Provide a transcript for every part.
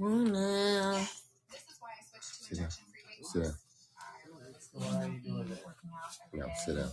Amen. Sit down. Sit down. Yeah, sit down.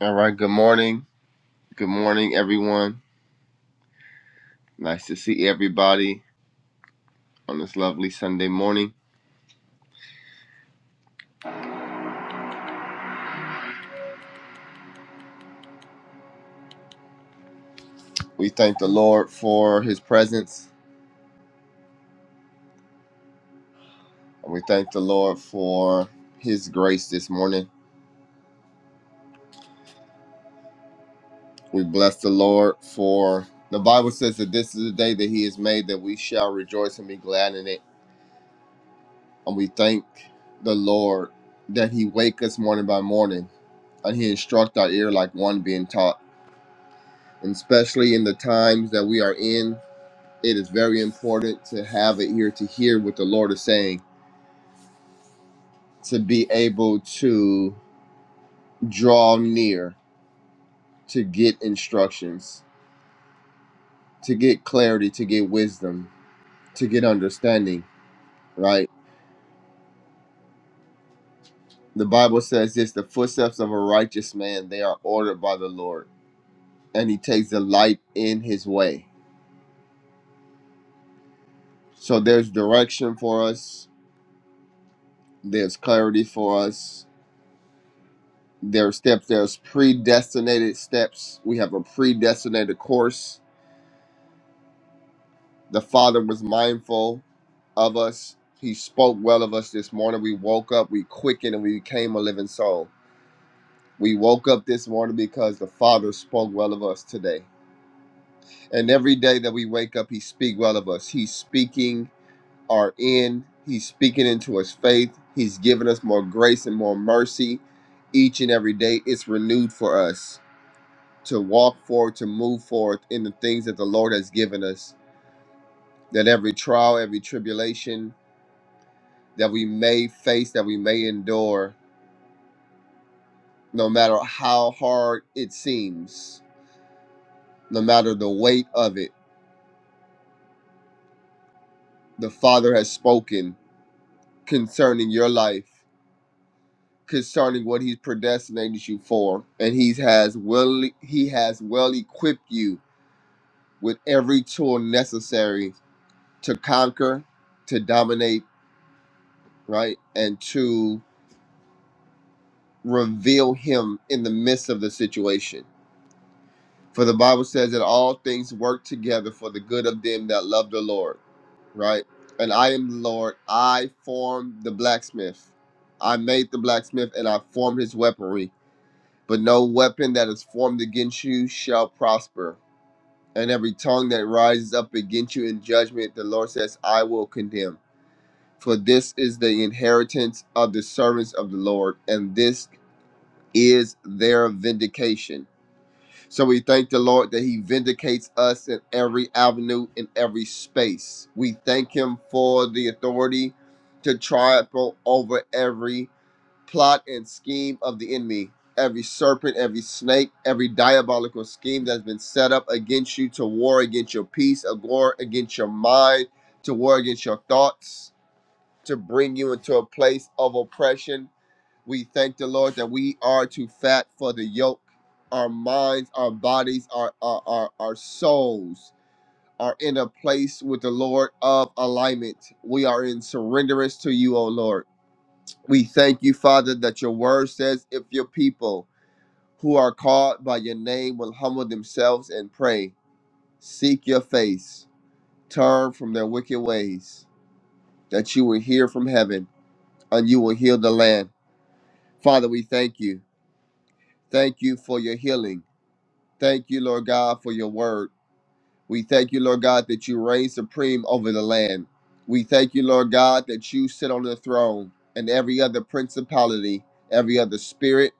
All right. Good morning. Good morning, everyone. Nice to see everybody on this lovely Sunday morning. We thank the Lord for His presence, and we thank the Lord for His grace this morning. We bless the Lord for the Bible says that this is the day that He has made, that we shall rejoice and be glad in it. And we thank the Lord that He wake us morning by morning. and he instruct our ear like one being taught. And especially in the times that we are in, it is very important to have an ear to hear what the Lord is saying, to be able to draw near, to get instructions, to get clarity, to get wisdom, to get understanding, right? The Bible says this the footsteps of a righteous man, they are ordered by the Lord, and he takes delight in his way. So there's direction for us, there's clarity for us, There are steps, there's predestinated steps. We have a predestinated course. The Father was mindful of us. He spoke well of us this morning. We woke up, we quickened, and we became a living soul. We woke up this morning because the Father spoke well of us today. And every day that we wake up, He speak well of us. He's speaking our end. He's speaking into us faith. He's giving us more grace and more mercy each and every day. It's renewed for us. to walk forward, to move forward in the things that the Lord has given us. That every trial, every tribulation that we may face, that we may endure, no matter how hard it seems, no matter the weight of it, the Father has spoken concerning your life, concerning what He's predestinated you for, and He has well He has well equipped you with every tool necessary to conquer, to dominate, right, and to reveal him in the midst of the situation. For the Bible says that all things work together for the good of them that love the Lord, right? And I am the Lord. I formed the blacksmith. I made the blacksmith and I formed his weaponry. But no weapon that is formed against you shall prosper. And every tongue that rises up against you in judgment, the Lord says, I will condemn. For this is the inheritance of the servants of the Lord, and this is their vindication So we thank the Lord that He vindicates us in every avenue, in every space. We thank Him for the authority to triumph over every plot and scheme of the enemy, every serpent, every snake, every diabolical scheme that's been set up against you to war against your peace, a war against your mind, to war against your thoughts to bring you into a place of oppression. We thank the Lord that we are too fat for the yoke. Our minds, our bodies, our, our, our, our souls are in a place with the Lord of alignment. We are in surrenderance to you, O Lord. We thank you, Father, that your word says, if your people who are called by your name will humble themselves and pray, seek your face, turn from their wicked ways, that you will hear from heaven and you will heal the land. Father, we thank you. Thank you for your healing. Thank you, Lord God, for your word. We thank you, Lord God, that you reign supreme over the land. We thank you, Lord God, that you sit on the throne and every other principality, every other spirit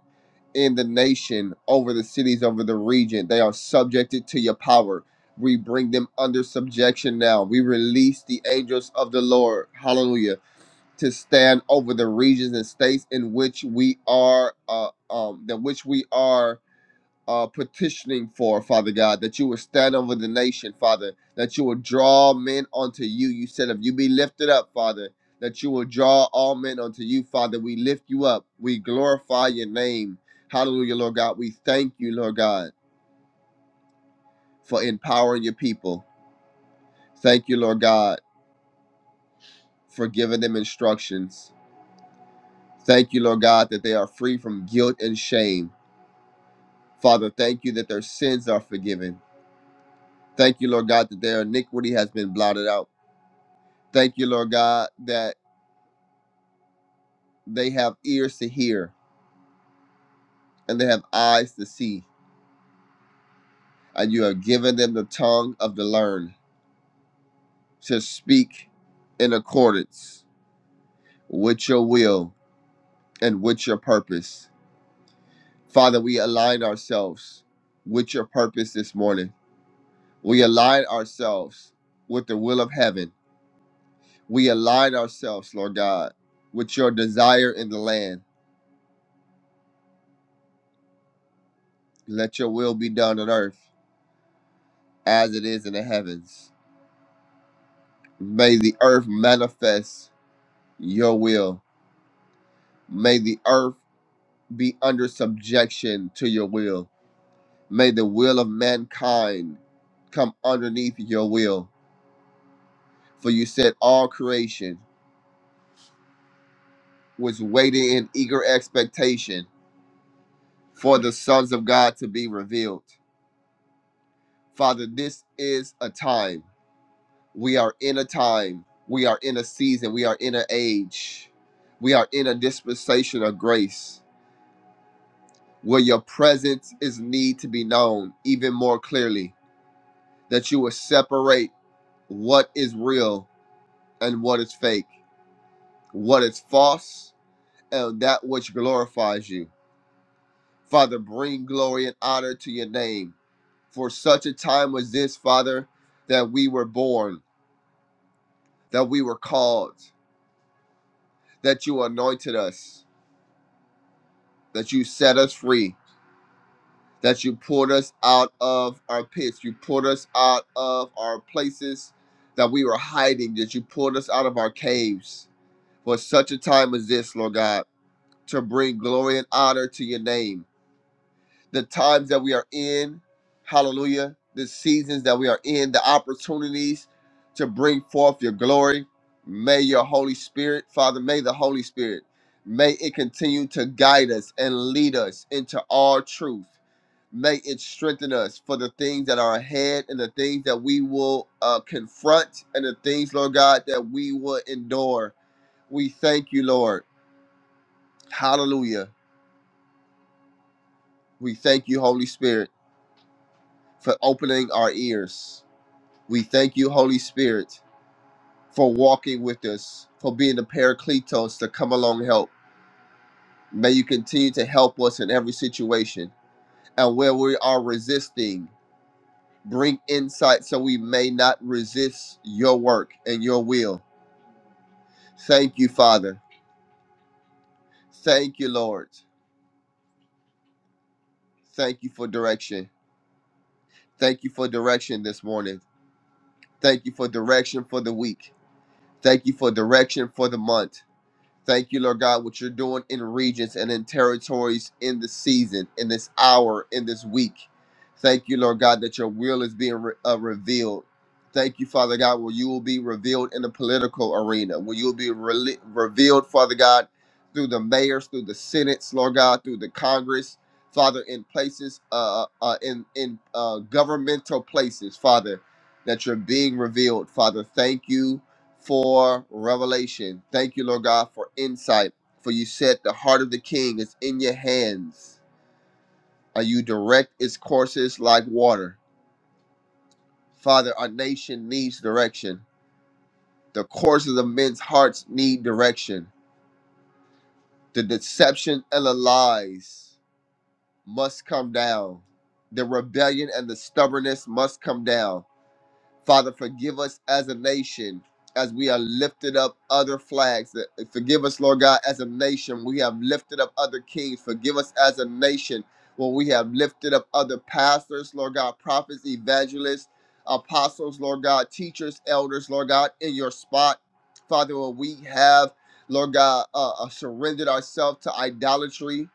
in the nation, over the cities, over the region, they are subjected to your power. We bring them under subjection now. We release the angels of the Lord. Hallelujah to stand over the regions and states in which we are uh, um that which we are uh, petitioning for father god that you will stand over the nation father that you will draw men unto you you said if you be lifted up father that you will draw all men unto you father we lift you up we glorify your name hallelujah lord god we thank you lord god for empowering your people thank you lord god for giving them instructions thank you lord god that they are free from guilt and shame Father, thank you that their sins are forgiven. Thank you, Lord God, that their iniquity has been blotted out. Thank you, Lord God, that they have ears to hear and they have eyes to see. And you have given them the tongue of the learned to speak in accordance with your will and with your purpose. Father, we align ourselves with your purpose this morning. We align ourselves with the will of heaven. We align ourselves, Lord God, with your desire in the land. Let your will be done on earth as it is in the heavens. May the earth manifest your will. May the earth be under subjection to your will. May the will of mankind come underneath your will. For you said all creation was waiting in eager expectation for the sons of God to be revealed. Father, this is a time. We are in a time, we are in a season, we are in an age, we are in a dispensation of grace where your presence is need to be known even more clearly. That you will separate what is real and what is fake, what is false, and that which glorifies you. Father, bring glory and honor to your name. For such a time as this, Father, that we were born, that we were called, that you anointed us, that you set us free that you pulled us out of our pits. You pulled us out of our places that we were hiding, that you pulled us out of our caves for such a time as this, Lord God, to bring glory and honor to your name. The times that we are in, hallelujah, the seasons that we are in, the opportunities to bring forth your glory. May your Holy Spirit, Father, may the Holy Spirit, may it continue to guide us and lead us into all truth May it strengthen us for the things that are ahead and the things that we will uh, confront and the things, Lord God, that we will endure. We thank you, Lord. Hallelujah. We thank you, Holy Spirit, for opening our ears. We thank you, Holy Spirit, for walking with us, for being the paracletos to come along help. May you continue to help us in every situation. And where we are resisting, bring insight so we may not resist your work and your will Thank you, Father. Thank you, Lord. Thank you for direction. Thank you for direction this morning. Thank you for direction for the week. Thank you for direction for the month. Thank you, Lord God, what you're doing in regions and in territories in this season, in this hour, in this week. Thank you, Lord God, that your will is being re- uh, revealed. Thank you, Father God, where you will be revealed in the political arena, where you will be rele revealed, Father God, through the mayors, through the senates, Lord God, through the Congress, Father, in places, uh, uh, uh, in in uh, governmental places, Father, that you're being revealed, Father. Thank you for revelation. Thank you, Lord God, for insight. For you said the heart of the king is in your hands, and you direct its courses like water. Father, our nation needs direction. The courses of men's hearts need direction. The deception and the lies must come down. The rebellion and the stubbornness must come down Father, forgive us as a nation as we are lifted up other flags. Forgive us, Lord God, as a nation. We have lifted up other kings. Forgive us as a nation when we have lifted up other pastors, Lord God, prophets, evangelists, apostles, Lord God, teachers, elders, Lord God, in your spot. Father, when we have, Lord God, uh, uh, surrendered ourselves to idolatry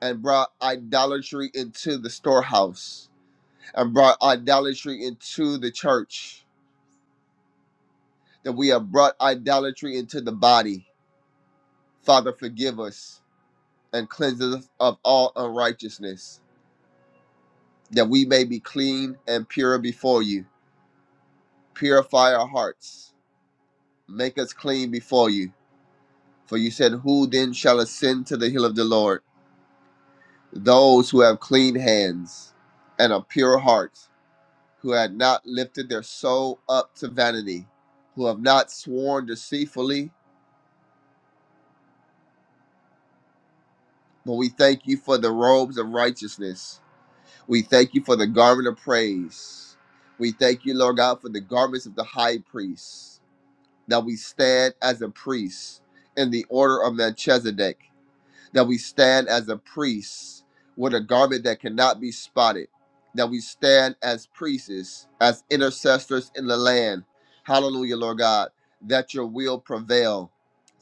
and brought idolatry into the storehouse and brought idolatry into the church that we have brought idolatry into the body. Father, forgive us and cleanse us of all unrighteousness, that we may be clean and pure before you. Purify our hearts, make us clean before you. For you said, Who then shall ascend to the hill of the Lord? Those who have clean hands and a pure heart, who had not lifted their soul up to vanity, who have not sworn deceitfully, but we thank you for the robes of righteousness We thank you for the garment of praise. We thank you, Lord God, for the garments of the high priest, that we stand as a priest in the order of Melchizedek that we stand as a priest with a garment that cannot be spotted, that we stand as priests, as intercessors in the land. Hallelujah, Lord God, that your will prevail.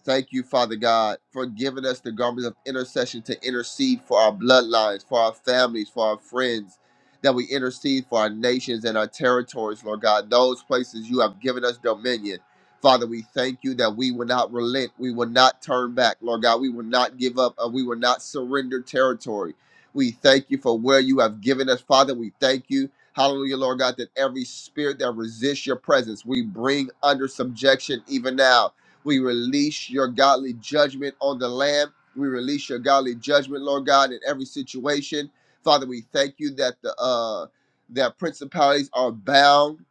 Thank you, Father God, for giving us the garments of intercession to intercede for our bloodlines, for our families, for our friends, that we intercede for our nations and our territories, Lord God, those places you have given us dominion Father, we thank you that we will not relent. We will not turn back. Lord God, we will not give up and we will not surrender territory. We thank you for where you have given us, Father. We thank you, hallelujah, Lord God, that every spirit that resists your presence, we bring under subjection even now. We release your godly judgment on the land. We release your godly judgment, Lord God, in every situation. Father, we thank you that the uh that principalities are bound,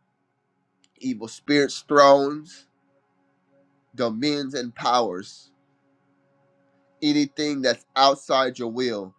evil spirits thrones dominions, and powers, anything that's outside your will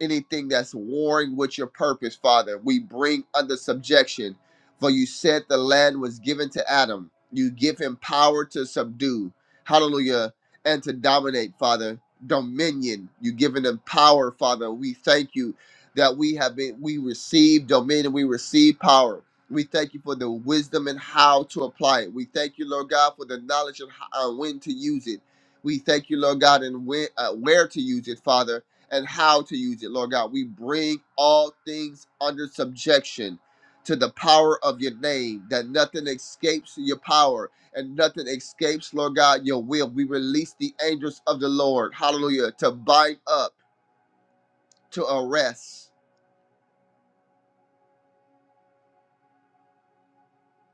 anything that's warring with your purpose, Father. We bring under subjection. For you said the land was given to Adam. You give him power to subdue. Hallelujah. And to dominate, Father. Dominion. You've given him power, Father. We thank you that we have been, we receive dominion, we receive power. We thank you for the wisdom and how to apply it. We thank you, Lord God, for the knowledge of how, uh, when to use it. We thank you, Lord God, and when, uh, where to use it, Father and how to use it, Lord God. We bring all things under subjection to the power of your name, that nothing escapes your power and nothing escapes, Lord God, your will. We release the angels of the Lord, hallelujah, to bind up, to arrest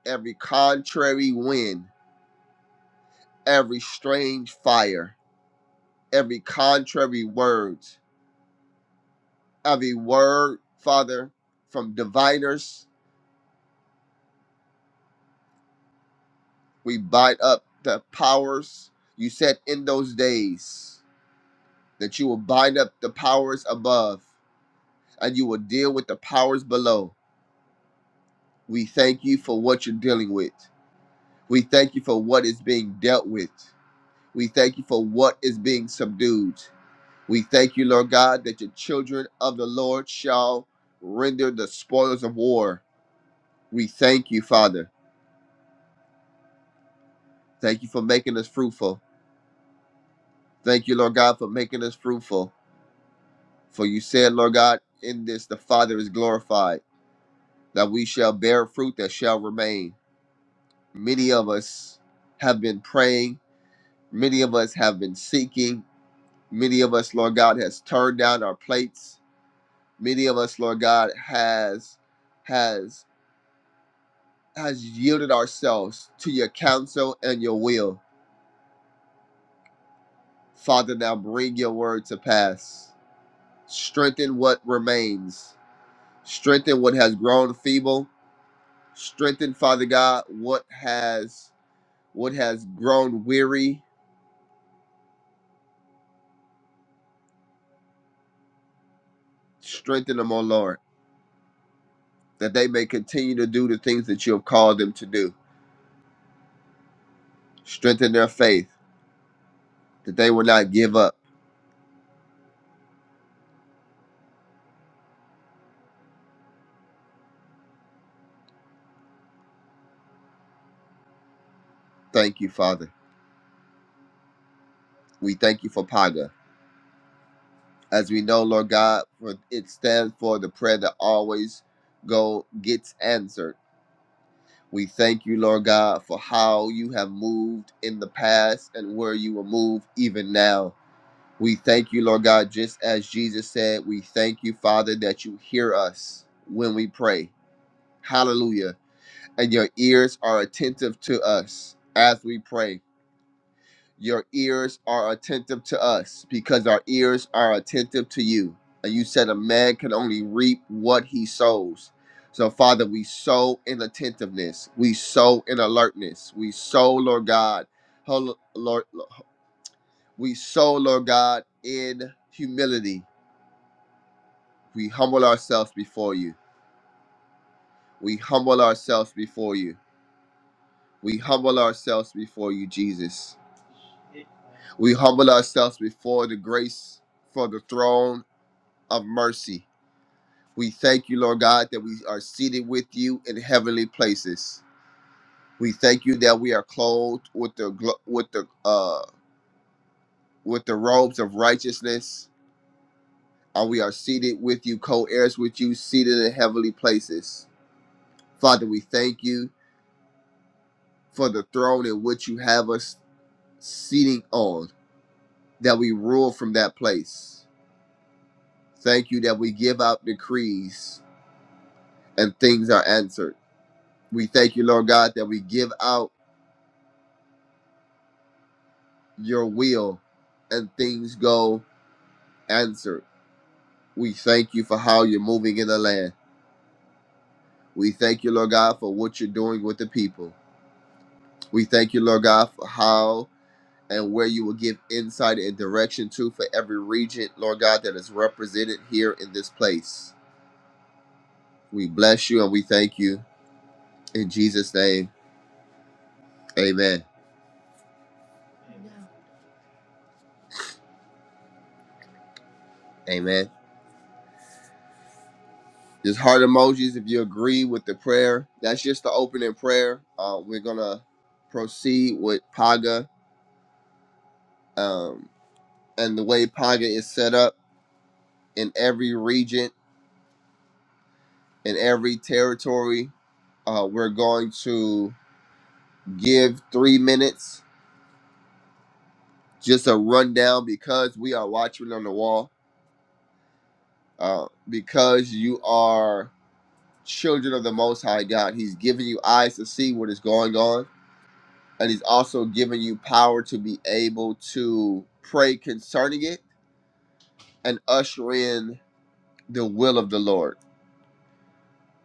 every contrary wind, every strange fire, every contrary words, every word, Father, from diviners We bind up the powers. You said in those days that you will bind up the powers above and you will deal with the powers below. We thank you for what you're dealing with. We thank you for what is being dealt with. We thank you for what is being subdued. We thank you, Lord God, that your children of the Lord shall render the spoils of war. We thank you, Father. Thank you for making us fruitful. Thank you, Lord God, for making us fruitful. For you said, Lord God, in this the Father is glorified, that we shall bear fruit that shall remain. Many of us have been praying, many of us have been seeking, many of us, Lord God, has turned down our plates. Many of us, Lord God, has has has yielded ourselves to your counsel and your will. Father, now bring your word to pass. Strengthen what remains. Strengthen what has grown feeble Strengthen, Father God, what has what has grown weary. Strengthen them, O Lord, that they may continue to do the things that you have called them to do. Strengthen their faith, that they will not give up. Thank you, Father. We thank you for Paga. As we know, Lord God, for it stands for the prayer that always go gets answered. We thank you, Lord God, for how you have moved in the past and where you will move even now. We thank you, Lord God, just as Jesus said, we thank you, Father, that you hear us when we pray. Hallelujah. And your ears are attentive to us as we pray. Your ears are attentive to us because our ears are attentive to you. And you said a man can only reap what he sows. So, Father, we sow in attentiveness. We sow in alertness. We sow, Lord God. hol- Lord, we sow, Lord God, in humility. We humble ourselves before you. We humble ourselves before you. We humble ourselves before you, Jesus. We humble ourselves before the grace for the throne of mercy. We thank you, Lord God, that we are seated with you in heavenly places. We thank you that we are clothed with the glo- with the uh with the robes of righteousness, and we are seated with you, co-heirs with you, seated in heavenly places. Father, we thank you for the throne in which you have us seating on, that we rule from that place. Thank you that we give out decrees and things are answered. We thank you, Lord God, that we give out your will and things go answered. We thank you for how you're moving in the land. We thank you, Lord God, for what you're doing with the people. We thank you, Lord God, for how and where you will give insight and direction to for every region, Lord God, that is represented here in this place. We bless you and we thank you. In Jesus' name, amen. Amen. Just heart emojis if you agree with the prayer. That's just the opening prayer. Uh, we're going to proceed with Paga um, and the way Paga is set up in every region, in every territory. Uh, we're going to give three minutes, just a rundown because we are watching on the wall. Uh, because you are children of the Most High God, He's giving you eyes to see what is going on and he's also given you power to be able to pray concerning it and usher in the will of the Lord.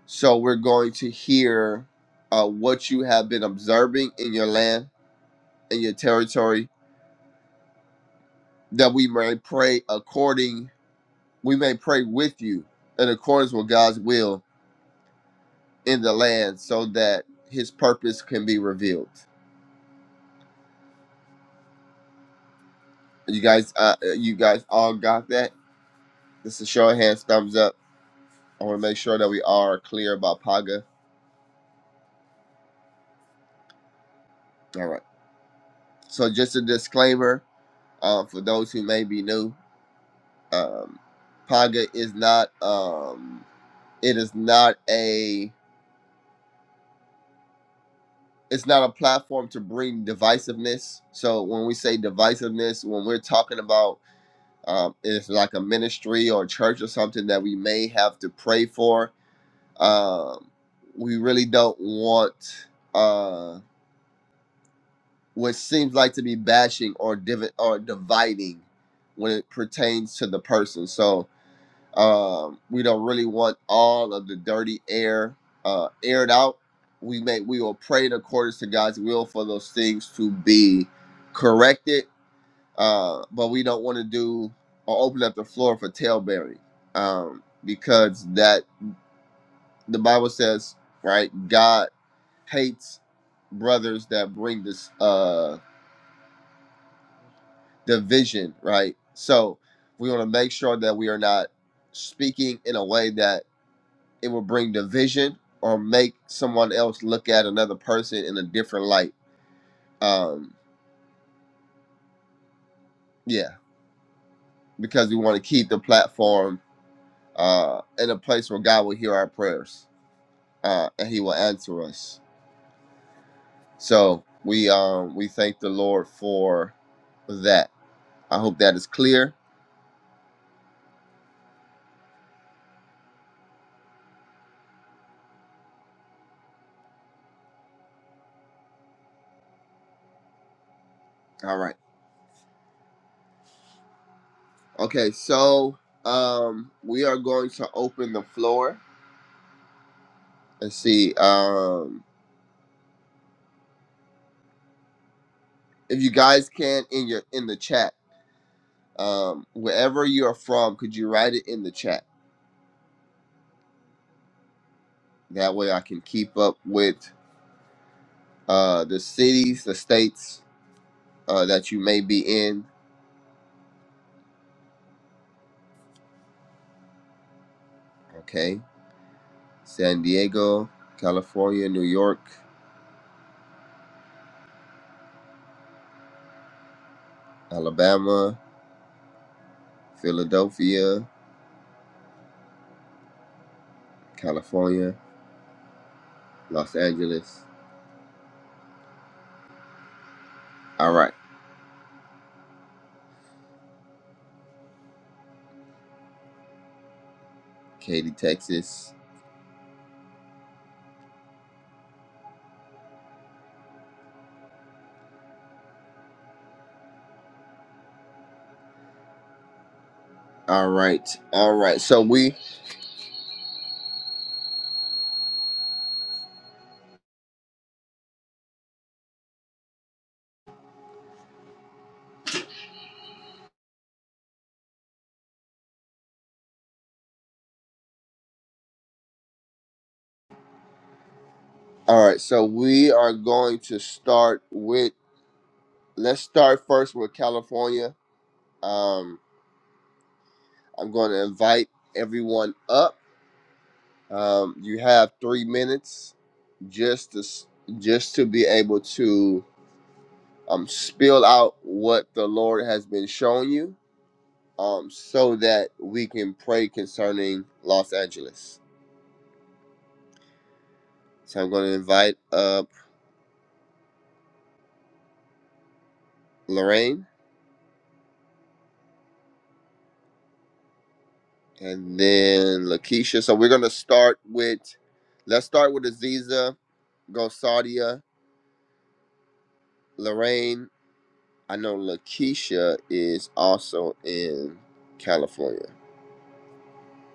So we're going to hear uh, what you have been observing in your land and your territory, that we may pray according, we may pray with you in accordance with God's will in the land, so that His purpose can be revealed. You guys, uh, you guys all got that? This is show of hands, thumbs up. I want to make sure that we are clear about Paga All right. So just a disclaimer uh, for those who may be new. Um, Paga is not. Um, it is not a. It's not a platform to bring divisiveness. So when we say divisiveness, when we're talking about um, it's like a ministry or church or something that we may have to pray for. Um, we really don't want uh, what seems like to be bashing or div- or dividing when it pertains to the person. So Um, we don't really want all of the dirty air uh, aired out. We may we will pray in accordance to God's will for those things to be corrected, uh, but we don't want to do or open up the floor for tailbearing um, because that the Bible says right God hates brothers that bring this uh, division right. So we want to make sure that we are not speaking in a way that it will bring division or make someone else look at another person in a different light. Um, yeah, because we want to keep the platform uh, in a place where God will hear our prayers uh, and He will answer us. So we um, we thank the Lord for that. I hope that is clear. All right. Okay. So um, we are going to open the floor. Let's see. Um, if you guys can in your in the chat um, wherever you're from, could you write it in the chat? That way I can keep up with uh, the cities, the states uh, that you may be in. Okay. San Diego, California, New York, Alabama, Philadelphia, California, Los Angeles. All right. Katy, Texas. All right. All right. So we, all right. So we are going to start with, let's start first with California. Um. I'm going to invite everyone up. Um, you have three minutes just to s- just to be able to um, spill out what the Lord has been showing you, um, so that we can pray concerning Los Angeles. So I'm going to invite up Lorraine and then Lakeisha. So we're going to start with let's start with Aziza, Gosadia, Lorraine. I know Lakeisha is also in California.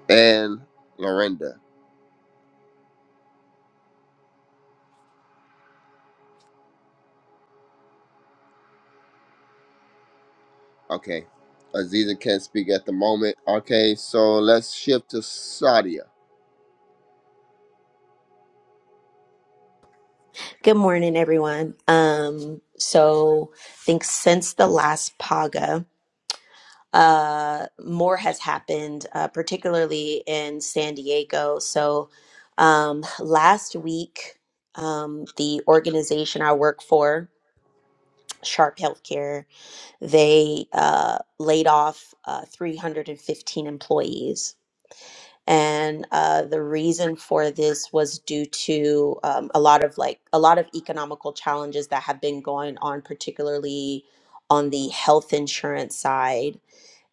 And Lorinda. Okay. Aziza can't speak at the moment. Okay, so let's shift to Sadia. Good morning, everyone. Um, so I think since the last PAGA, uh, more has happened, uh, particularly in San Diego. So um, last week, um, the organization I work for, Sharp Healthcare, they uh, laid off uh, 315 employees and uh, the reason for this was due to um, a lot of like a lot of economical challenges that have been going on particularly on the health insurance side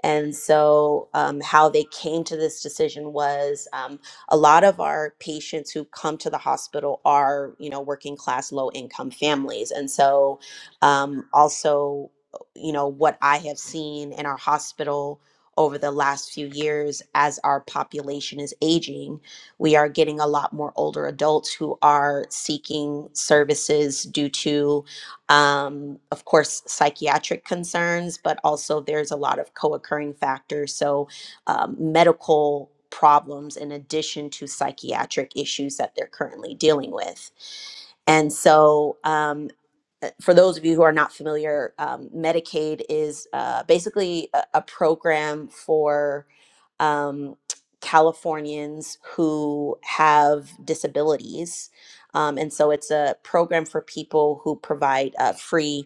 and so, um, how they came to this decision was um, a lot of our patients who come to the hospital are, you know, working class, low income families. And so, um, also, you know, what I have seen in our hospital over the last few years as our population is aging, we are getting a lot more older adults who are seeking services due to um, of course, psychiatric concerns, but also there's a lot of co occurring factors. So, um, medical problems in addition to psychiatric issues that they're currently dealing with. And so, um, uh, for those of you who are not familiar, um, Medicaid is uh, basically a, a program for um, Californians who have disabilities. Um, and so it's a program for people who provide uh, free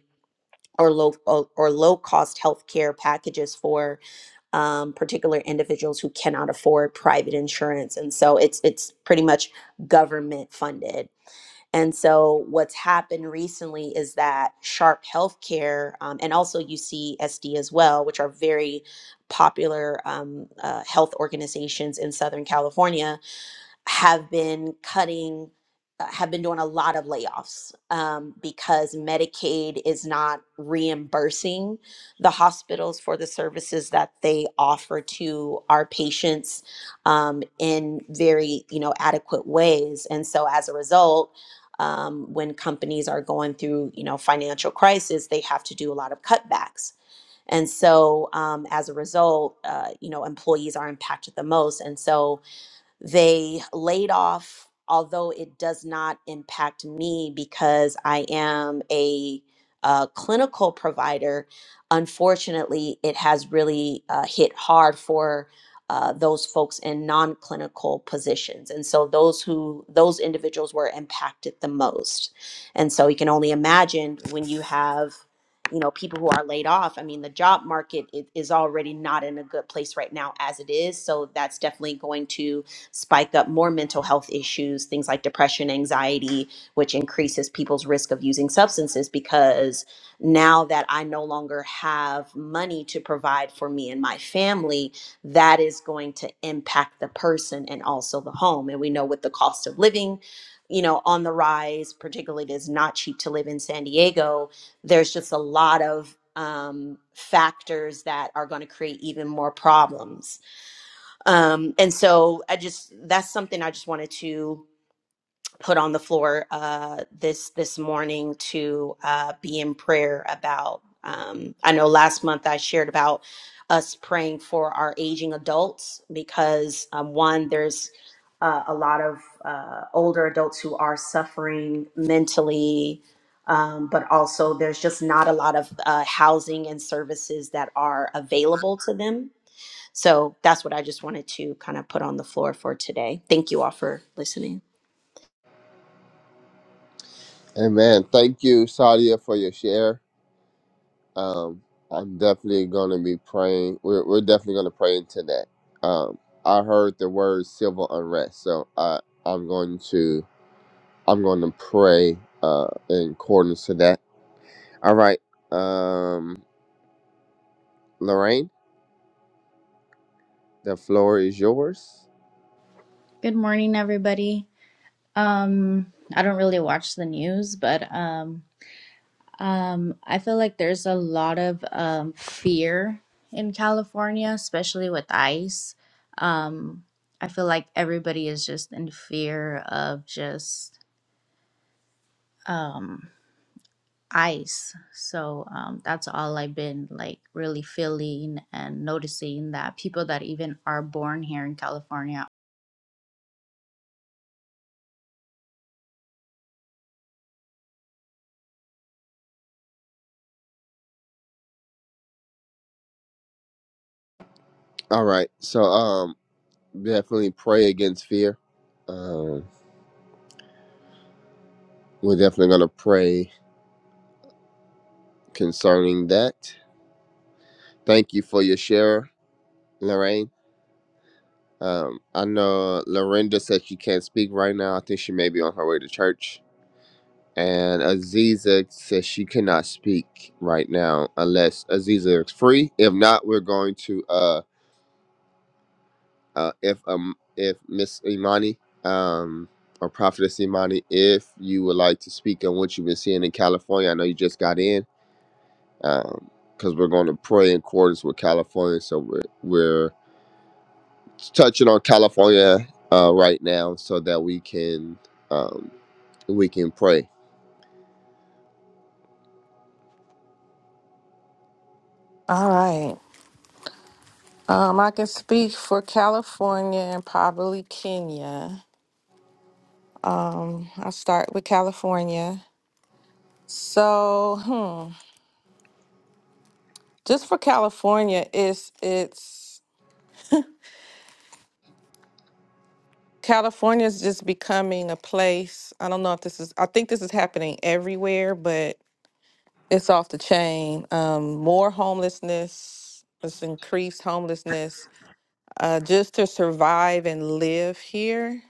or low or, or low cost health care packages for um, particular individuals who cannot afford private insurance and so it's it's pretty much government funded and so what's happened recently is that sharp healthcare um, and also ucsd as well which are very popular um, uh, health organizations in southern california have been cutting uh, have been doing a lot of layoffs um, because medicaid is not reimbursing the hospitals for the services that they offer to our patients um, in very you know adequate ways and so as a result um, when companies are going through you know financial crisis they have to do a lot of cutbacks and so um, as a result uh, you know employees are impacted the most and so they laid off, although it does not impact me because I am a, uh clinical provider. Unfortunately, it has really uh, hit hard for. Uh, those folks in non-clinical positions and so those who those individuals were impacted the most and so you can only imagine when you have you know people who are laid off i mean the job market i- is already not in a good place right now as it is so that's definitely going to spike up more mental health issues, things like depression, anxiety, which increases people's risk of using substances because now that I no longer have money to provide for me and my family, that is going to impact the person and also the home. And we know with the cost of living, you know, on the rise, particularly it is not cheap to live in San Diego. There's just a lot of um, factors that are going to create even more problems. Um, and so I just that's something I just wanted to put on the floor uh, this this morning to uh, be in prayer about. Um, I know last month I shared about us praying for our aging adults because um, one there's uh, a lot of uh, older adults who are suffering mentally. Um, but also, there's just not a lot of uh, housing and services that are available to them so that's what I just wanted to kind of put on the floor for today. Thank you all for listening. Amen. Thank you, Sadia, for your share. Um, I'm definitely gonna be praying. We're we're definitely gonna pray into that. Um, I heard the word civil unrest, so I I'm going to I'm going to pray uh in accordance to that. All right. Um, Lorraine. The floor is yours. Good morning, everybody. Um, I don't really watch the news, but um, um, I feel like there's a lot of um, fear in California, especially with ICE. Um, I feel like everybody is just in fear of just um, ICE. So um, that's all I've been like really feeling and noticing that people that even are born here in California All right. So um definitely pray against fear. Um we're definitely gonna pray concerning that. Thank you for your share, Lorraine. Um I know Lorinda said she can't speak right now. I think she may be on her way to church. And Aziza says she cannot speak right now unless Aziza is free. If not, we're going to uh, uh, if um if Miss Imani um or Prophetess Imani, if you would like to speak on what you've been seeing in California, I know you just got in, um because we're going to pray in accordance with California, so we're we're touching on California uh, right now, so that we can um, we can pray. All right. Um, I can speak for California and probably Kenya. Um, I'll start with California. So, hmm, just for California, it's it's California is just becoming a place. I don't know if this is. I think this is happening everywhere, but it's off the chain. Um, more homelessness. It's increased homelessness. Uh, just to survive and live here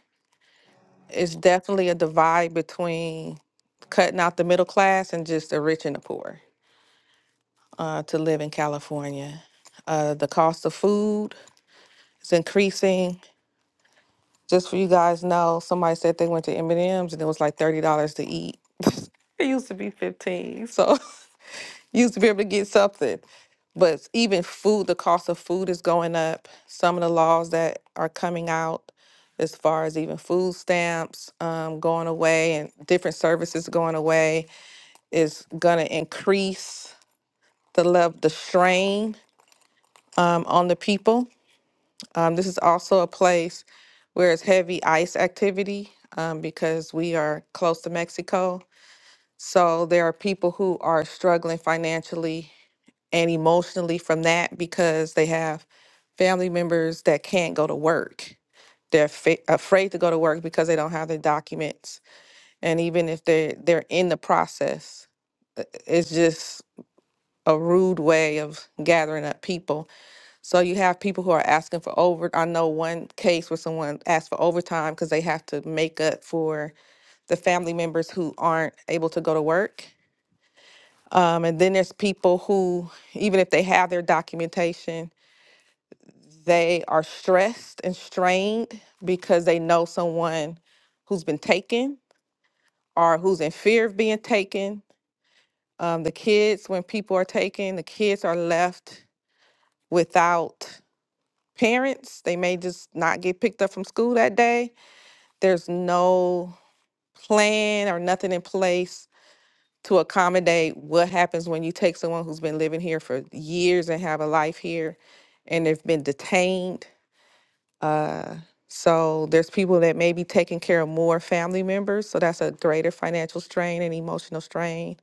it's definitely a divide between cutting out the middle class and just the rich and the poor uh, to live in California. Uh, the cost of food is increasing. Just for you guys know, somebody said they went to M&M's and M's and it was like thirty dollars to eat. It used to be fifteen, so you used to be able to get something. But even food, the cost of food is going up. Some of the laws that are coming out, as far as even food stamps um, going away and different services going away is going to increase the level, the strain um, on the people. Um, this is also a place where it's heavy ice activity um, because we are close to Mexico. So there are people who are struggling financially and emotionally from that because they have family members that can't go to work. They're fa- afraid to go to work because they don't have their documents, and even if they are they're they're in the process, uh, it's just a rude way of gathering up people. So you have people who are asking for over. I know one case where someone asked for overtime because they have to make up for the family members who aren't able to go to work. Um, and then there's people who, even if they have their documentation, they are stressed and strained because they know someone who's been taken or who's in fear of being taken. Um, the kids, when people are taken, the kids are left without parents. They may just not get picked up from school that day. There's no plan or nothing in place to accommodate what happens when you take someone who's been living here for years and have a life here and they've been detained. Uh, so there's people that may be taking care of more family members. So that's a greater financial strain and emotional strain.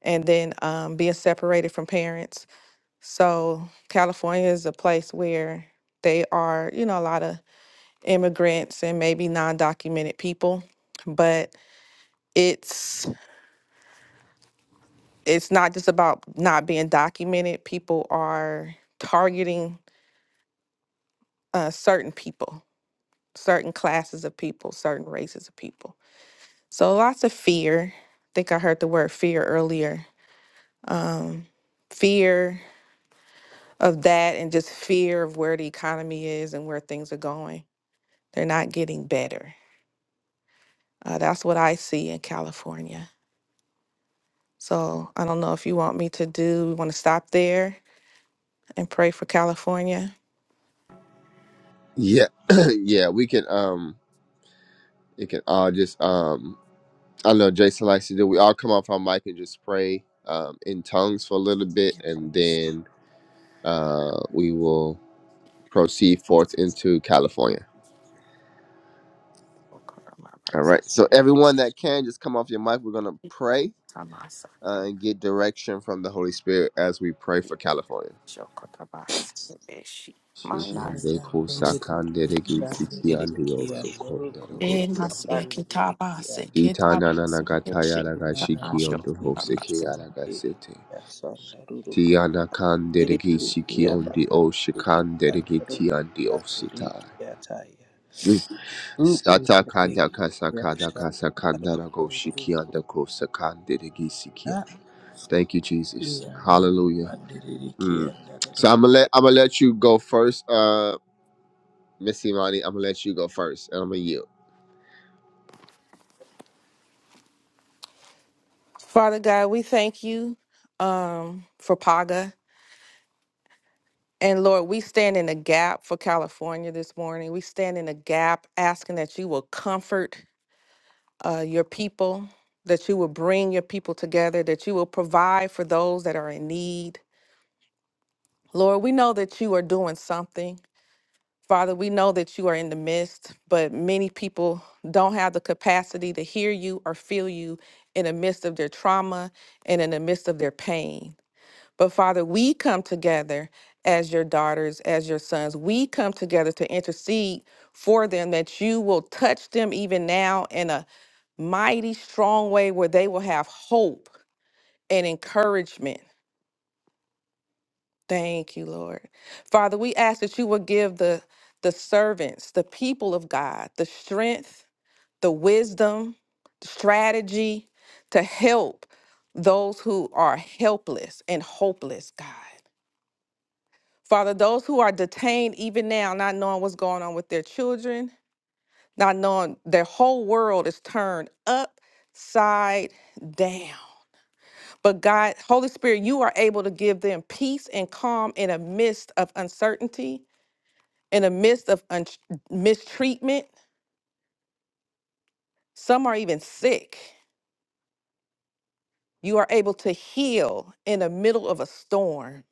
And then um, being separated from parents. So California is a place where they are, you know, a lot of immigrants and maybe non-documented people but it's it's not just about not being documented people are targeting uh, certain people certain classes of people certain races of people so lots of fear i think i heard the word fear earlier um, fear of that and just fear of where the economy is and where things are going they're not getting better uh, that's what i see in california So I don't know if you want me to do, we want to stop there and pray for California. Yeah, yeah, we can um it can all just um I know Jason likes to do. We all come off our mic and just pray um in tongues for a little bit, and then uh, we will proceed forth into California. All right. So everyone that can just come off your mic. We're gonna pray uh, and get direction from the Holy Spirit as we pray for California. Shikande kusakande regitsiki andio sokondaragoshi. Itananagataya ragashiki ondo hoseki aragasete. Tiana kan deregi siki on the o shikan deregi tian the o Sata kanda kasa kanda kasa kanda la go shiki anda ko sakande de gi Thank you, Jesus. Hallelujah. Mm. So I'm gonna let I'm gonna let you go first, uh, Miss Imani. I'm gonna let you go first, and I'm gonna yield. Father God, we thank you um, for PAGA. And Lord, we stand in the gap for California this morning. We stand in the gap asking that you will comfort uh, your people, that you will bring your people together, that you will provide for those that are in need. Lord, we know that you are doing something. Father, we know that you are in the midst, but many people don't have the capacity to hear you or feel you in the midst of their trauma and in the midst of their pain. But Father, we come together as your daughters, as your sons. We come together to intercede for them that you will touch them even now in a mighty, strong way where they will have hope and encouragement. Thank you, Lord. Father, we ask that you would give the the servants, the people of God, the strength, the wisdom, strategy to help those who are helpless and hopeless, God. Father, those who are detained even now, not knowing what's going on with their children, not knowing their whole world is turned upside down. But God, Holy Spirit, you are able to give them peace and calm in a midst of uncertainty in the midst of un- mistreatment. Some are even sick. You are able to heal in the middle of a storm.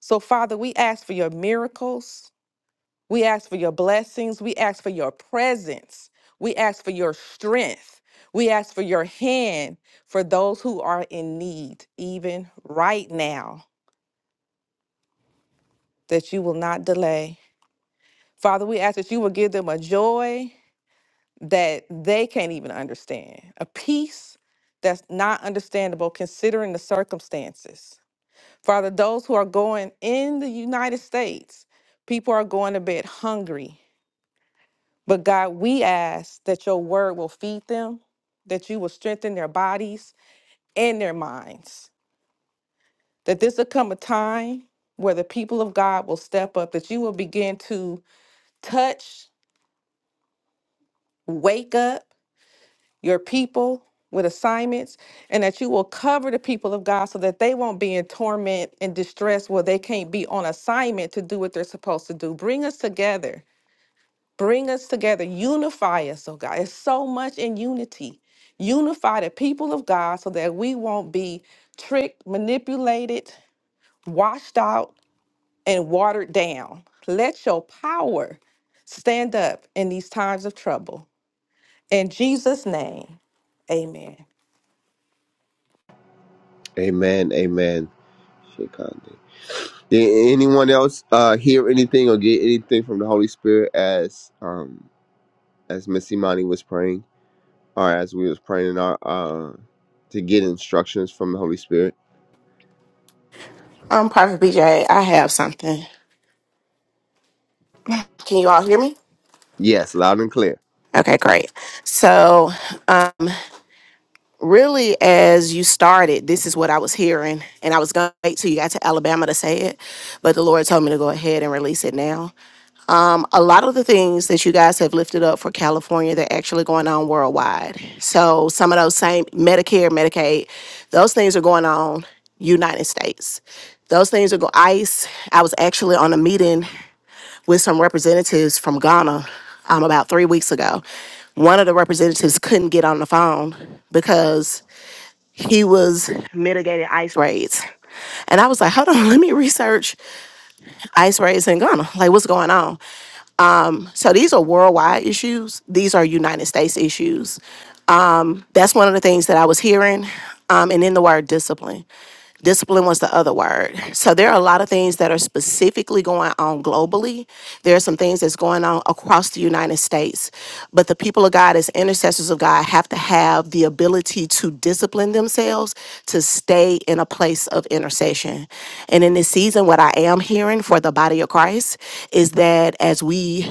So, Father, we ask for your miracles. We ask for your blessings. We ask for your presence. We ask for your strength. We ask for your hand for those who are in need, even right now, that you will not delay. Father, we ask that you will give them a joy that they can't even understand. A peace that's not understandable considering the circumstances. Father, those who are going in the United States, people are going to bed hungry. But God, we ask that your word will feed them, that you will strengthen their bodies and their minds, that this will come a time where the people of God will step up, that you will begin to touch, wake up, your people with assignments, and that you will cover the people of God so that they won't be in torment and distress where they can't be on assignment to do what they're supposed to do. Bring us together. Bring us together. Unify us, oh God. It's so much in unity. Unify the people of God so that we won't be tricked, manipulated, washed out, and watered down. Let your power stand up in these times of trouble. In Jesus' name, amen. Amen. Amen. Shikande. Did anyone else uh, hear anything or get anything from the Holy Spirit as um as Miss Imani was praying, or as we was praying in our uh to get instructions from the Holy Spirit? Um, Private BJ, I have something. Can you all hear me? Yes, loud and clear. Okay, great. So, um, really, as you started, this is what I was hearing, and I was going to wait till you got to Alabama to say it, but the Lord told me to go ahead and release it now. A lot of the things that you guys have lifted up for California, they're actually going on worldwide. So, some of those same Medicare, Medicaid, those things are going on United States. Those things are go ICE. I was actually on a meeting with some representatives from Ghana um, about three weeks ago. One of the representatives couldn't get on the phone because he was mitigating ICE raids. And I was like, hold on, let me research ICE raids in Ghana. Like, what's going on? So these are worldwide issues. These are United States issues That's one of the things that I was hearing. Um, and then the word discipline. Discipline was the other word. So there are a lot of things that are specifically going on globally. There are some things that's going on across the United States. But the people of God, as intercessors of God, have to have the ability to discipline themselves to stay in a place of intercession. And in this season, what I am hearing for the body of Christ is that as we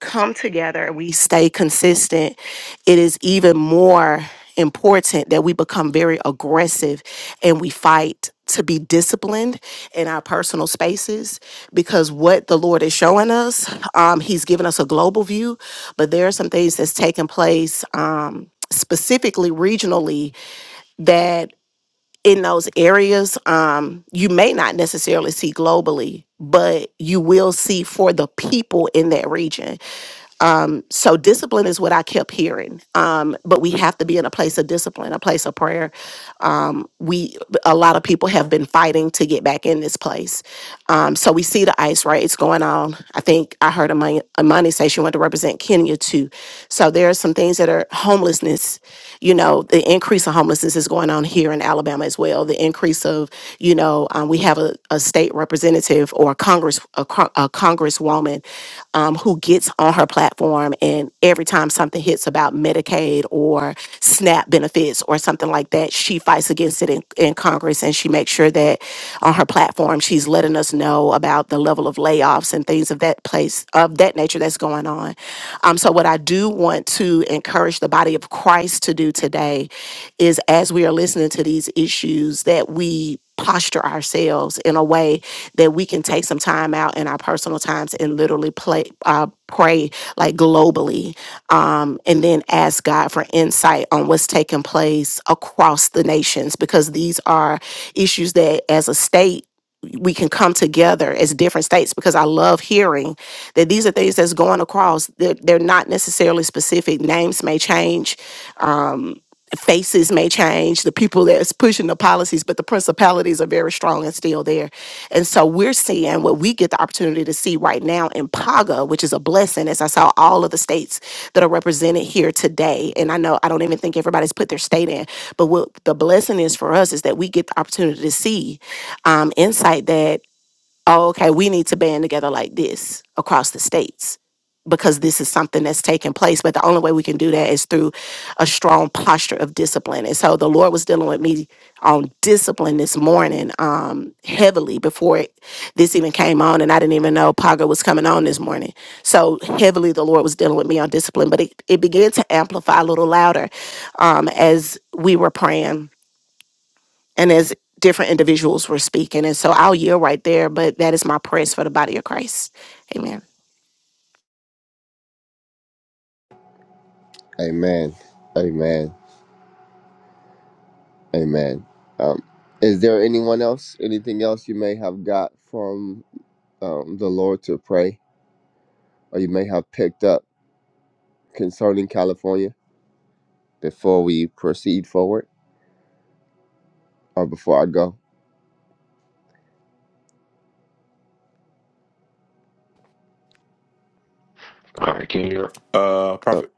come together and we stay consistent, it is even more important that we become very aggressive and we fight to be disciplined in our personal spaces because what the Lord is showing us, um, He's given us a global view, but there are some things that's taking place um, specifically regionally that in those areas um, you may not necessarily see globally, but you will see for the people in that region so discipline is what I kept hearing. Um, but we have to be in a place of discipline, a place of prayer. Um, we a lot of people have been fighting to get back in this place. Um, so we see the ice right; it's going on. I think I heard Amani, Amani say she wanted to represent Kenya too. So there are some things that are homelessness. You know, the increase of homelessness is going on here in Alabama as well. The increase of you know um, we have a, a state representative representative or a Congress a, cro- a Congresswoman um, who gets on her platform and every time something hits about Medicaid or SNAP benefits or something like that, she fights against it in, in Congress and she makes sure that on her platform she's letting us know about the level of layoffs and things of that place of that nature that's going on. Um, so, what I do want to encourage the body of Christ to do today is as we are listening to these issues, that we posture ourselves in a way that we can take some time out in our personal times and literally play, uh, pray like globally, um, and then ask God for insight on what's taking place across the nations because these are issues that, as a state, we can come together as different states because I love hearing that these are things that's going across. They're, they're not necessarily specific. Names may change, um, faces may change, the people that's pushing the policies, but the principalities are very strong and still there. And so we're seeing what we get the opportunity to see right now in Paga, which is a blessing, as I saw all of the states that are represented here today. And I know I don't even think everybody's put their state in, but what the blessing is for us is that we get the opportunity to see um, insight that oh, okay, we need to band together like this across the states because this is something that's taking place. But the only way we can do that is through a strong posture of discipline. And so the Lord was dealing with me on discipline this morning um, heavily before it, this even came on, and I didn't even know Paga was coming on this morning. So heavily, the Lord was dealing with me on discipline, but it, it began to amplify a little louder um, as we were praying and as different individuals were speaking. And so I'll yield right there, but that is my prayers for the body of Christ. Amen. Amen. Amen. Amen. Um, is there anyone else, anything else you may have got from um, the Lord to pray or you may have picked up concerning California before we proceed forward or before I go? All All right. right, can you hear? Uh, Uh, Prophet.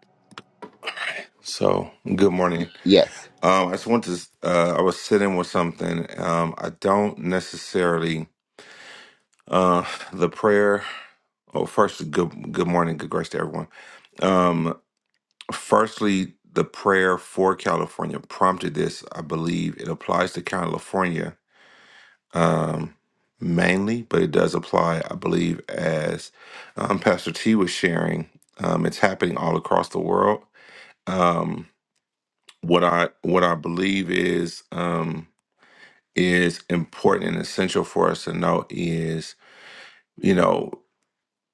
So, good morning. yes. Um, I just want to. Uh, I was sitting with something. Um, I don't necessarily. Uh, the prayer. Oh, first, good good morning, good grace to everyone. Um, firstly, the prayer for California prompted this. I believe it applies to California. Um, mainly, but it does apply, I believe, as um, Pastor T was sharing. Um, it's happening all across the world. Um, what I what I believe is um is important and essential for us to know is you know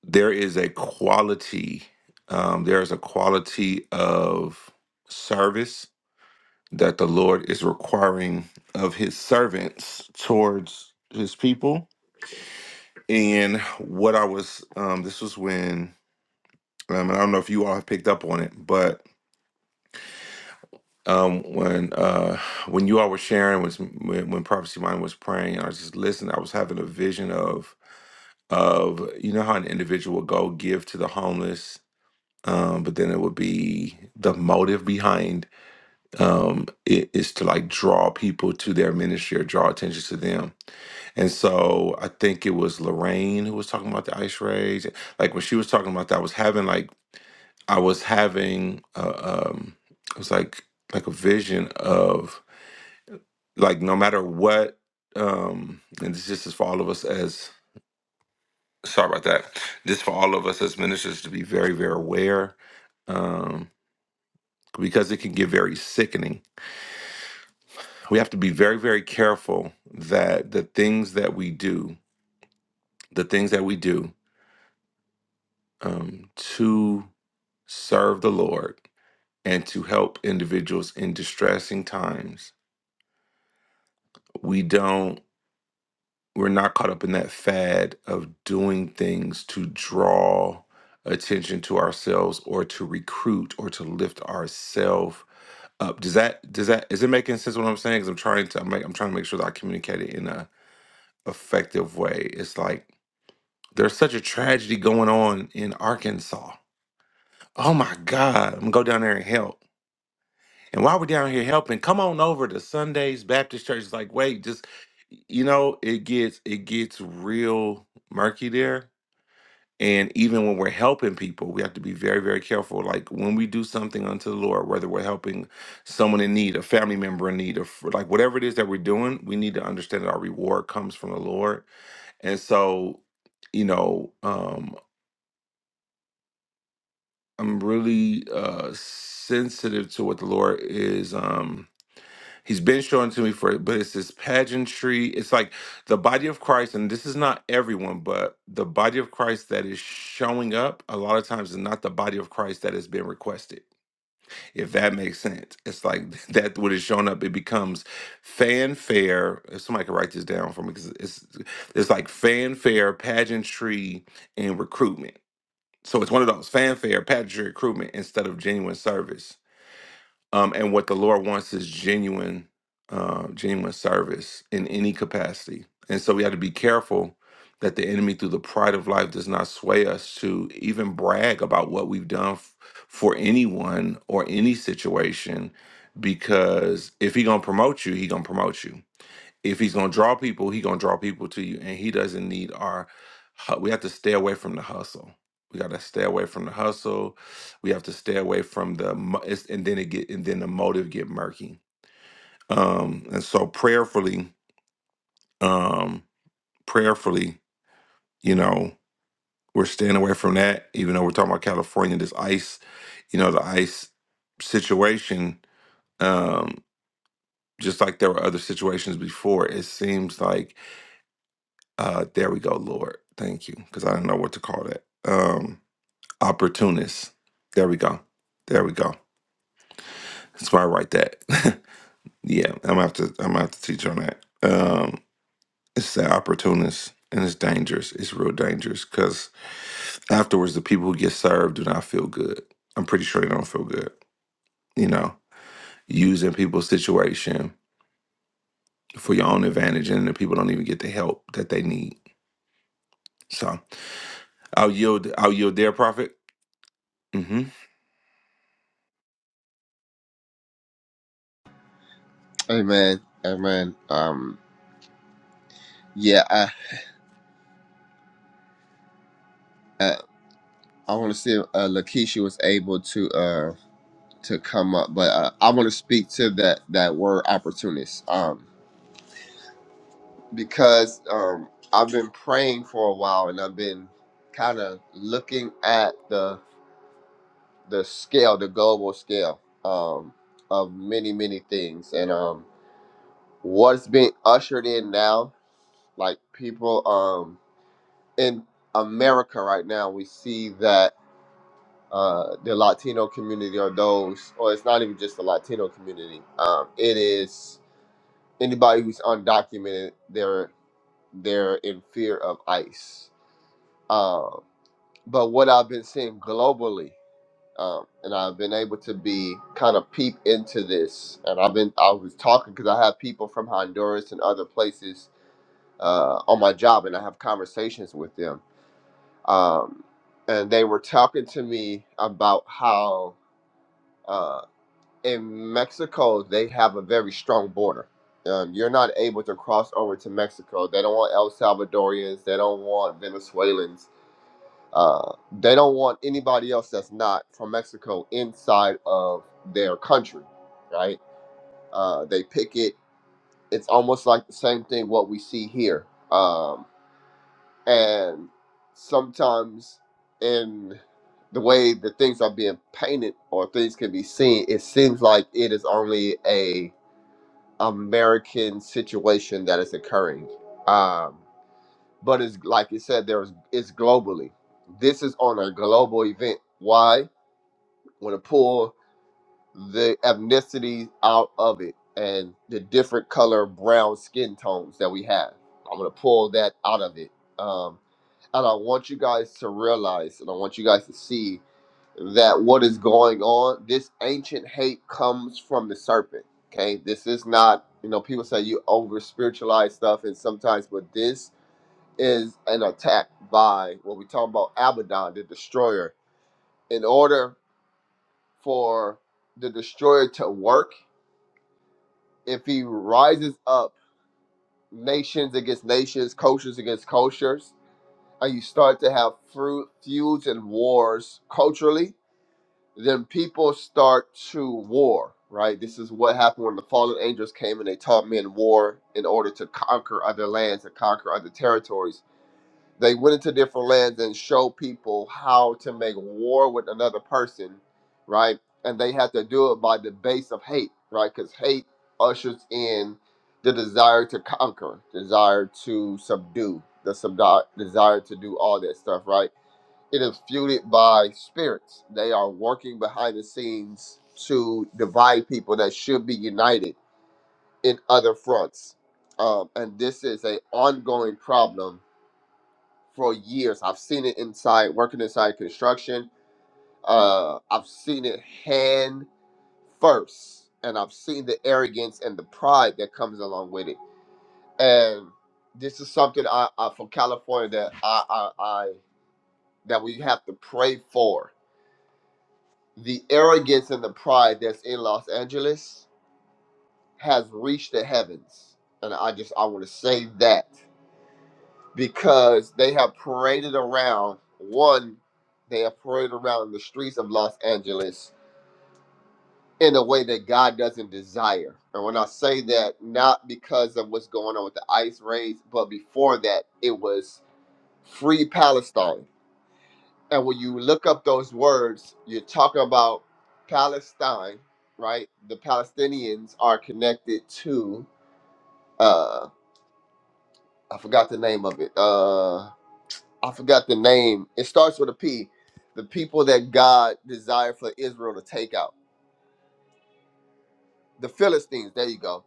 there is a quality um there is a quality of service that the Lord is requiring of his servants towards his people and what I was um this was when um, and I don't know if you all have picked up on it but um, when uh, when you all were sharing was when, when prophecy mind was praying and i was just listening i was having a vision of of you know how an individual would go give to the homeless um, but then it would be the motive behind um, it is to like draw people to their ministry or draw attention to them and so i think it was lorraine who was talking about the ice rage like when she was talking about that i was having like i was having uh, um, it was like like a vision of like no matter what um and this just is for all of us as sorry about that this for all of us as ministers to be very very aware um because it can get very sickening we have to be very very careful that the things that we do the things that we do um to serve the lord and to help individuals in distressing times we don't we're not caught up in that fad of doing things to draw attention to ourselves or to recruit or to lift ourselves up. Does that does that is it making sense what I'm saying? Because I'm trying to I'm, make, I'm trying to make sure that I communicate it in a effective way. It's like there's such a tragedy going on in Arkansas. Oh my God, I'm gonna go down there and help. And while we're down here helping, come on over to Sunday's Baptist Church. It's like, wait, just you know, it gets it gets real murky there And even when we're helping people, we have to be very, very careful. Like when we do something unto the Lord, whether we're helping someone in need, a family member in need, or fr- like whatever it is that we're doing, we need to understand that our reward comes from the Lord. And so, you know, um, I'm really uh, sensitive to what the Lord is. Um, He's been showing to me for, but it's this pageantry. It's like the body of Christ, and this is not everyone, but the body of Christ that is showing up a lot of times is not the body of Christ that has been requested. If that makes sense, it's like that what is showing up. It becomes fanfare. If somebody could write this down for me, because it's it's like fanfare, pageantry, and recruitment. So it's one of those fanfare, pageantry, recruitment instead of genuine service um, and what the Lord wants is genuine, uh, genuine service in any capacity. And so we have to be careful that the enemy, through the pride of life, does not sway us to even brag about what we've done f- for anyone or any situation, because if he gonna promote you, he gonna promote you if he's gonna draw people, he gonna draw people to you, and he doesn't need our. hu- We have to stay away from the hustle. We gotta stay away from the hustle. We have to stay away from the, mo- it's, and then it get, and then the motive get murky. Um, and so prayerfully, um, prayerfully, you know, we're staying away from that. Even though we're talking about California, this ice, you know, the ice situation. Um, just like there were other situations before, it seems like Uh, there we go, Lord. Thank you, because I didn't know what to call that. Um, opportunist. There we go. There we go. That's why I write that. yeah, I'm gonna have to. I'm gonna have to teach on that. Um, it's that opportunist, and it's dangerous. It's real dangerous because afterwards, the people who get served do not feel good. I'm pretty sure they don't feel good. You know, using people's situation for your own advantage, and the people don't even get the help that they need. So I'll yield. I'll yield their profit. Amen. Amen. Um, yeah, I, I, I want to see if uh, Lakeisha was able to uh, to come up, but uh, I want to speak to that, that word opportunist. Um, because um, I've been praying for a while and I've been kind of looking at the the scale, the global scale um, of many many things, and um, what's being ushered in now. Like people um, in America right now, we see that uh, the Latino community or those, or it's not even just the Latino community. Um, it is anybody who's undocumented. They're they're in fear of ICE Um, but what I've been seeing globally, um, and I've been able to be kind of peep into this, and I've been I was talking because I have people from Honduras and other places uh, on my job, and I have conversations with them, um, and they were talking to me about how uh, in Mexico they have a very strong border. Um, you're not able to cross over to Mexico. They don't want El Salvadorians. They don't want Venezuelans uh, they don't want anybody else that's not from Mexico inside of their country, right? Uh, they pick it. It's almost like the same thing what we see here. Um, and sometimes in the way that things are being painted or things can be seen, it seems like it is only a American situation that is occurring. Um, but it's like you said, there's it's globally. This is on a global event. Why? want to pull the ethnicity out of it and the different color brown skin tones that we have. I'm going to pull that out of it. Um, and I want you guys to realize and I want you guys to see that what is going on, this ancient hate comes from the serpent. Okay, this is not, you know, people say you over spiritualize stuff, and sometimes, but this is an attack by what we talk about Abaddon, the destroyer. In order for the destroyer to work if he rises up nations against nations, cultures against cultures, and you start to have fru- feuds and wars culturally, then people start to war, right? This is what happened when the fallen angels came and they taught men war in order to conquer other lands and conquer other territories They went into different lands and showed people how to make war with another person, right? And they had to do it by the base of hate, right? Because hate ushers in the desire to conquer, desire to subdue, the subdi- desire to do all that stuff, right? It is fueled by spirits. They are working behind the scenes to divide people that should be united in other fronts. Um, and this is a ongoing problem for years. I've seen it inside working inside construction. Uh, I've seen it hand first, and I've seen the arrogance and the pride that comes along with it. And this is something I, I from California that I, I, I that we have to pray for. The arrogance and the pride that's in Los Angeles has reached the heavens, and I just I want to say that because they have paraded around one they have paraded around the streets of los angeles in a way that god doesn't desire and when i say that not because of what's going on with the ice raids but before that it was free palestine and when you look up those words you're talking about palestine right the palestinians are connected to uh i forgot the name of it Uh, I forgot the name. It starts with a P. The people that God desired for Israel to take out. The Philistines. There you go.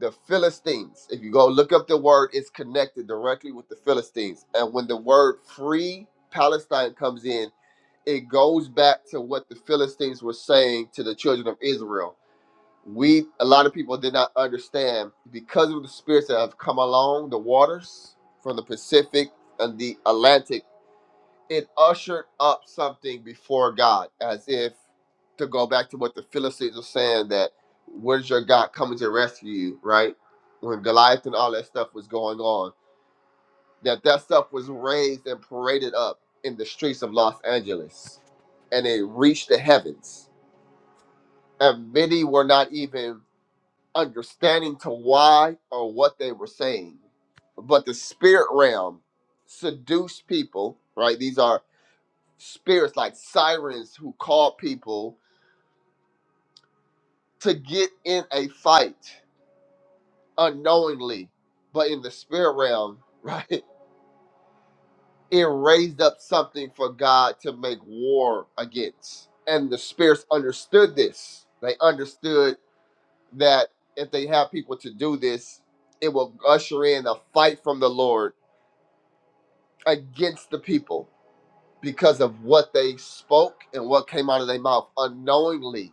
The Philistines. If you go look up the word, it's connected directly with the Philistines. And when the word free Palestine comes in, it goes back to what the Philistines were saying to the children of Israel. We, a lot of people did not understand because of the spirits that have come along the waters from the Pacific and the Atlantic it ushered up something before God, as if to go back to what the Philistines were saying that where's your God coming to rescue you, right? When Goliath and all that stuff was going on, that that stuff was raised and paraded up in the streets of Los Angeles, and it reached the heavens, and many were not even understanding to why or what they were saying, but the spirit realm seduced people, right? These are spirits like sirens who call people to get in a fight unknowingly, but in the spirit realm, right? It raised up something for God to make war against. And the spirits understood this. They understood that if they have people to do this, it will usher in a fight from the Lord against the people because of what they spoke and what came out of their mouth unknowingly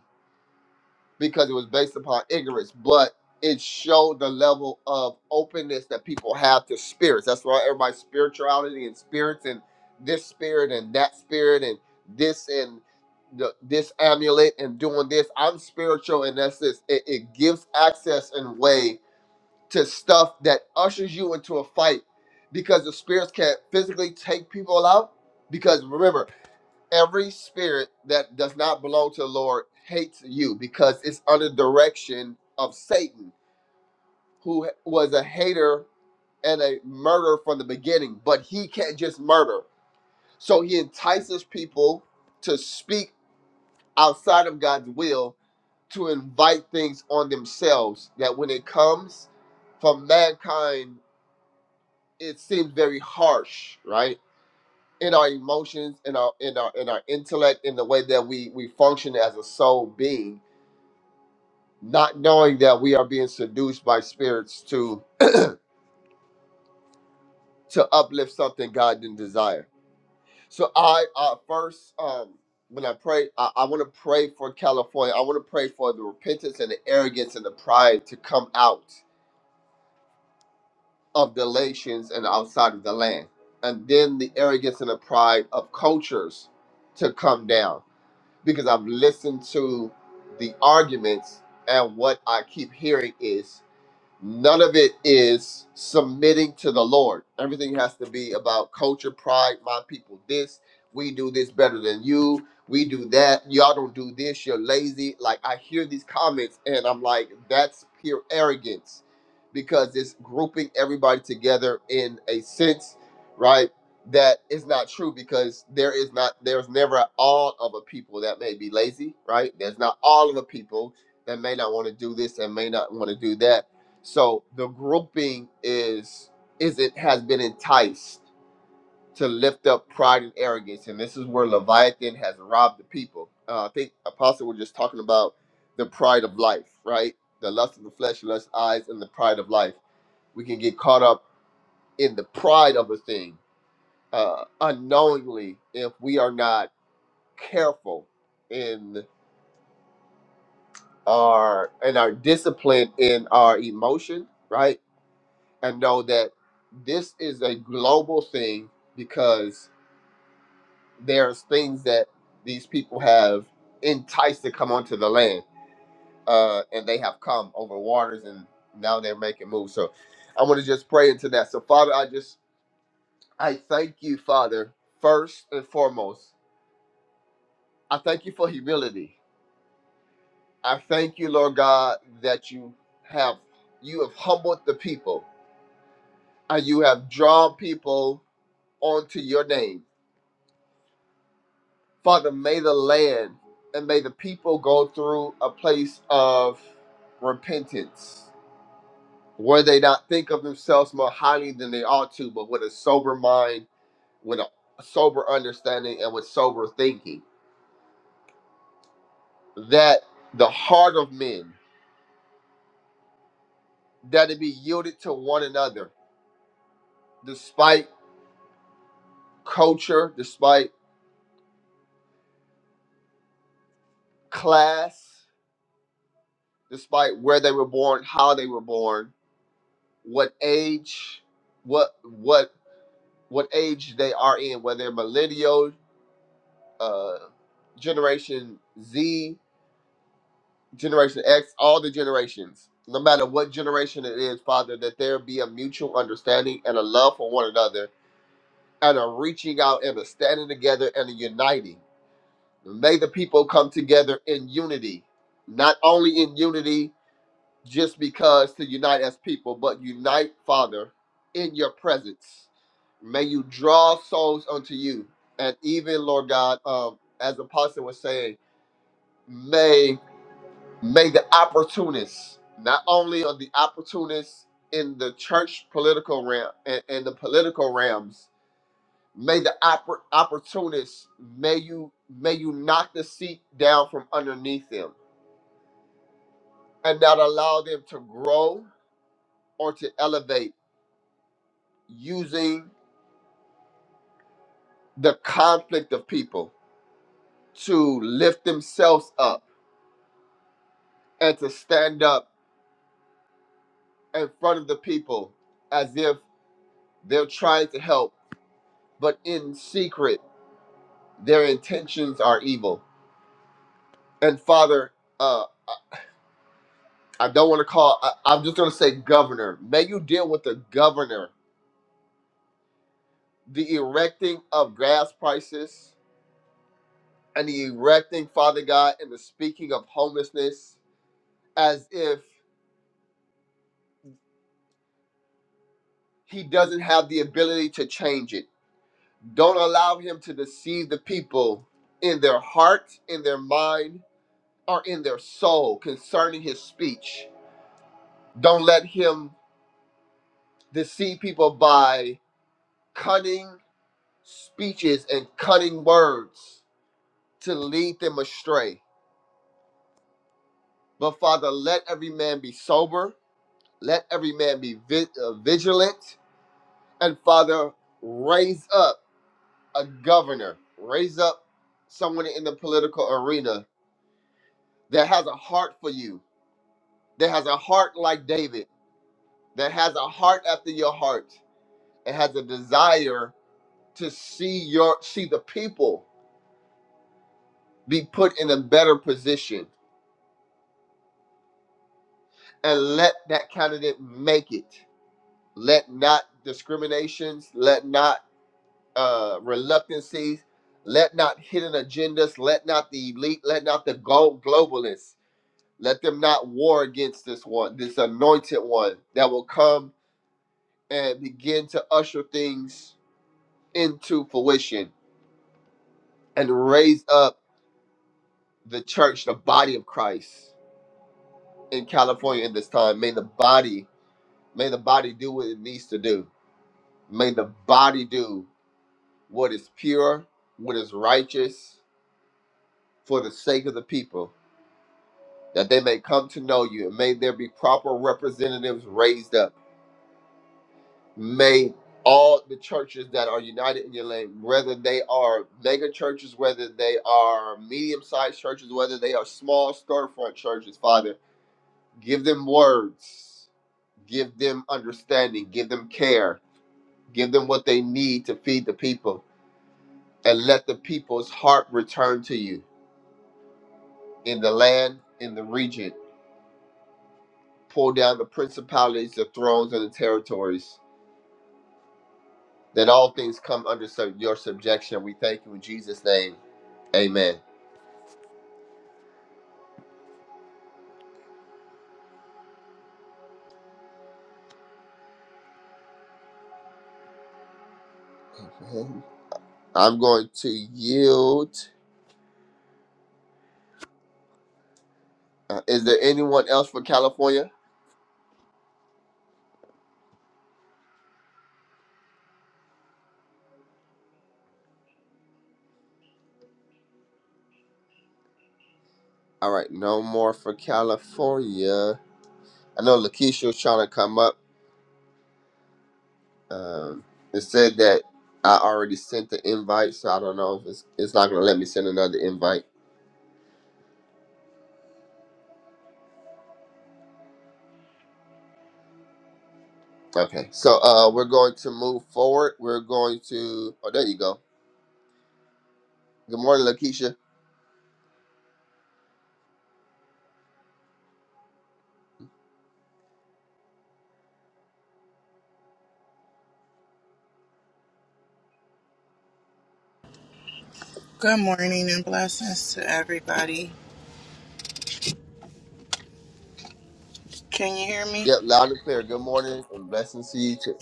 because it was based upon ignorance, but it showed the level of openness that people have to spirits. That's why everybody's spirituality and spirits and this spirit and that spirit and this and the, this amulet and doing this. I'm spiritual, and that's this. It, it gives access and way to stuff that ushers you into a fight because the spirits can't physically take people out. Because remember, every spirit that does not belong to the Lord hates you because it's under direction of Satan, who was a hater and a murderer from the beginning, but he can't just murder. So he entices people to speak outside of God's will to invite things on themselves that when it comes from mankind, it seems very harsh, right? In our emotions, in our in our in our intellect, in the way that we we function as a soul being not knowing that we are being seduced by spirits to to uplift something God didn't desire. So I uh, first um, when I pray, I, I want to pray for California. I want to pray for the repentance and the arrogance and the pride to come out of the nations and outside of the land, and then the arrogance and the pride of cultures to come down. Because I've listened to the arguments, and what I keep hearing is None of it is submitting to the Lord. Everything has to be about culture, pride, my people this, we do this better than you, we do that, y'all don't do this, you're lazy. Like I hear these comments and I'm like, that's pure arrogance because it's grouping everybody together in a sense, right? That is not true because there is not there's never all of a people that may be lazy, right? There's not all of a people that may not want to do this and may not want to do that so the grouping is is it has been enticed to lift up pride and arrogance, and this is where Leviathan has robbed the people. Uh, I think Apostle was just talking about the pride of life, right? The lust of the flesh, lust of eyes, and the pride of life. We can get caught up in the pride of a thing uh, unknowingly if we are not careful in our in our discipline in our emotion, right? and know that this is a global thing because there's things that these people have enticed to come onto the land uh, and they have come over waters and now they're making moves so i want to just pray into that so father i just i thank you father first and foremost i thank you for humility i thank you lord god that you have you have humbled the people and you have drawn people onto your name Father, may the land and may the people go through a place of repentance where they not think of themselves more highly than they ought to, but with a sober mind, with a sober understanding, and with sober thinking. That the heart of men, that it be yielded to one another, despite culture, despite class, despite where they were born, how they were born, what age, what what what age they are in, whether they're millennial, uh, generation Z, generation X, all the generations. No matter what generation it is, Father, that there be a mutual understanding and a love for one another and a reaching out and a standing together and a uniting. May the people come together in unity, not only in unity just because to unite as people, but unite, Father, in your presence. May you draw souls unto you. And even, Lord God, um, as Apostle was saying, may may the opportunists, not only are the opportunists in the church political realm and, and the political realms, may the oppor- opportunists, may you may you knock the seat down from underneath them and not allow them to grow or to elevate using the conflict of people to lift themselves up and to stand up in front of the people as if they're trying to help, but in secret, their intentions are evil. And Father, uh, I don't want to call, I, I'm just going to say governor. May you deal with the governor, the erecting of gas prices and the erecting, Father God, and the speaking of homelessness as if he doesn't have the ability to change it Don't allow him to deceive the people in their heart, in their mind, or in their soul concerning his speech. Don't let him deceive people by cunning speeches and cunning words to lead them astray. But Father, let every man be sober, let every man be vi- uh, vigilant, and Father, raise up a governor, raise up someone in the political arena that has a heart for you that has a heart like David, that has a heart after your heart, and has a desire to see your see the people be put in a better position and let that candidate make it. Let not discriminations, let not uh, reluctancies, let not hidden agendas, let not the elite, let not the glo- globalists, let them not war against this one, this anointed one that will come and begin to usher things into fruition and raise up the church, the body of Christ in California in this time. May the body, may the body do what it needs to do. May the body do what is pure, what is righteous for the sake of the people, that they may come to know you. And may there be proper representatives raised up. May all the churches that are united in your name, whether they are mega churches, whether they are medium sized churches, whether they are small storefront churches, Father. Give them words, give them understanding, give them care, give them what they need to feed the people, and let the people's heart return to you in the land, in the region. Pull down the principalities, the thrones, and the territories. That all things come under sub- your subjection. We thank you in Jesus' name. Amen. Amen. I'm going to yield. Uh, is there anyone else for California? All right, no more for California. I know Lakeisha was trying to come up. Um, it said that I already sent the invite, so I don't know if it's, it's not going to let me send another invite. Okay, so uh, we're going to move forward. We're going to. Oh, there you go. Good morning, Lakeisha. Good morning and blessings to everybody. Can you hear me? Yep, loud and clear. Good morning and blessings to you too.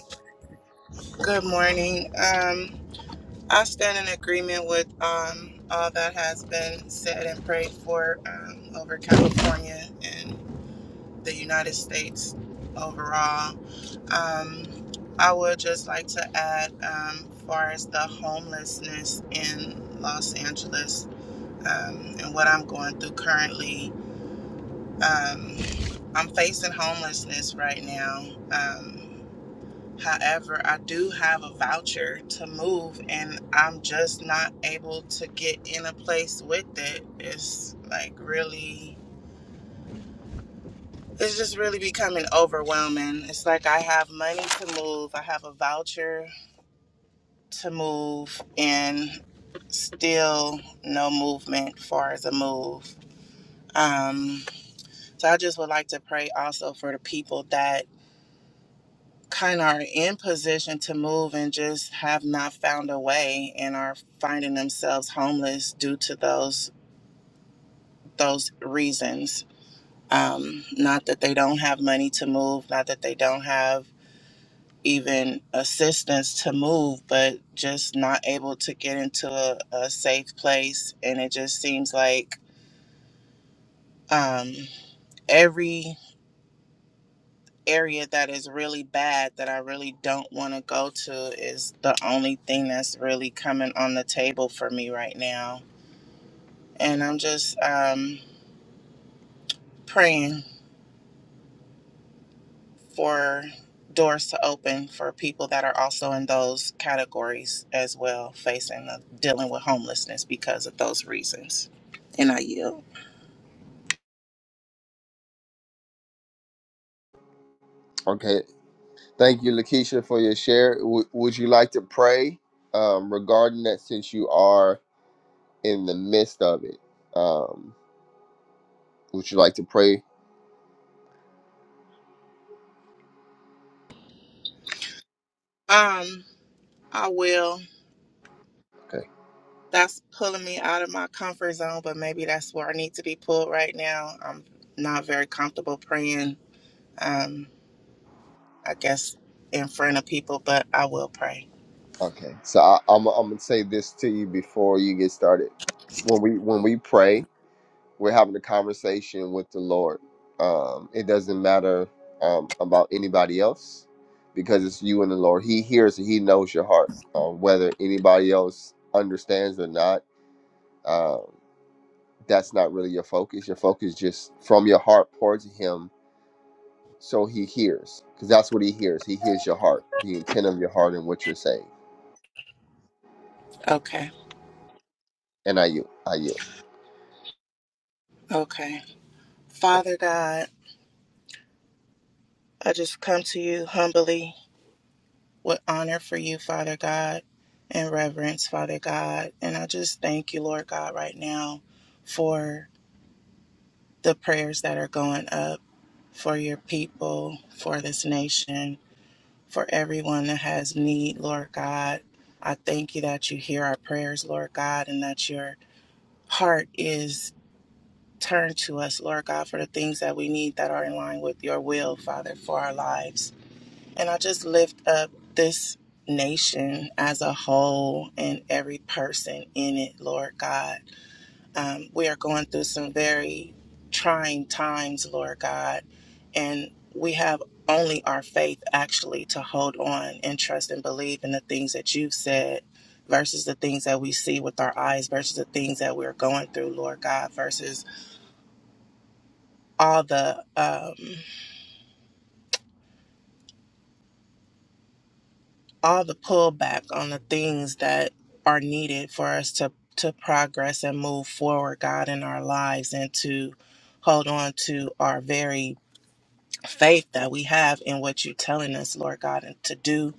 Good morning. Um, I stand in agreement with um, all that has been said and prayed for um, over California and the United States overall. Um, I would just like to add, um, far as the homelessness in Los Angeles um, and what I'm going through currently, um, I'm facing homelessness right now. Um, However, I do have a voucher to move and I'm just not able to get in a place with it. It's like really it's just really becoming overwhelming. It's like I have money to move, I have a voucher to move and still no movement as far as a move. Um so I just would like to pray also for the people that. kind of are in position to move and just have not found a way and are finding themselves homeless due to those those reasons um, not that they don't have money to move not that they don't have even assistance to move but just not able to get into a, a safe place and it just seems like um, every area that is really bad that I really don't want to go to is the only thing that's really coming on the table for me right now. And I'm just um, praying for doors to open for people that are also in those categories as well, facing the, dealing with homelessness because of those reasons. And I yield. Okay, thank you, Lakeisha, for your share. W- would you like to pray um, regarding that since you are in the midst of it? Um, would you like to pray? Um, I will. Okay. That's pulling me out of my comfort zone, but maybe that's where I need to be pulled right now. I'm not very comfortable praying um, I guess, in front of people, but I will pray. Okay. So I, I'm I'm gonna say this to you before you get started. When we when we pray. We're having a conversation with the Lord. Um, it doesn't matter um, about anybody else because it's you and the Lord. He hears and He knows your heart. Um, whether anybody else understands or not, um, that's not really your focus. Your focus just from your heart towards Him so He hears because that's what He hears. He hears your heart, the intent of your heart, and what you're saying. Okay. And I you, I you. Okay. Father God, I just come to you humbly with honor for you, Father God, and reverence, Father God. And I just thank you, Lord God, right now for the prayers that are going up for your people, for this nation, for everyone that has need, Lord God. I thank you that you hear our prayers, Lord God, and that your heart is Turn to us, Lord God, for the things that we need that are in line with your will, Father, for our lives. And I just lift up this nation as a whole and every person in it, Lord God. Um, we are going through some very trying times, Lord God, and we have only our faith actually to hold on and trust and believe in the things that you've said versus the things that we see with our eyes versus the things that we're going through, Lord God, versus all the um, all the pullback on the things that are needed for us to to progress and move forward, God, in our lives, and to hold on to our very faith that we have in what you're telling us, Lord God, and to do,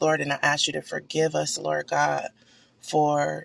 Lord. And I ask you to forgive us, Lord God, for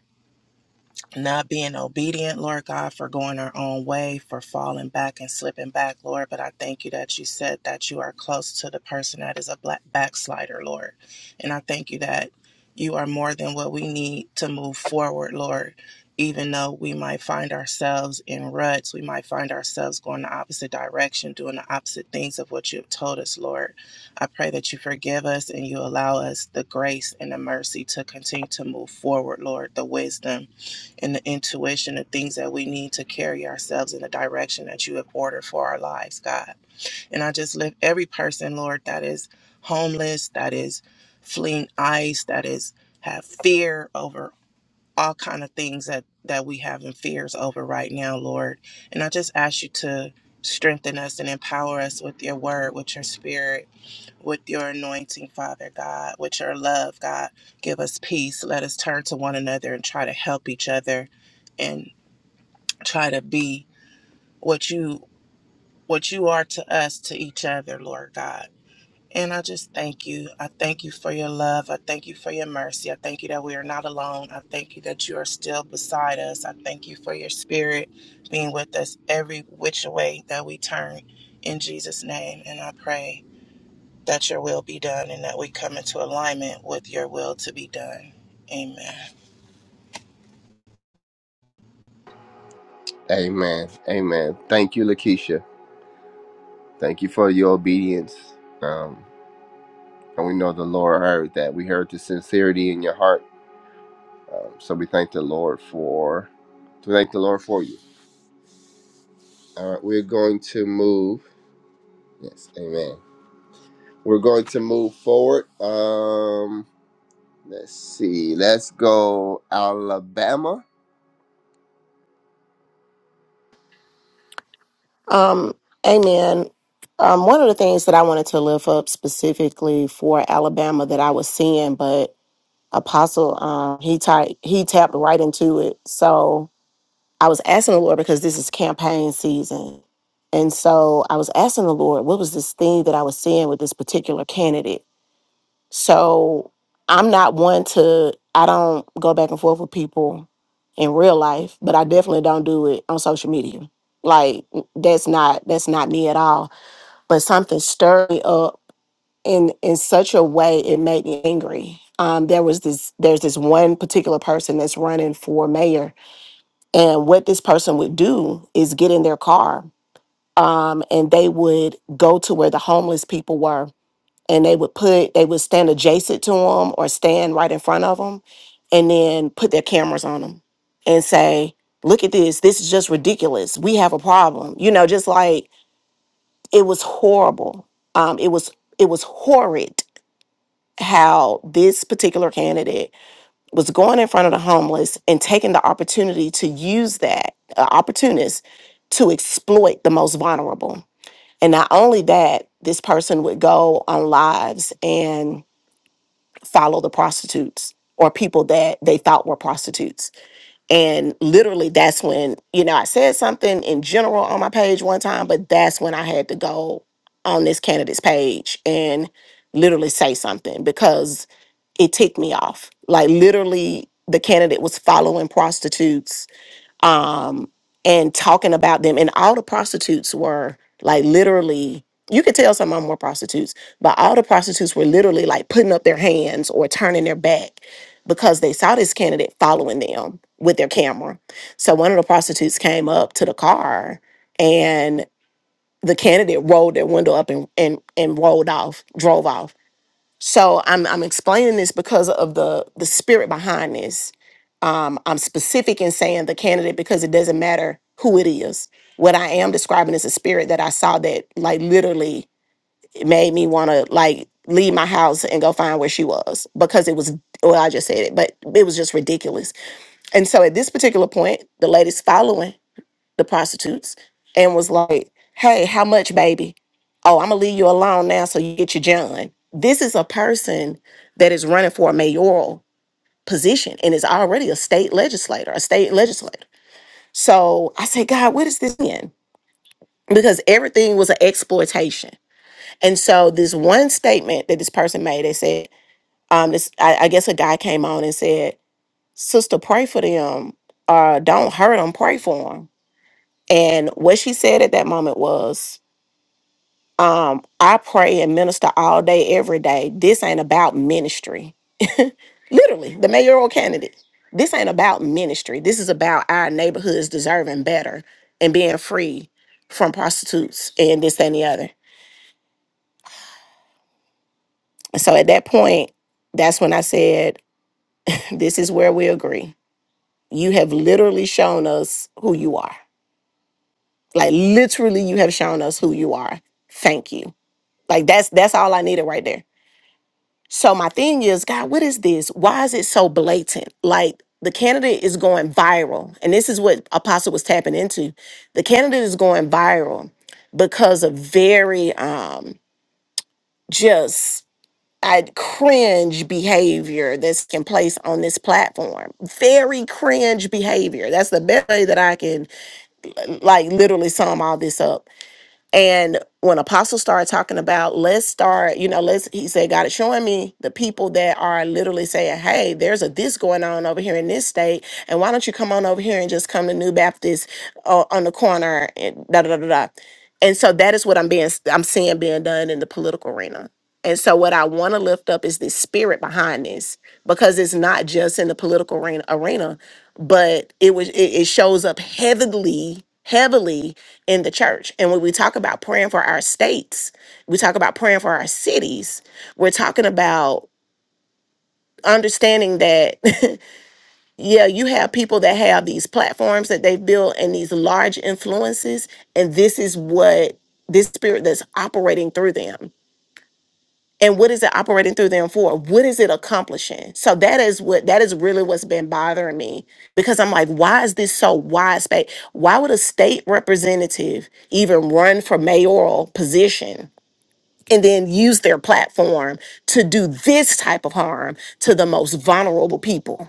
not being obedient, Lord God, for going our own way, for falling back and slipping back, Lord. But I thank you that you said that you are close to the person that is a black backslider, Lord. And I thank you that you are more than what we need to move forward, Lord. Even though we might find ourselves in ruts, we might find ourselves going the opposite direction, doing the opposite things of what you have told us, Lord. I pray that you forgive us and you allow us the grace and the mercy to continue to move forward, Lord, the wisdom and the intuition of things that we need to carry ourselves in the direction that you have ordered for our lives, God. And I just lift every person, Lord, that is homeless, that is fleeing ice, that is have fear over all kind of things that that we have in fears over right now, Lord. And I just ask you to strengthen us and empower us with your word, with your spirit with your anointing, Father God, with your love, God. Give us peace. Let us turn to one another and try to help each other and try to be what you what you are to us to each other, Lord God. And I just thank you. I thank you for your love. I thank you for your mercy. I thank you that we are not alone. I thank you that you are still beside us. I thank you for your spirit being with us every which way that we turn in Jesus' name. And I pray that your will be done and that we come into alignment with your will to be done. Amen. Amen. Amen. Thank you, Lakeisha. Thank you for your obedience. Um, And we know the Lord heard that. We heard the sincerity in your heart. Um, so we thank the Lord for, we thank the Lord for you. All right, we're going to move. Yes, Amen. We're going to move forward. Um, let's see. Let's go Alabama. Um, amen. Um, one of the things that I wanted to lift up specifically for Alabama that I was seeing, but Apostle, um, he typed, he tapped right into it. So I was asking the Lord because this is campaign season, and so I was asking the Lord, what was this thing that I was seeing with this particular candidate? So I'm not one to, I don't go back and forth with people in real life, but I definitely don't do it on social media. Like that's not that's not me at all. But something stirred me up in in such a way it made me angry. Um, there was this there's this one particular person that's running for mayor, and what this person would do is get in their car, um, and they would go to where the homeless people were, and they would put they would stand adjacent to them or stand right in front of them and then put their cameras on them and say look at this this is just ridiculous we have a problem you know just like it was horrible um it was it was horrid how this particular candidate was going in front of the homeless and taking the opportunity to use that uh, opportunist to exploit the most vulnerable and not only that this person would go on lives and follow the prostitutes or people that they thought were prostitutes. And literally, that's when, you know, I said something in general on my page one time, but that's when I had to go on this candidate's page and literally say something because it ticked me off. Like, literally, the candidate was following prostitutes um, and talking about them. And all the prostitutes were like literally, you could tell some of them were prostitutes, but all the prostitutes were literally like putting up their hands or turning their back because they saw this candidate following them with their camera. So one of the prostitutes came up to the car and the candidate rolled their window up and, and, and rolled off, drove off so I'm I'm explaining this because of the the spirit behind this. Um, I'm specific in saying the candidate because it doesn't matter who it is. What I am describing is a spirit that I saw that like literally it made me want to like leave my house and go find where she was because it was well I just said it, but it was just ridiculous. And so at this particular point, the lady's following the prostitutes and was like, "Hey, how much, baby? Oh, I'm gonna leave you alone now, so you get your John." This is a person that is running for a mayoral position and is already a state legislator, a state legislator. So I say, God, what is this in? Because everything was an exploitation. And so this one statement that this person made, they said, um, this I, I guess a guy came on and said, "Sister, pray for them. Uh, don't hurt them. Pray for them." And what she said at that moment was, Um, I pray and minister all day, every day. This ain't about ministry. Literally, the mayoral candidate. This ain't about ministry. This is about our neighborhoods deserving better and being free from prostitutes and this, that, and the other. And So at that point, that's when I said, This is where we agree. You have literally shown us who you are. Like literally, you have shown us who you are. Thank you. Like that's that's all I needed right there So my thing is, God, what is this? Why is it so blatant? Like the candidate is going viral. And this is what Apostle was tapping into. The candidate is going viral because of very um just I cringe behavior that's taking place on this platform. Very cringe behavior. That's the best way that I can like literally sum all this up and when Apostle started talking about, let's start, you know, let's, he said, God is showing me the people that are literally saying, hey, there's a this going on over here in this state. And why don't you come on over here and just come to New Baptist uh, on the corner and da da da da. da." And so that is what I'm being, I'm seeing being done in the political arena. And so, what I want to lift up is the spirit behind this, because it's not just in the political arena, arena but it was it, it shows up heavily, heavily in the church. And when we talk about praying for our states, we talk about praying for our cities. We're talking about understanding that, yeah, you have people that have these platforms that they've built and these large influences, and this is what this spirit that's operating through them and what is it operating through them for what is it accomplishing so that is what that is really what's been bothering me because i'm like why is this so widespread why would a state representative even run for mayoral position and then use their platform to do this type of harm to the most vulnerable people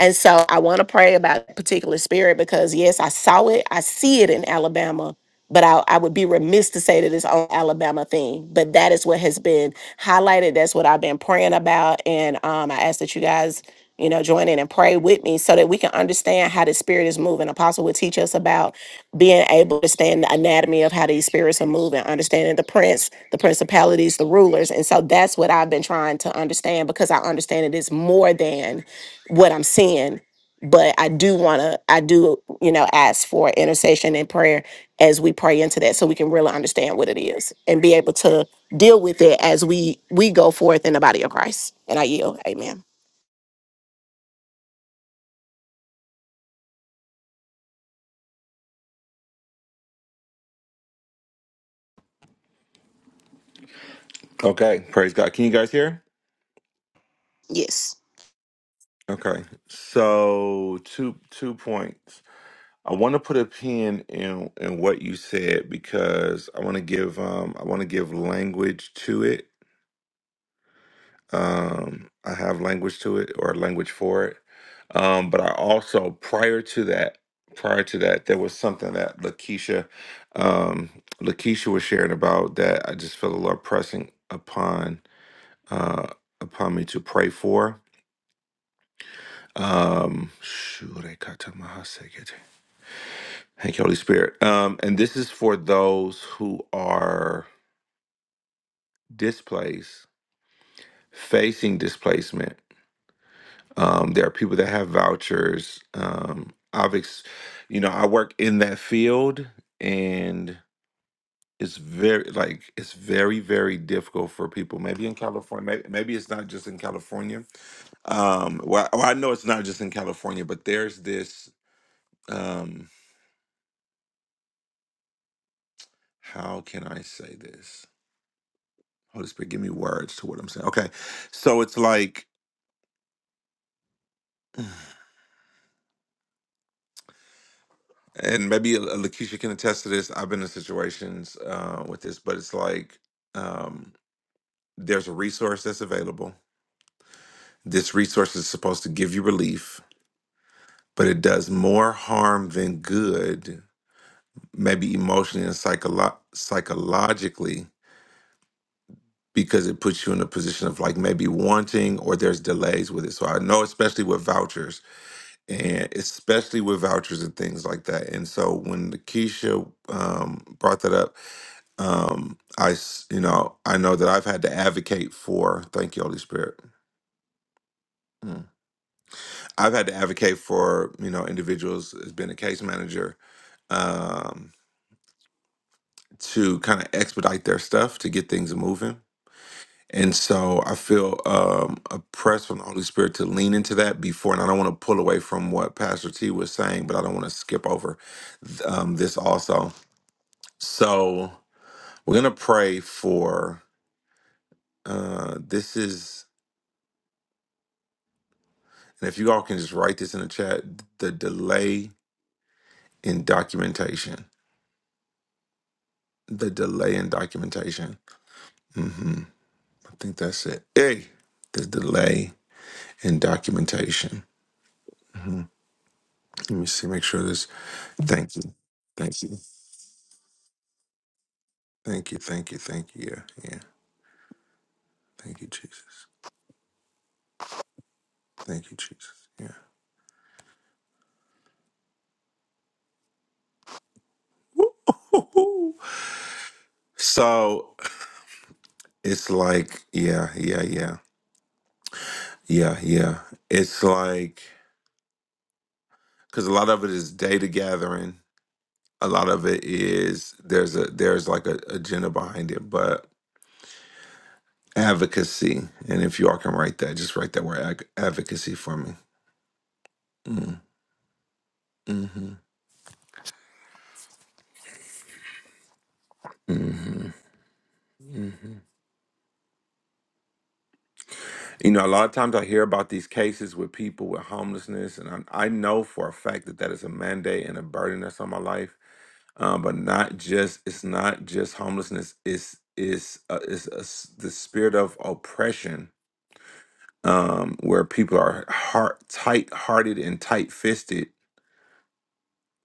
and so I want to pray about that particular spirit because yes, I saw it, I see it in Alabama, but I, I would be remiss to say that it's on Alabama thing. But that is what has been highlighted. That's what I've been praying about. And um I ask that you guys, you know, join in and pray with. Sydney so that we can understand how the spirit is moving. Apostle would teach us about being able to understand the anatomy of how these spirits are moving, understanding the prince, the principalities, the rulers. And so that's what I've been trying to understand because I understand it is more than what I'm seeing. But I do want to, I do, you know, ask for intercession and prayer as we pray into that so we can really understand what it is and be able to deal with it as we we go forth in the body of Christ. And I yield. Amen. Okay, praise God. Can you guys hear? Yes. Okay, so two two points. I want to put a pin in in what you said because I want to give um I want to give language to it. Um, I have language to it or language for it. Um, but I also prior to that prior to that there was something that Lakeisha um Lakeisha was sharing about that I just felt the Lord pressing upon uh upon me to pray for Um, shurekatamahasekete. thank you, Holy Spirit. Um, and this is for those who are displaced, facing displacement. Um, there are people that have vouchers. Um, I've, ex- you know, I work in that field, and it's very like it's very very difficult for people. Maybe in California, maybe, maybe it's not just in California. Um, well, I well, I know it's not just in California, but there's this. Um. how can I say this? Holy Spirit, give me words to what I'm saying. Okay. So it's like, and maybe uh, Lakeisha can attest to this. I've been in situations uh, with this, but it's like um, there's a resource that's available. This resource is supposed to give you relief, but it does more harm than good, maybe emotionally and psycholo- psychologically, because it puts you in a position of like maybe wanting or there's delays with it. So I know, especially with vouchers and especially with vouchers and things like that. And so when Keisha um, brought that up, um, I s- you know I know that I've had to advocate for. Thank you, Holy Spirit. Mm. I've had to advocate for you know individuals as being a case manager um, to kind of expedite their stuff to get things moving. And so I feel um, a from the Holy Spirit to lean into that before. And I don't want to pull away from what Pastor T was saying, but I don't want to skip over um, this also. So we're gonna pray for uh this is and if you all can just write this in the chat, the delay in documentation. The delay in documentation. hmm I think that's it. Hey, the delay in documentation. hmm Let me see, make sure this thank you. Thank you. Thank you, thank you, thank you. Yeah, yeah. Thank you, Jesus. Thank you, Jesus. Yeah. Woo-hoo. So it's like, yeah, yeah, yeah. Yeah, yeah. It's like because a lot of it is data gathering. A lot of it is there's a there's like a agenda behind it, but advocacy. And if you all can write that, just write that word ad- advocacy for me. Mm, hmm hmm hmm You know, a lot of times I hear about these cases with people with homelessness, and I, I know for a fact that that is a mandate and a burden that's on my life. Um, but not just it's not just homelessness. It's it's uh, it's a s the spirit of oppression, um, where people are heart tight hearted and tight fisted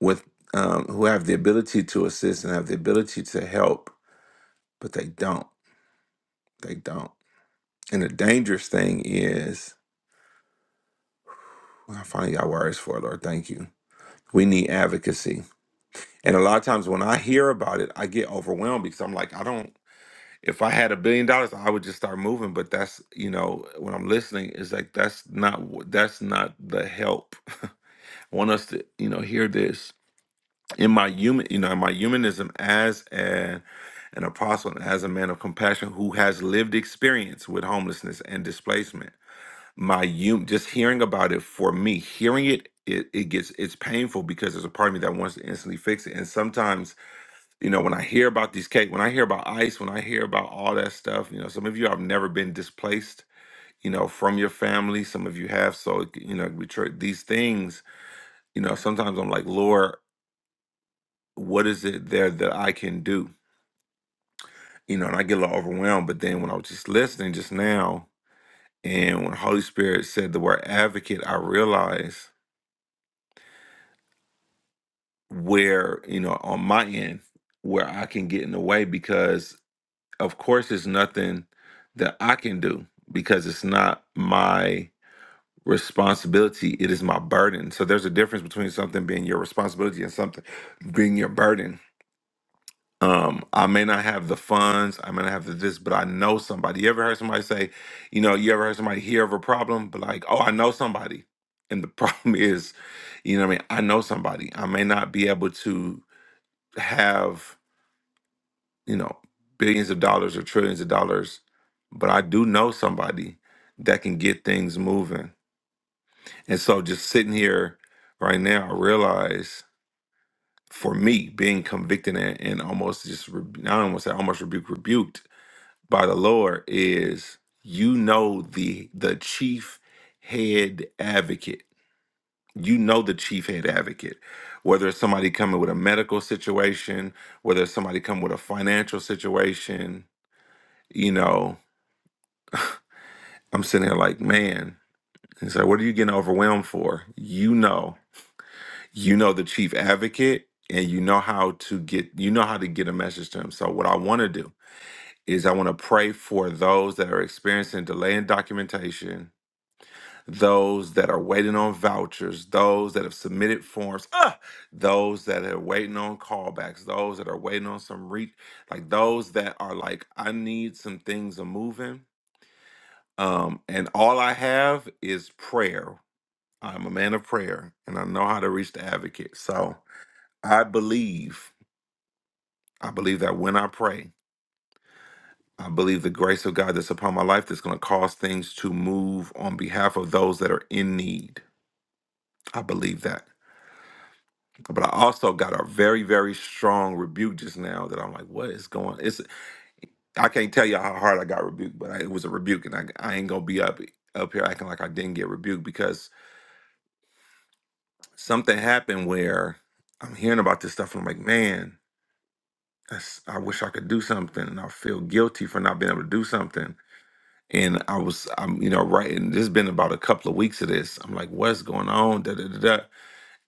with um, who have the ability to assist and have the ability to help, but they don't. They don't. And the dangerous thing is, well, I finally got words for it, Lord. Thank you We need advocacy. And a lot of times when I hear about it, I get overwhelmed because I'm like, I don't if I had a billion dollars, I would just start moving, but that's, you know, when I'm listening is like that's not wh- that's not the help. I want us to, you know, hear this. In my human, you know, in my humanism as an an apostle and as a man of compassion who has lived experience with homelessness and displacement my you just hearing about it for me hearing it it, it gets it's painful because there's a part of me that wants to instantly fix it and sometimes you know when i hear about these cake when i hear about ice when i hear about all that stuff you know some of you have never been displaced you know from your family some of you have so you know we tr- these things you know sometimes i'm like lord what is it there that i can do you know and i get a little overwhelmed but then when i was just listening just now and when holy spirit said the word advocate i realized where you know on my end where I can get in the way because of course there's nothing that I can do because it's not my responsibility it is my burden so there's a difference between something being your responsibility and something being your burden um I may not have the funds I may not have the this but I know somebody you ever heard somebody say you know you ever heard somebody hear of a problem but like oh I know somebody and the problem is you know what I mean I know somebody I may not be able to have you know billions of dollars or trillions of dollars but i do know somebody that can get things moving and so just sitting here right now i realize for me being convicted and, and almost just re- i don't want to say almost rebuked rebuked by the lord is you know the the chief head advocate you know the chief head advocate whether it's somebody coming with a medical situation whether it's somebody coming with a financial situation you know, I'm sitting here like, man, he's like, what are you getting overwhelmed for? You know, you know the chief advocate and you know how to get you know how to get a message to him. So what I want to do is I want to pray for those that are experiencing delay in documentation, those that are waiting on vouchers, those that have submitted forms, ah, those that are waiting on callbacks, those that are waiting on some re like those that are like, I need some things a moving Um, and all I have is prayer. I'm a man of prayer and I know how to reach the advocate. So I believe, I believe that when I pray, I believe the grace of God that's upon my life that's going to cause things to move on behalf of those that are in need. I believe that. But I also got a very, very strong rebuke just now that I'm like, what is going? It's I can't tell you how hard I got rebuked, but I, it was a rebuke, and I, I ain't gonna be up up here acting like I didn't get rebuked because. something happened where I'm hearing about this stuff and I'm like, man, that's, I wish I could do something, and I feel guilty for not being able to do something. And I was, I'm, you know, writing. This has been about a couple of weeks of this. I'm like, what's going on? Da da da da.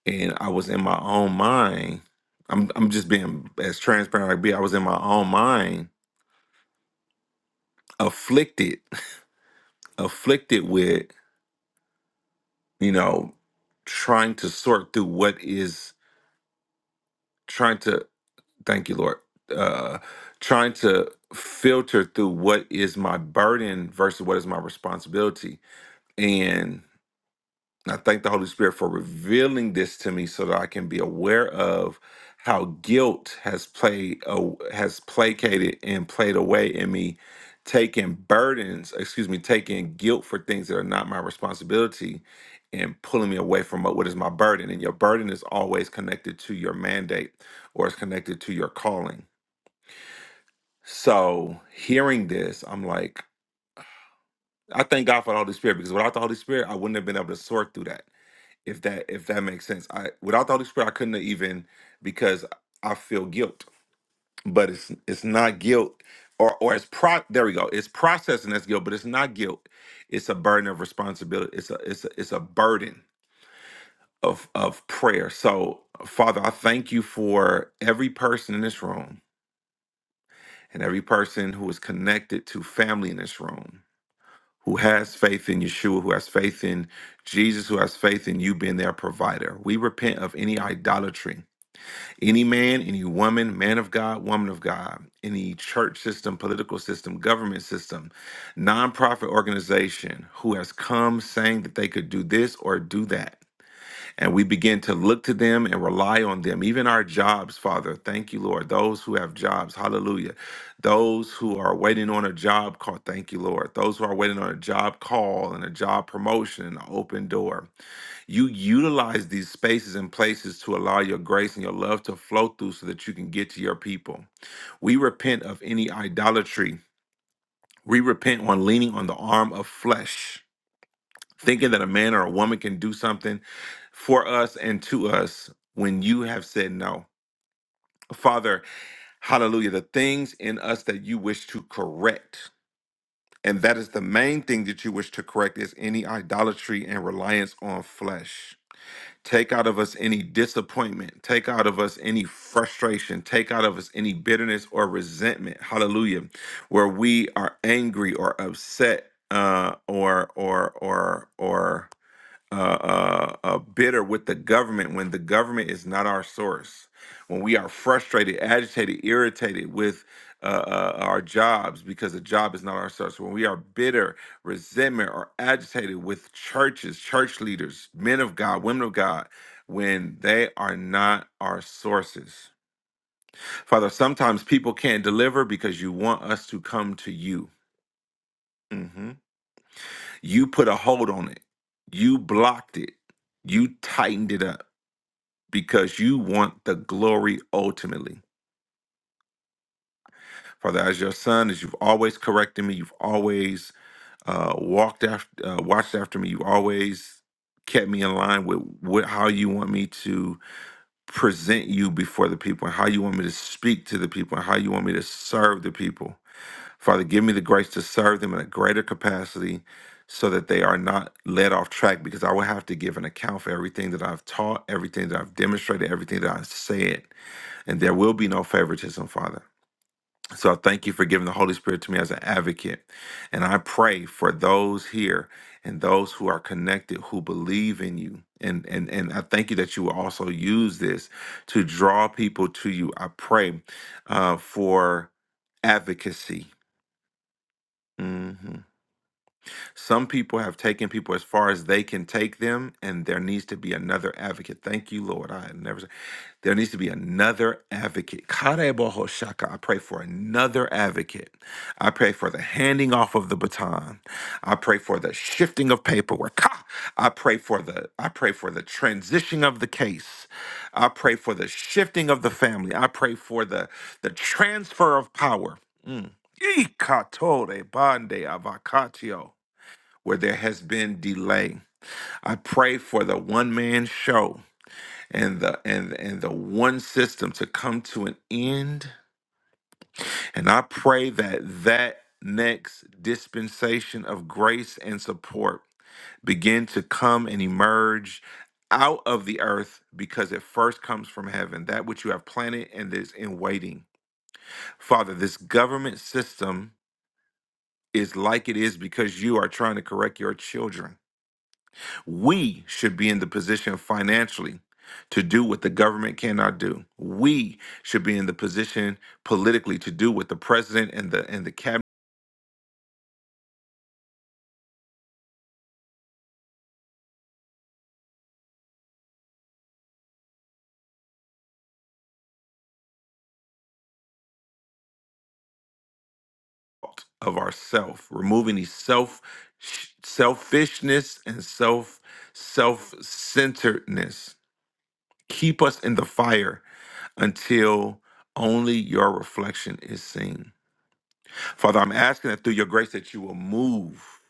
And I was in my own mind. I'm, I'm just being as transparent as I can be. I was in my own mind, afflicted, afflicted with, you know, trying to sort through what is trying to thank you, Lord. Uh, trying to filter through what is my burden versus what is my responsibility. And I thank the Holy Spirit for revealing this to me so that I can be aware of how guilt has played uh, has placated and played away in me taking burdens excuse me taking guilt for things that are not my responsibility and pulling me away from what what is my burden and your burden is always connected to your mandate or it's connected to your calling so hearing this, I'm like, I thank God for the Holy Spirit because without the Holy Spirit, I wouldn't have been able to sort through that. If that if that makes sense, I without the Holy Spirit, I couldn't have even because I feel guilt, but it's it's not guilt or or it's pro. There we go. It's processing that's guilt, but it's not guilt. It's a burden of responsibility. It's a it's a, it's a burden of of prayer. So Father, I thank you for every person in this room and every person who is connected to family in this room who has faith in Yeshua, who has faith in Jesus, who has faith in you being their provider. We repent of any idolatry, any man, any woman, man of God, woman of God, any church system, political system, government system, nonprofit organization who has come saying that they could do this or do that. And we begin to look to them and rely on them. Even our jobs, Father. Thank you, Lord. Those who have jobs, hallelujah. Those who are waiting on a job call, thank you, Lord. Those who are waiting on a job call and a job promotion, an open door. You utilize these spaces and places to allow your grace and your love to flow through so that you can get to your people. We repent of any idolatry. We repent on leaning on the arm of flesh thinking that a man or a woman can do something for us and to us when you have said no. Father, hallelujah, the things in us that you wish to correct. And that is the main thing that you wish to correct is any idolatry and reliance on flesh. Take out of us any disappointment. Take out of us any frustration. Take out of us any bitterness or resentment. Hallelujah. Where we are angry or upset uh, or, or, or, or, uh, uh, uh, bitter with the government when the government is not our source. When we are frustrated, agitated, irritated with uh, uh, our jobs because the job is not our source. When we are bitter, resentment, or agitated with churches, church leaders, men of God, women of God, when they are not our sources. Father, sometimes people can't deliver because you want us to come to you. Mhm. You put a hold on it, you blocked it, you tightened it up. because you want the glory ultimately. Father, as your son, as you've always corrected me, you've always uh, walked after, uh, watched after me, you've always kept me in line with what, how you want me to present you before the people, and how you want me to speak to the people, and how you want me to serve the people. Father, give me the grace to serve them in a greater capacity so that they are not led off track because I will have to give an account for everything that I've taught, everything that I've demonstrated, everything that I've said. and there will be no favoritism, Father. So I thank you for giving the Holy Spirit to me as an advocate. And I pray for those here and those who are connected who believe in you. And, and and I thank you that you will also use this to draw people to you. I pray uh, for advocacy. Mm-hmm. Some people have taken people as far as they can take them, and there needs to be another advocate. Thank you, Lord. I had never said there needs to be another advocate. Karebo Shaka. I pray for another advocate. I pray for the handing off of the baton. I pray for the shifting of paperwork. Ka! I pray for the I pray for the transition of the case. I pray for the shifting of the family. I pray for the the transfer of power. Mm. Ikatore bande avocatio where there has been delay. I pray for the one man show and the and and the one system to come to an end. And I pray that that next dispensation of grace and support begin to come and emerge out of the earth because it first comes from heaven that which you have planted and is in waiting father this government system is like it is because you are trying to correct your children We should be in the position financially to do what the government cannot do. We should be in the position politically to do what the president and the and the cabinet of ourself, removing these self selfishness and self self-centeredness. Keep us in the fire until only your reflection is seen. Father, I'm asking that through your grace that you will move.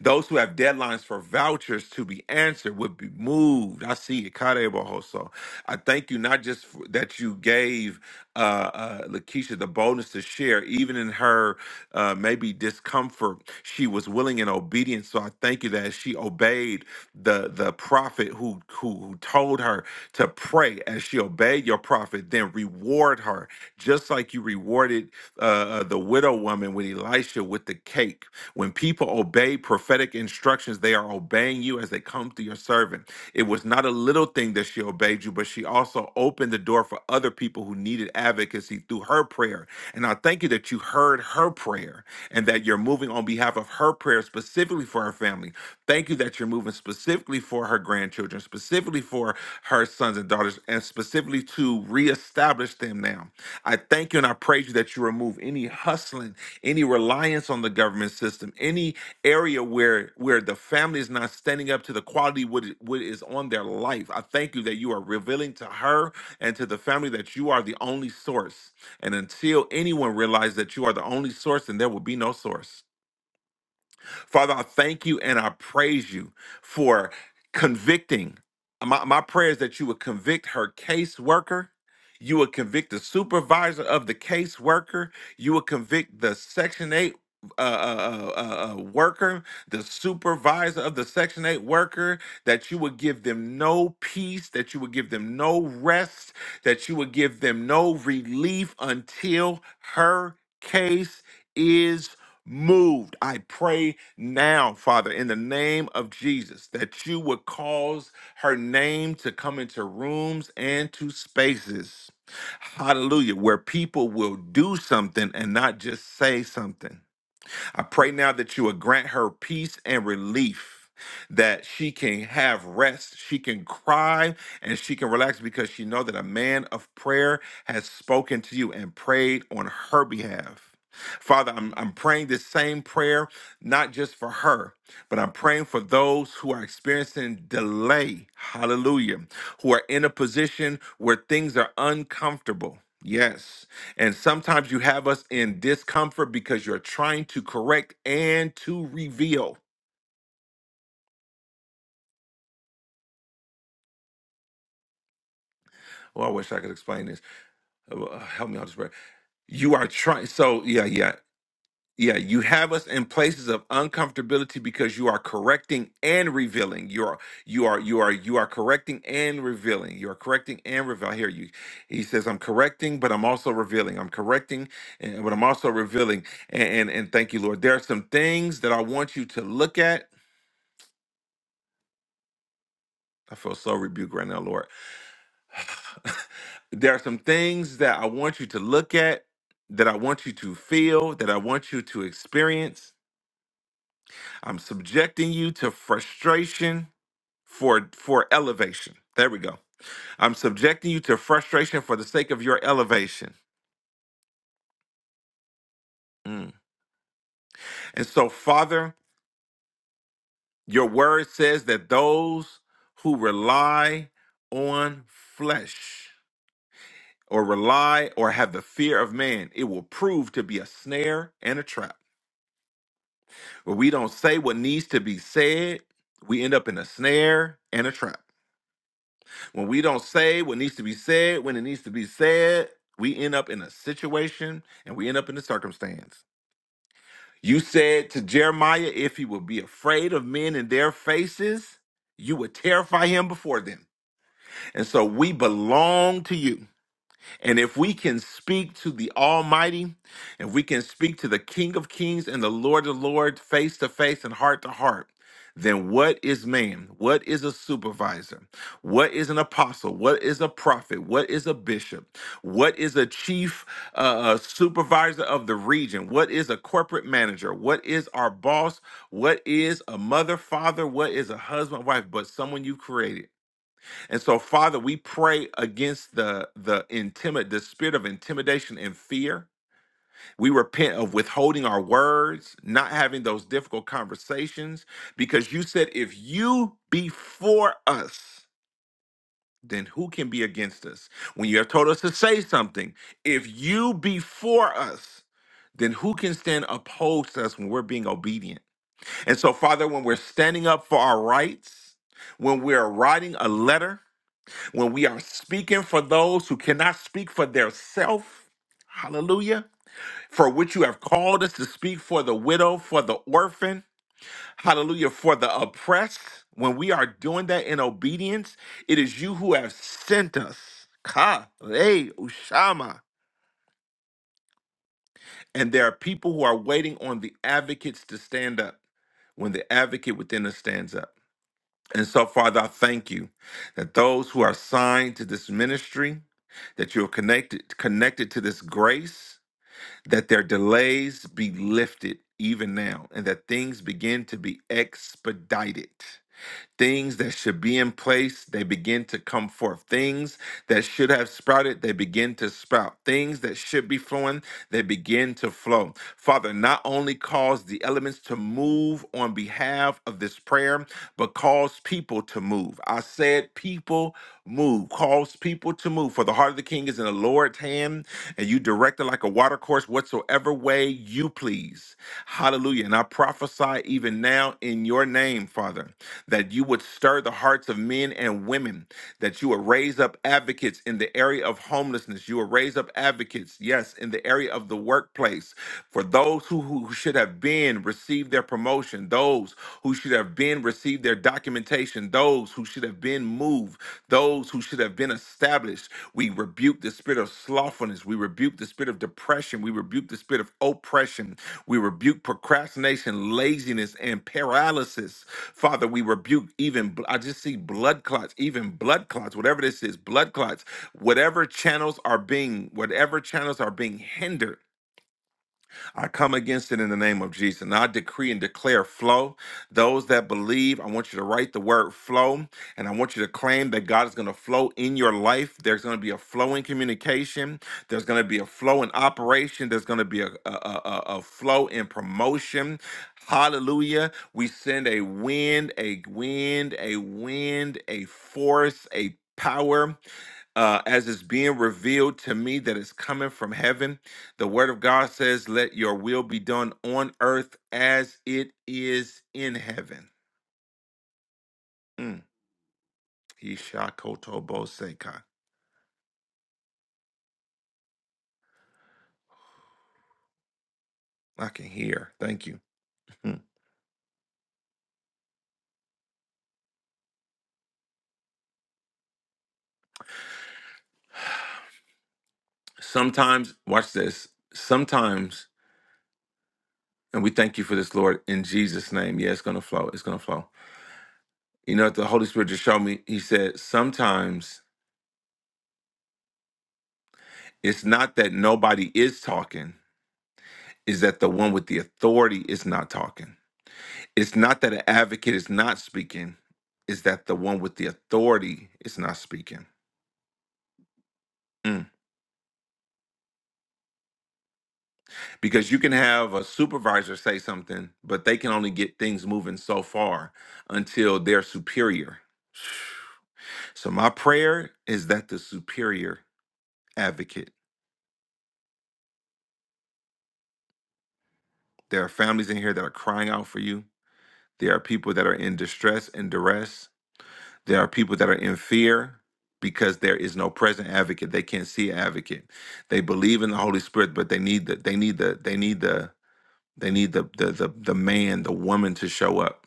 Those who have deadlines for vouchers to be answered would be moved. I see it. Kare I thank you not just for, that you gave uh, uh, Lakeisha the boldness to share, even in her uh, maybe discomfort, she was willing and obedient. So I thank you that she obeyed the the prophet who who, who told her to pray. As she obeyed your prophet, then reward her just like you rewarded uh, uh, the widow woman with Elisha with the cake. When people obey prophetic instructions, they are obeying you as they come through your servant. It was not a little thing that she obeyed you, but she also opened the door for other people who needed advocacy through her prayer. And I thank you that you heard her prayer and that you're moving on behalf of her prayer specifically for her family. Thank you that you're moving specifically for her grandchildren, specifically for her sons and daughters, and specifically to reestablish them now. I thank you and I praise you that you remove any hustling any reliance on the government system, any area where where the family is not standing up to the quality what, i- what is on their life. I thank you that you are revealing to her and to the family that you are the only source. And until anyone realizes that you are the only source, then there will be no source. Father, I thank you and I praise you for convicting. My, my prayer is that you would convict her caseworker. You would convict the supervisor of the caseworker. You would convict the Section 8 uh, uh, uh, uh, uh, worker, the supervisor of the Section 8 worker, that you would give them no peace, that you would give them no rest, that you would give them no relief until her case is moved. I pray now, Father, in the name of Jesus, that you would cause her name to come into rooms and to spaces. Hallelujah, where people will do something and not just say something. I pray now that you would grant her peace and relief. That she can have rest, she can cry, and she can relax because she know that a man of prayer has spoken to you and prayed on her behalf. Father, I'm, I'm praying this same prayer, not just for her, but I'm praying for those who are experiencing delay, hallelujah, who are in a position where things are uncomfortable. Yes. And sometimes you have us in discomfort because you're trying to correct and to reveal. Oh, I wish I could explain this. Uh, well, uh, help me out this prayer. You are trying. So, yeah, yeah, yeah. You have us in places of uncomfortability because you are correcting and revealing. You are, you are, you are, you are correcting and revealing. You are correcting and revealing. I hear you. He says, I'm correcting, but I'm also revealing. I'm correcting, and, but I'm also revealing. And, and, and thank you, Lord. There are some things that I want you to look at I feel so rebuked right now, Lord. there are some things that I want you to look at, that I want you to feel, that I want you to experience. I'm subjecting you to frustration for for elevation. There we go. I'm subjecting you to frustration for the sake of your elevation. Mm. And so, Father, your word says that those who rely on flesh or rely or have the fear of man, it will prove to be a snare and a trap. When we don't say what needs to be said, we end up in a snare and a trap. When we don't say what needs to be said, when it needs to be said, we end up in a situation and we end up in a circumstance. You said to Jeremiah, if he would be afraid of men in their faces, you would terrify him before them. And so we belong to you. And if we can speak to the Almighty, if we can speak to the King of Kings and the Lord of Lords face to face and heart to heart, then what is man? What is a supervisor? What is an apostle? What is a prophet? What is a bishop? What is a chief uh, uh, supervisor of the region? What is a corporate manager? What is our boss? What is a mother, father? What is a husband, wife? But someone you created and so, Father, we pray against the the intimid the spirit of intimidation and fear. We repent of withholding our words, not having those difficult conversations, because you said, if you be for us, then who can be against us? When you have told us to say something, if you be for us, then who can stand opposed to us when we're being obedient? And so, Father, when we're standing up for our rights, when we're writing a letter, when we are speaking for those who cannot speak for their self, hallelujah, for which you have called us to speak for the widow, for the orphan, hallelujah, for the oppressed, when we are doing that in obedience, it is you who have sent us. Ka le ushama. And there are people who are waiting on the advocates to stand up when the advocate within us stands up. And so, Father, I thank you that those who are assigned to this ministry, that you're connected connected to this grace, that their delays be lifted even now, and that things begin to be expedited. Things that should be in place, they begin to come forth. Things that should have sprouted, they begin to sprout. Things that should be flowing, they begin to flow. Father, not only cause the elements to move on behalf of this prayer, but cause people to move. I said, people move, cause people to move. For the heart of the king is in the Lord's hand, and you direct it like a water course, whatsoever way you please. Hallelujah. And I prophesy even now in your name, Father that you would stir the hearts of men and women, that you would raise up advocates in the area of homelessness. You would raise up advocates, yes, in the area of the workplace for those who, who should have been received their promotion, those who should have been received their documentation, those who should have been moved, those who should have that have been established. We rebuke the spirit of slothfulness. We rebuke the spirit of depression. We rebuke the spirit of oppression. We rebuke procrastination, laziness, and paralysis. Father, we rebuke even, bl- I just see blood clots, even blood clots, whatever this is, blood clots, whatever channels are being, whatever channels are being hindered I come against it in the name of Jesus. And I decree and declare flow. Those that believe, I want you to write the word flow and I want you to claim that God is going to flow in your life. There's going to be a flow in communication, there's going to be a flow in operation, there's going to be a, a, a, a a flow in promotion. Hallelujah. We send a wind, a wind, a wind, a force, a power uh, as it's being revealed to me that is coming from heaven. The word of God says, Let your will be done on earth as it is in heaven. Mm. Ishakotobosekai. I can hear. Thank you. Mm. Sometimes, watch this. Sometimes, and we thank you for this, Lord, in Jesus' name. Yeah, it's going to flow. It's going to flow. You know what the Holy Spirit just showed me? He said, Sometimes it's not that nobody is talking, is that the one with the authority is not talking. it's not that an advocate is not speaking it's that the one with the authority is not speaking Mm. because you can have a supervisor say something but they can only get things moving so far until their superior so my prayer is that the superior advocate there are families in here that are crying out for you there are people that are in distress and duress There are people that are in fear because there is no present advocate. They can't see an advocate. They believe in the Holy Spirit, but they need the they need the they need the they need the the the, the man, the woman to show up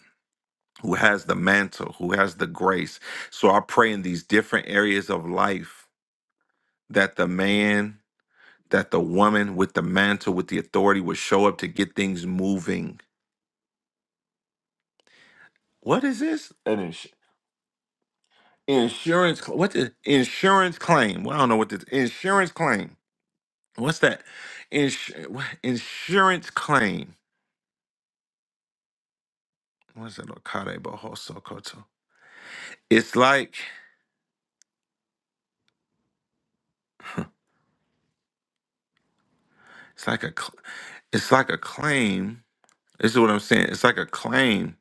who has the mantle, who has the grace. So I pray in these different areas of life that the man, that the woman with the mantle, with the authority would show up to get things moving. What is this? An ins- insurance cl- what the insurance claim. Well, I don't know what this insurance claim what's that? Ins- what- insurance claim. What's that? Okade Bohoso Koto. It's like it's like a cl- it's like a claim. This is what I'm saying. It's like a claim,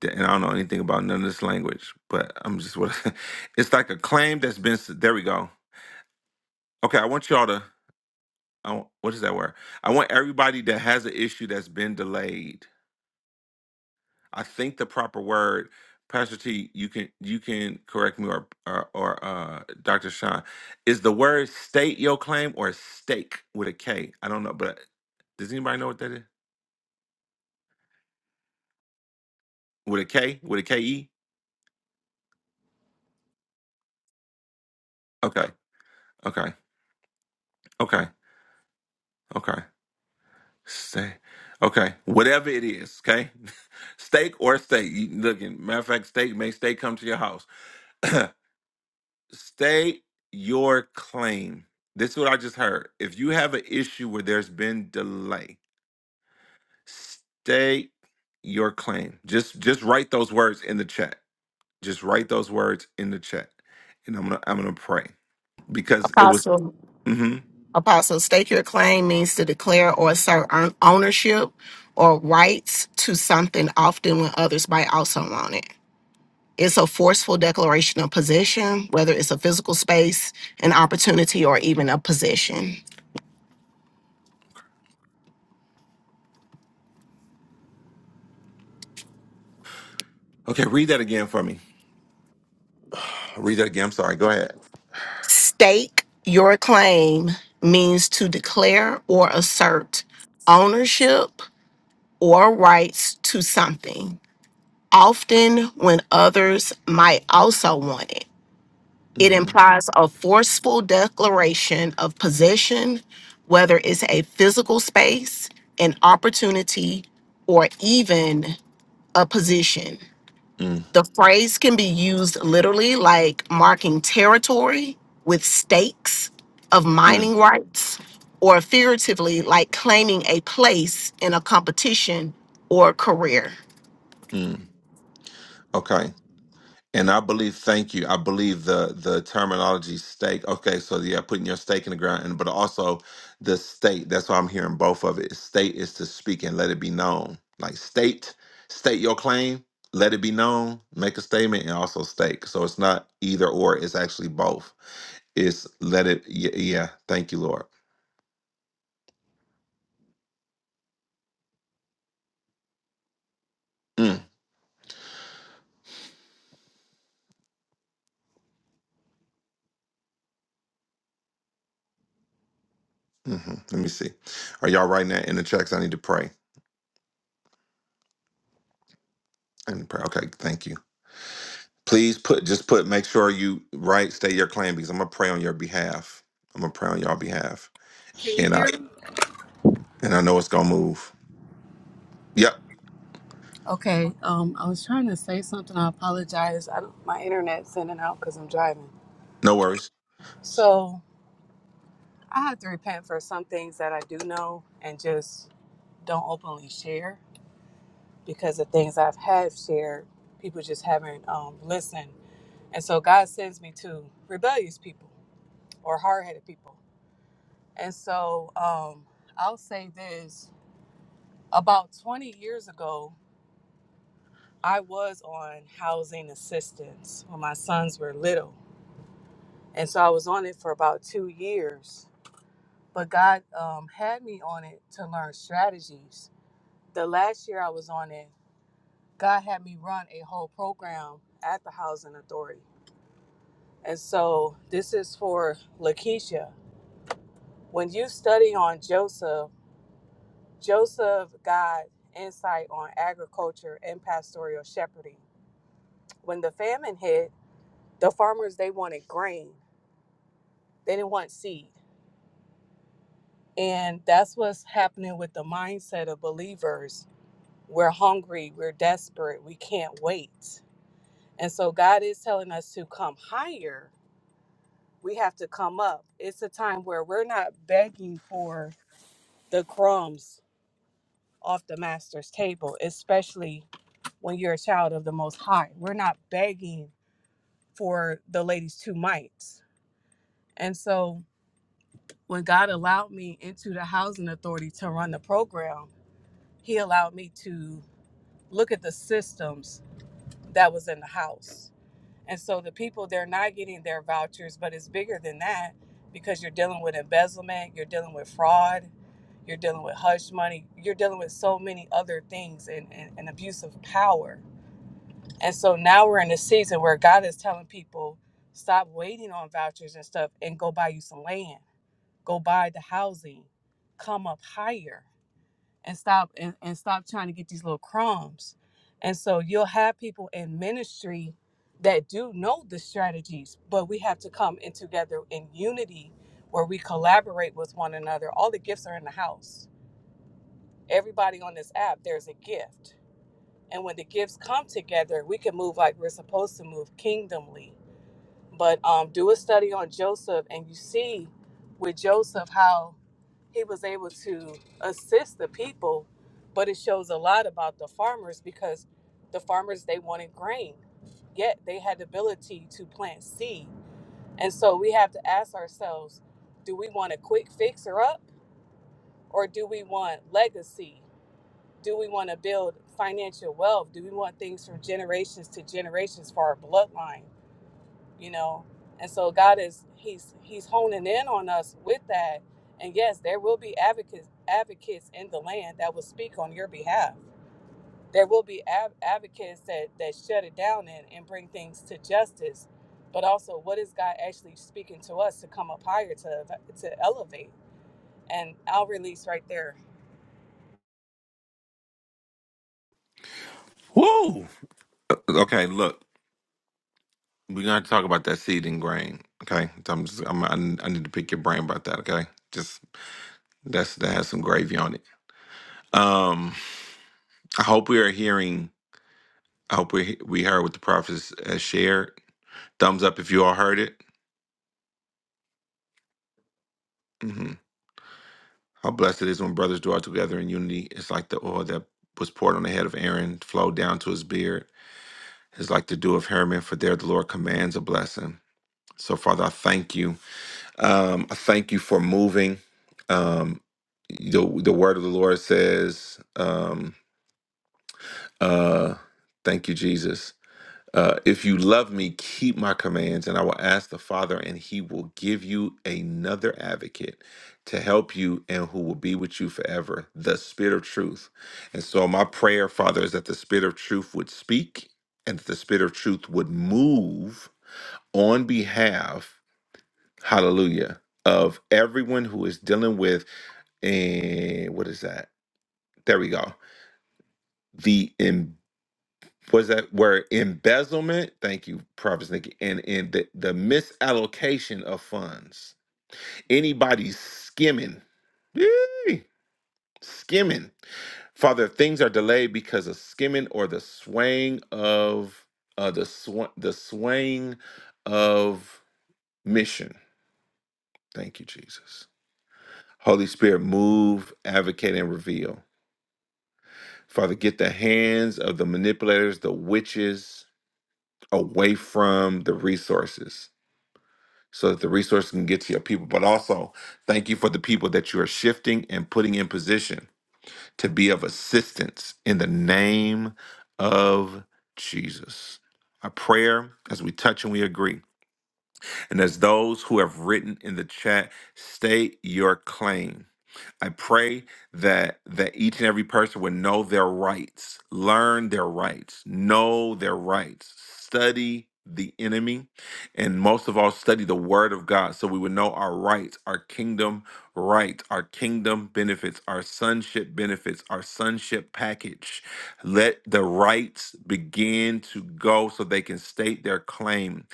that, and I don't know anything about none of this language, but I'm just what it's like a claim that's been. s- There we go. Okay, I want y'all to. I want, what is that word? I want everybody that has an issue that's been delayed. I think the proper word, Pastor T, you can you can correct me or or, or uh, Dr. Sean, is the word state your claim or stake with a K? I don't know, but does anybody know what that is? With a K? With a K E? Okay, okay, okay, okay. Stay. Okay, whatever it is, okay? steak or steak. You, look, matter of fact, steak may steak come to your house. state your claim. This is what I just heard. If you have an issue where there's been delay, state your claim. Just just write those words in the chat. Just write those words in the chat, and I'm gonna I'm gonna pray because it was. Apostle. hmm Apostle, stake your claim means to declare or assert own- ownership or rights to something often when others might also own it. It's a forceful declaration of possession, whether it's a physical space, an opportunity, or even a position. Okay, read that again for me. read that again. I'm sorry. Go ahead. Stake your claim means to declare or assert ownership or rights to something, often when others might also want it. It implies a forceful declaration of possession, whether it's a physical space, an opportunity, or even a position. hmm The phrase can be used literally like marking territory with stakes of mining rights, or figuratively like claiming a place in a competition or career. Mm, okay. And I believe, thank you. I believe the the terminology stake. Okay, so yeah, putting your stake in the ground, and but also the state. That's why I'm hearing both of it. State is to speak and let it be known. Like state, state your claim, let it be known, make a statement, and also stake. So it's not either or. It's actually both. It's let it. Yeah. yeah thank you, Lord. Mm, mhm. Let me see. Are y'all writing that in the checks? I need to pray. I need to pray. Okay. Thank you. Please put just put make sure you right state your claim because I'm gonna pray on your behalf. I'm gonna pray on your behalf, Can you and hear I me? and I know it's gonna move. Yep, Okay. Um, I was trying to say something. I apologize. I don't, my internet's in and out because I'm driving. no worries. So I have to repent for some things that I do know and just don't openly share because the things I've have shared, people just haven't um, listened. And so God sends me to rebellious people or hard-headed people. And so um, I'll say this: about 20 years ago, I was on housing assistance when my sons were little And so I was on it for about two years. But God um, had me on it to learn strategies. The last year I was on it, God had me run a whole program at the Housing Authority. And so this is for Lakeisha. When you study on Joseph, Joseph got insight on agriculture and pastoral shepherding. When the famine hit, the farmers they wanted grain. They didn't want seed. And that's what's happening with the mindset of believers We're hungry, we're desperate, we can't wait. And so God is telling us to come higher. We have to come up. It's a time where we're not begging for the crumbs off the master's table, especially when you're a child of the most high. We're not begging for the lady's two mites. And so when God allowed me into the housing authority to run the program, he allowed me to look at the systems that was in the house. And so the people, they're not getting their vouchers, but it's bigger than that because you're dealing with embezzlement, you're dealing with fraud, you're dealing with hush money, you're dealing with so many other things and, and, and abuse of power. And so now we're in a season where God is telling people, stop waiting on vouchers and stuff and go buy you some land, go buy the housing, come up higher and stop and, and stop trying to get these little crumbs. And so you'll have people in ministry that do know the strategies, but we have to come in together in unity where we collaborate with one another. All the gifts are in the house. Everybody on this app, there's a gift. And when the gifts come together, we can move like we're supposed to move kingdomly but um, do a study on Joseph, and you see with Joseph how he was able to assist the people, but it shows a lot about the farmers because the farmers they wanted grain, yet they had the ability to plant seed. And so we have to ask ourselves, do we want a quick fixer up or do we want legacy? Do we want to build financial wealth? Do we want things from generations to generations for our bloodline? you know and so god is he's he's honing in on us with that and yes there will be advocates advocates in the land that will speak on your behalf there will be ab- advocates that that shut it down and, and bring things to justice but also what is god actually speaking to us to come up higher to to elevate and i'll release right there Woo! Uh, Okay, look, we're gonna talk about that seed and grain. Okay, So I'm just I'm, I I need to pick your brain about that. Okay, just that's that has some gravy on it. Um, I hope we are hearing. I hope we we heard what the prophets has shared. Thumbs up if you all heard it. Mm-hmm. How blessed it is when brothers dwell together in unity. It's like the oil that was poured on the head of Aaron flowed down to his beard. It's like the dew of Hermon, for there the Lord commands a blessing. So, Father, I thank you. Um, I thank you for moving. Um, the the word of the Lord says, um, uh, thank you, Jesus. Uh, if you love me, keep my commands, and I will ask the Father, and he will give you another advocate to help you and who will be with you forever, the Spirit of truth. And so, my prayer, Father, is that the Spirit of truth would speak and that the Spirit of truth would move on behalf, hallelujah, of everyone who is dealing with, and what is that? There we go. The was that were embezzlement. Thank you, Prophet Nikki, and and the, the misallocation of funds. Anybody skimming, yee, skimming. Father, if things are delayed because of skimming or the swaying of uh, the sw- the swaying of mission. Thank you, Jesus. Holy Spirit, move, advocate, and reveal. Father, get the hands of the manipulators, the witches, away from the resources. so that the resources can get to your people. But also, thank you for the people that you are shifting and putting in position to be of assistance in the name of Jesus. Our prayer as we touch and we agree. And as those who have written in the chat, state your claim. I pray that that each and every person would know their rights, learn their rights, know their rights, study the enemy, and most of all, study the word of God so we would know our rights, our kingdom rights, our kingdom benefits, our sonship benefits, our sonship package. Let the rights begin to go so they can state their claim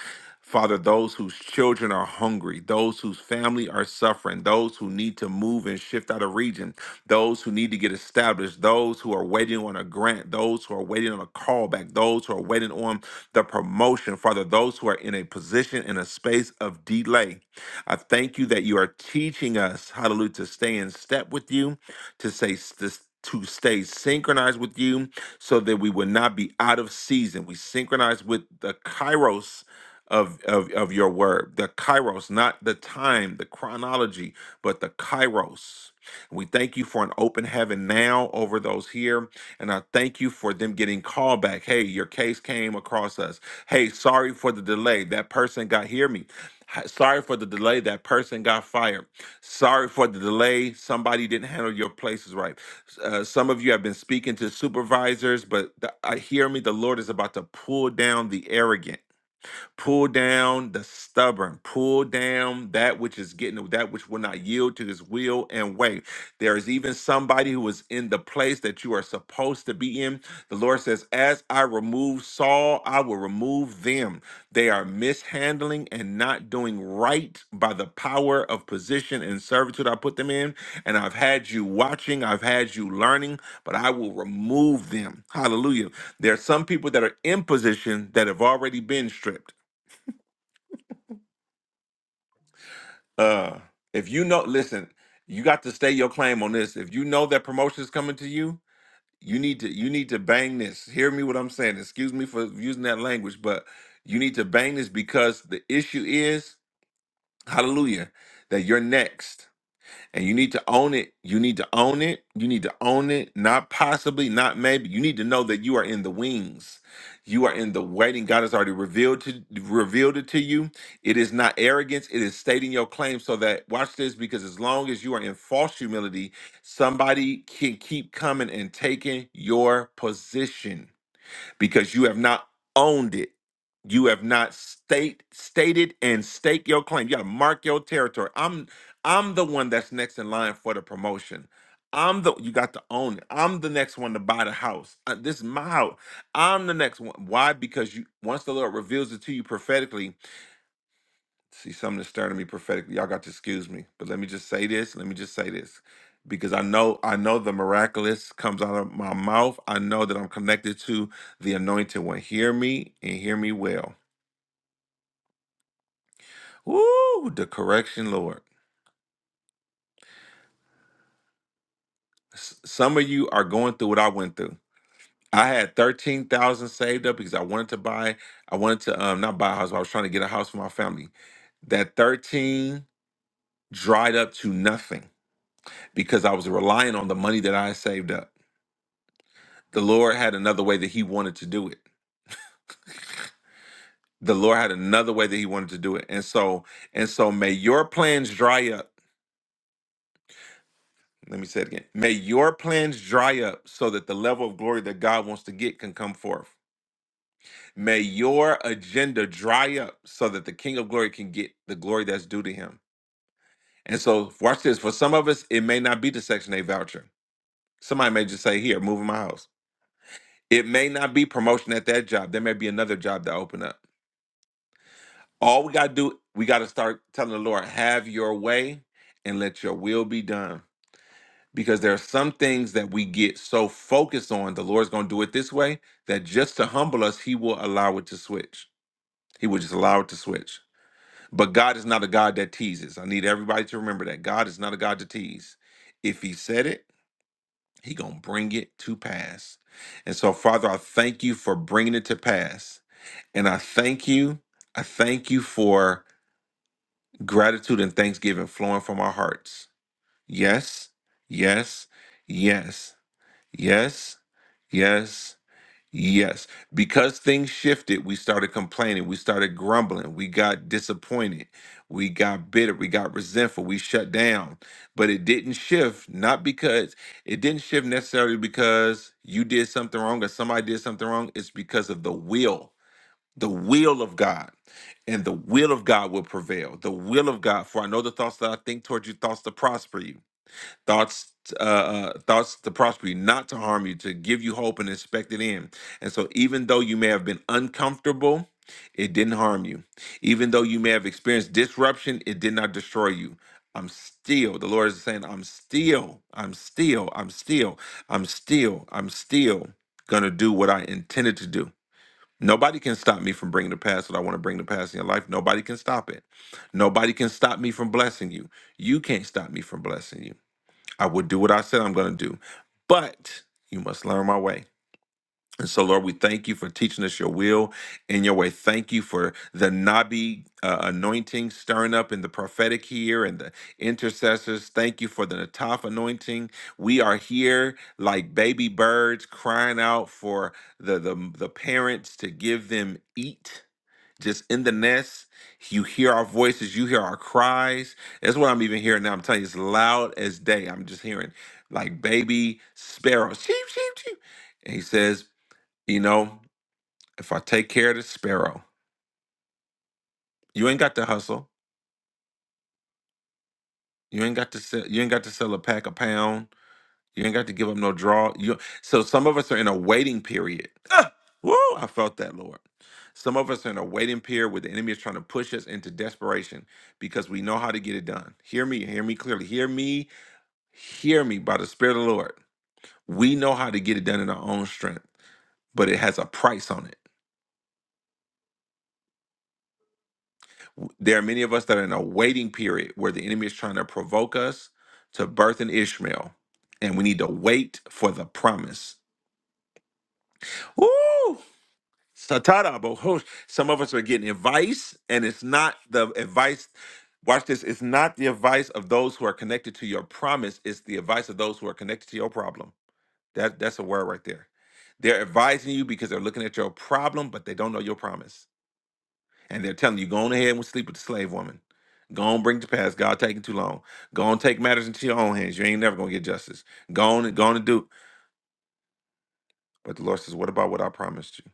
Father, those whose children are hungry, those whose family are suffering, those who need to move and shift out of region, those who need to get established, those who are waiting on a grant, those who are waiting on a callback, those who are waiting on the promotion, Father, those who are in a position in a space of delay. I thank you that you are teaching us, hallelujah, to stay in step with you, to say this. To stay synchronized with you so that we would not be out of season. We synchronize with the kairos of, of, of your word. The kairos, not the time, the chronology, but the kairos. We thank you for an open heaven now over those here. And I thank you for them getting called back. Hey, your case came across us. Hey, sorry for the delay. That person got, hear me. Hi- Sorry for the delay. That person got fired. Sorry for the delay. Somebody didn't handle your places right. Uh, some of you have been speaking to supervisors, but the, I hear me. The Lord is about to pull down the arrogant. Pull down the stubborn. Pull down that which is getting that which will not yield to his will and way. There is even somebody who is in the place that you are supposed to be in. The Lord says, As I remove Saul, I will remove them. They are mishandling and not doing right by the power of position and servitude I put them in. And I've had you watching, I've had you learning, but I will remove them. Hallelujah. There are some people that are in position that have already been stripped. Uh, if you know, listen, you got to stay your claim on this. If you know that promotion is coming to you, you need to you need to bang this. Hear me what I'm saying. Excuse me for using that language, but you need to bang this because the issue is, hallelujah, that you're next and you need to own it. You need to own it. You need to own it. Not possibly, not maybe. You need to know that you are in the wings. You are in the waiting. God has already revealed to revealed it to you. It is not arrogance. It is stating your claim so that watch this because as long as you are in false humility, somebody can keep coming and taking your position because you have not owned it. You have not state stated and stake your claim. You got to mark your territory. I'm I'm the one that's next in line for the promotion. I'm the you got to own it. I'm the next one to buy the house. Uh, this is my house. I'm the next one. Why? Because you once the Lord reveals it to you prophetically, See, something that's stirring me prophetically. Y'all got to excuse me, but let me just say this. Let me just say this, because I know, I know the miraculous comes out of my mouth. I know that I'm connected to the anointed one. Hear me and hear me well. Woo! The correction, Lord. S- Some of you are going through what I went through. I had thirteen thousand saved up because I wanted to buy. I wanted to um not buy a house. But I was trying to get a house for my family. That thirteen dried up to nothing because I was relying on the money that I had saved up. the Lord had another way that he wanted to do it. The Lord had another way that he wanted to do it. And so and so may your plans dry up. Let me say it again. May your plans dry up so that the level of glory that God wants to get can come forth. May your agenda dry up so that the King of Glory can get the glory that's due to him. And so watch this. For some of us, it may not be the Section 8 voucher. Somebody may just say, here, move in my house. It may not be promotion at that job. There may be another job that open up. All we got to do, we got to start telling the Lord, have your way and let your will be done. Because there are some things that we get so focused on, the Lord's going to do it this way, that just to humble us, He will allow it to switch. He will just allow it to switch. But God is not a God that teases. I need everybody to remember that. God is not a God to tease. If He said it, He going to bring it to pass. And so, Father, I thank you for bringing it to pass. And I thank you. I thank you for Gratitude and thanksgiving flowing from our hearts. Yes, yes, yes, yes, yes, yes. Because things shifted, we started complaining, we started grumbling, we got disappointed, we got bitter, we got resentful, we shut down. But it didn't shift, not because it didn't shift necessarily because you did something wrong or somebody did something wrong. It's because of the will the will of God. And the will of God will prevail. The will of God, for I know the thoughts that I think toward you, thoughts to prosper you, thoughts, uh, uh, thoughts to prosper you, not to harm you, to give you hope and expect it in. And so, even though you may have been uncomfortable, it didn't harm you. Even though you may have experienced disruption, it did not destroy you. I'm still, the Lord is saying, I'm still, I'm still, I'm still, I'm still, I'm still gonna do what I intended to do. Nobody can stop me from bringing the past that I want to bring the past in your life. Nobody can stop it. Nobody can stop me from blessing you. You can't stop me from blessing you. I will do what I said I'm going to do, but you must learn my way. And so, Lord, we thank you for teaching us your will and your way. Thank you for the Nabi uh, anointing stirring up in the prophetic here and the intercessors. Thank you for the Nataf anointing. We are here like baby birds crying out for the, the, the parents to give them eat. Just in the nest, you hear our voices, you hear our cries. That's what I'm even hearing now. I'm telling you, it's loud as day. I'm just hearing like baby sparrows. Sheep, sheep, sheep. And he says, you know, if I take care of the sparrow, you ain't got to hustle. You ain't got to sell. You ain't got to sell a pack a pound. You ain't got to give up no draw. You so some of us are in a waiting period. Ah, woo! I felt that, Lord. Some of us are in a waiting period where the enemy is trying to push us into desperation because we know how to get it done. Hear me, hear me clearly. Hear me, hear me by the Spirit of the Lord. We know how to get it done in our own strength, but it has a price on it. There are many of us that are in a waiting period where the enemy is trying to provoke us to birth an Ishmael, and we need to wait for the promise. Woo! Satara, but some of us are getting advice, and it's not the advice. Watch this. It's not the advice of those who are connected to your promise. It's the advice of those who are connected to your problem. That that's a word right there. They're advising you because they're looking at your problem, but they don't know your promise. and they're telling you, go on ahead and sleep with the slave woman. Go on, bring it to pass. God taking too long. Go on, take matters into your own hands. You ain't never gonna get justice. Go on and go on and do. But the Lord says, What about what I promised you?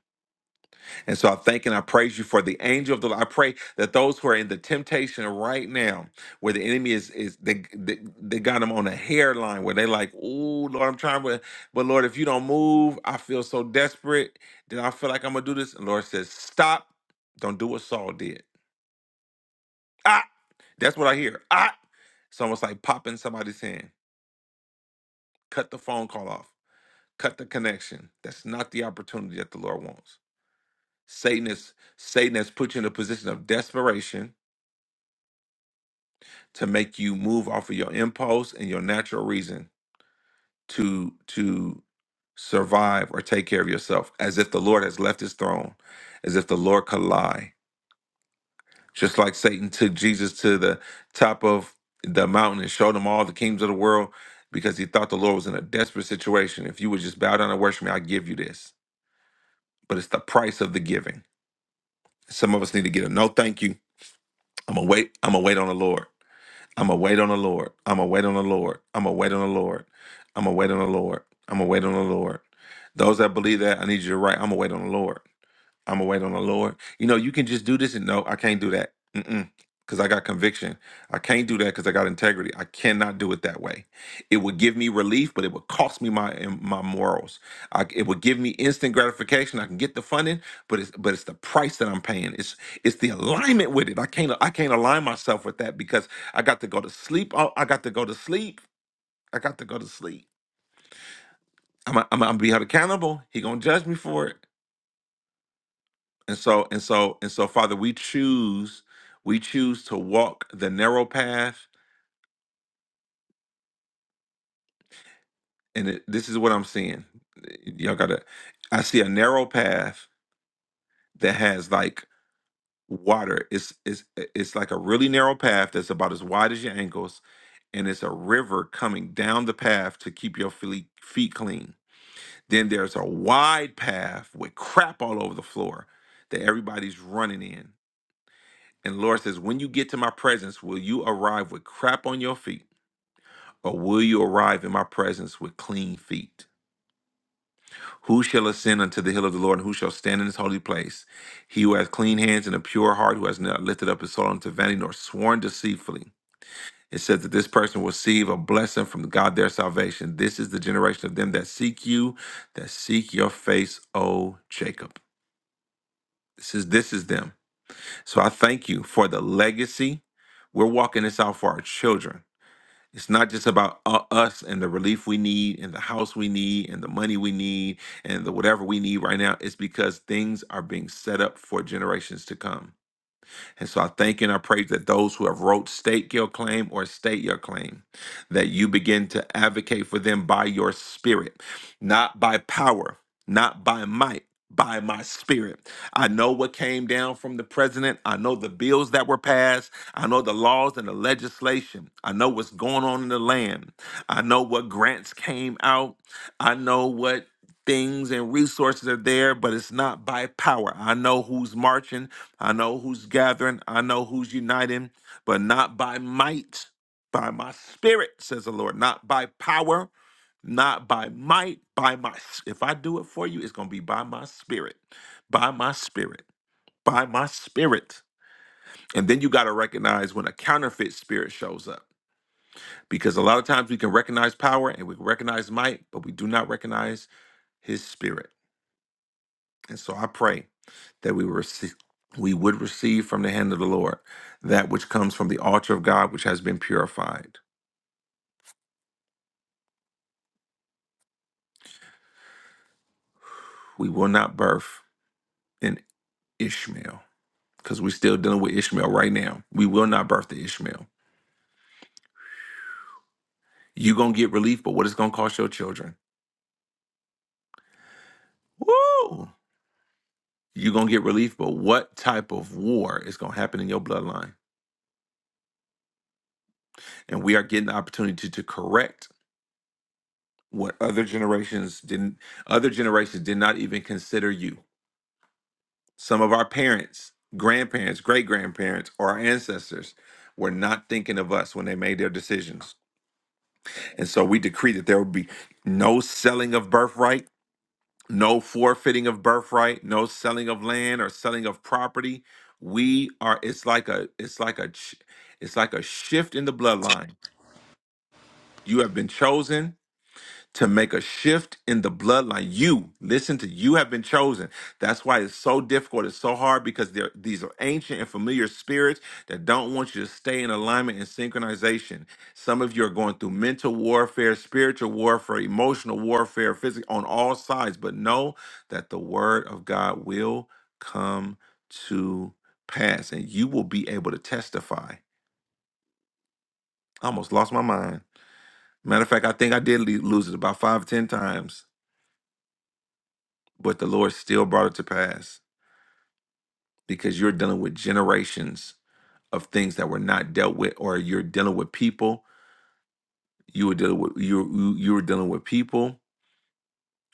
And so I thank and I praise you for the angel of the Lord. I pray that those who are in the temptation right now, where the enemy is is they they, they got them on a hairline where they like, oh Lord, I'm trying, but but Lord, if you don't move, I feel so desperate that I feel like I'm gonna do this. And Lord says, Stop, don't do what Saul did. Ah, that's what I hear. Ah. It's almost like popping somebody's hand. Cut the phone call off. Cut the connection. That's not the opportunity that the Lord wants. Satan is Satan has put you in a position of desperation to make you move off of your impulse and your natural reason to to survive or take care of yourself, as if the Lord has left his throne, as if the Lord could lie Just like Satan took Jesus to the top of the mountain and showed him all the kingdoms of the world because he thought the Lord was in a desperate situation. If you would just bow down and worship me, I give you this. But it's the price of the giving. Some of us need to get a no thank you. I'm gonna wait. I'm gonna wait on the Lord. I'm gonna wait on the Lord. I'm gonna wait on the Lord. I'm gonna wait on the Lord. I'm gonna wait on the Lord. I'm gonna wait on the Lord. Those that believe that, I need you to write, I'm gonna wait on the Lord. I'm gonna wait on the Lord. You know, you can just do this and no, I can't do that. Mm-mm. Because I got conviction. I can't do that because I got integrity. I cannot do it that way. It would give me relief, but it would cost me my my morals. I, it would give me instant gratification. I can get the funding, but it's but it's the price that I'm paying. It's it's the alignment with it. I can't I can't align myself with that because I got to go to sleep. Oh, I got to go to sleep. I got to go to sleep. I'm I'm, I'm gonna be held accountable. He gonna judge me for it. And so and so and so Father, we choose we choose to walk the narrow path and it, this is what I'm seeing. Y'all got to I see a narrow path that has like water. It's it's it's like a really narrow path that's about as wide as your ankles and it's a river coming down the path to keep your feet feet clean. Then there's a wide path with crap all over the floor that everybody's running in. And Lord says, when you get to my presence, will you arrive with crap on your feet? Or will you arrive in my presence with clean feet? Who shall ascend unto the hill of the Lord, and who shall stand in his holy place? He who has clean hands and a pure heart, who has not lifted up his soul unto vanity, nor sworn deceitfully. It says that this person will receive a blessing from God their salvation. This is the generation of them that seek you, that seek your face, O Jacob. This is this is them. So I thank you for the legacy. We're walking this out for our children. It's not just about u- us and the relief we need and the house we need and the money we need and the whatever we need right now. It's because things are being set up for generations to come. And so I thank you and I praise that those who have wrote state your claim or state your claim, that you begin to advocate for them by your spirit, not by power, not by might, by my spirit. I know what came down from the president. I know the bills that were passed. I know the laws and the legislation. I know what's going on in the land. I know what grants came out. I know what things and resources are there, but it's not by power. I know who's marching. I know who's gathering, I know who's uniting, but not by might, by my spirit, says the Lord, not by power, not by might, by my if I do it for you, it's gonna be by my spirit, by my spirit, by my spirit. And then you gotta recognize when a counterfeit spirit shows up. Because a lot of times we can recognize power and we can recognize might, but we do not recognize his spirit. And so I pray that we receive we would receive from the hand of the Lord that which comes from the altar of God which has been purified. We will not birth an Ishmael because we're still dealing with Ishmael right now. We will not birth the Ishmael. You're gonna get relief, but what it's gonna cost your children. Woo! You're gonna get relief, but what type of war is gonna happen in your bloodline? And we are getting the opportunity to correct what other generations didn't other generations did not even consider you Some of our parents, grandparents, great grandparents, or our ancestors were not thinking of us when they made their decisions. And so we decree that there will be no selling of birthright, no forfeiting of birthright, no selling of land or selling of property. We are it's like a it's like a ch- it's like a shift in the bloodline. You have been chosen to make a shift in the bloodline. You, listen to you have been chosen. That's why it's so difficult. It's so hard because there these are ancient and familiar spirits that don't want you to stay in alignment and synchronization. Some of you are going through mental warfare, spiritual warfare, emotional warfare, physical on all sides, but know that the word of God will come to pass and you will be able to testify. I almost lost my mind. Matter of fact, I think I did le- lose it about five, ten times but the Lord still brought it to pass because you're dealing with generations of things that were not dealt with, or you're dealing with people. You were dealing with you you you were dealing with people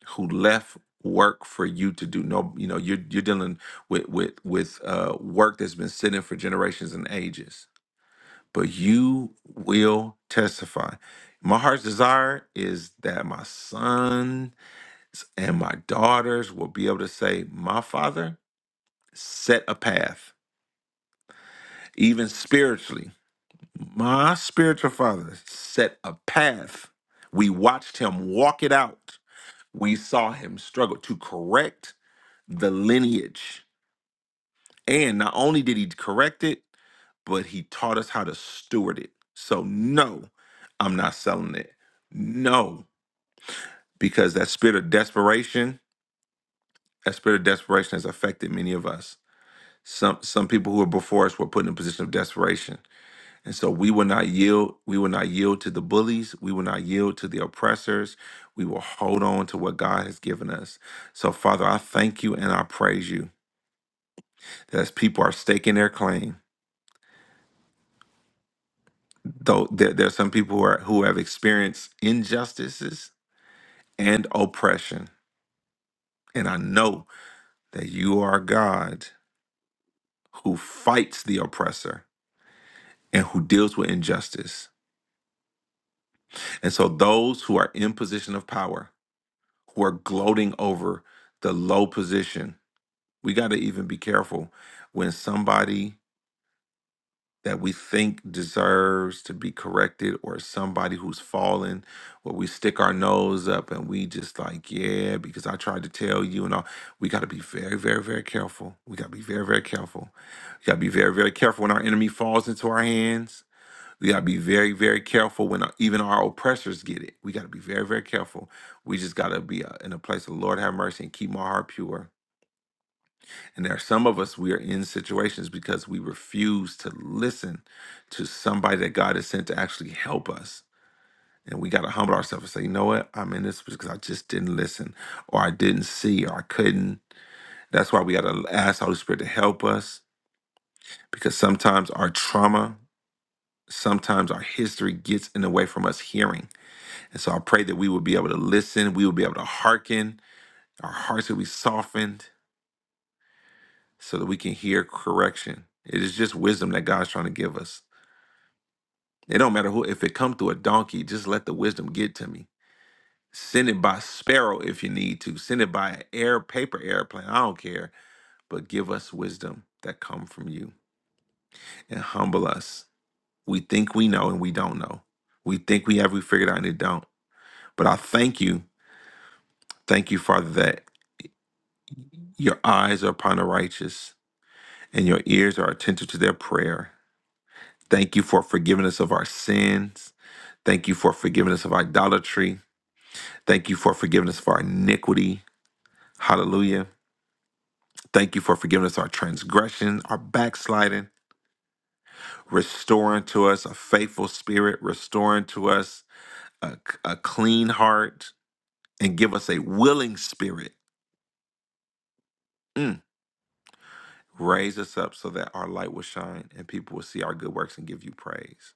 who left work for you to do. No, you know you're you're dealing with with with uh, work that's been sitting for generations and ages. But you will testify. My heart's desire is that my sons and my daughters will be able to say, "My father set a path." even spiritually. My spiritual father set a path. We watched him walk it out. We saw him struggle to correct the lineage. And not only did he correct it, but he taught us how to steward it. So, no, I'm not selling it. No, because that spirit of desperation, that spirit of desperation has affected many of us. Some some people who were before us were put in a position of desperation. And so we will not yield. We will not yield to the bullies. We will not yield to the oppressors. We will hold on to what God has given us. So, Father, I thank you and I praise you that as people are staking their claim, though there, there are some people who, are, who have experienced injustices and oppression. And I know that you are God who fights the oppressor and who deals with injustice. And so, those who are in position of power, who are gloating over the low position, we got to even be careful when somebody that we think deserves to be corrected or somebody who's fallen where we stick our nose up and we just like yeah because i tried to tell you and all we got to be very very very careful we got to be very very careful we got to be very very careful when our enemy falls into our hands we got to be very very careful when our- even our oppressors get it we got to be very very careful we just got to be uh, in a place of lord have mercy and keep my heart pure and there are some of us, we are in situations because we refuse to listen to somebody that God has sent to actually help us. And we got to humble ourselves and say, you know what? I'm in this because I just didn't listen, or I didn't see, or I couldn't. That's why we got to ask the Holy Spirit to help us because sometimes our trauma, sometimes our history gets in the way from us hearing. And so I pray that we will be able to listen, we will be able to hearken, our hearts will be softened so that we can hear correction. It is just wisdom that God's trying to give us. It don't matter who. If it come through a donkey, just let the wisdom get to me. Send it by sparrow if you need to. Send it by an air paper airplane. I don't care. But give us wisdom that come from you and humble us. We think we know and we don't know. We think we have we figured out and it don't. But I thank you, thank you, Father, that your eyes are upon the righteous and your ears are attentive to their prayer. Thank you for forgiving us of our sins. Thank you for forgiving us of idolatry. Thank you for forgiving us for our iniquity. Hallelujah. Thank you for forgiving us our transgression, our backsliding, restoring to us a faithful spirit, restoring to us a, a clean heart, and give us a willing spirit. Mm. Raise us up so that our light will shine and people will see our good works and give you praise.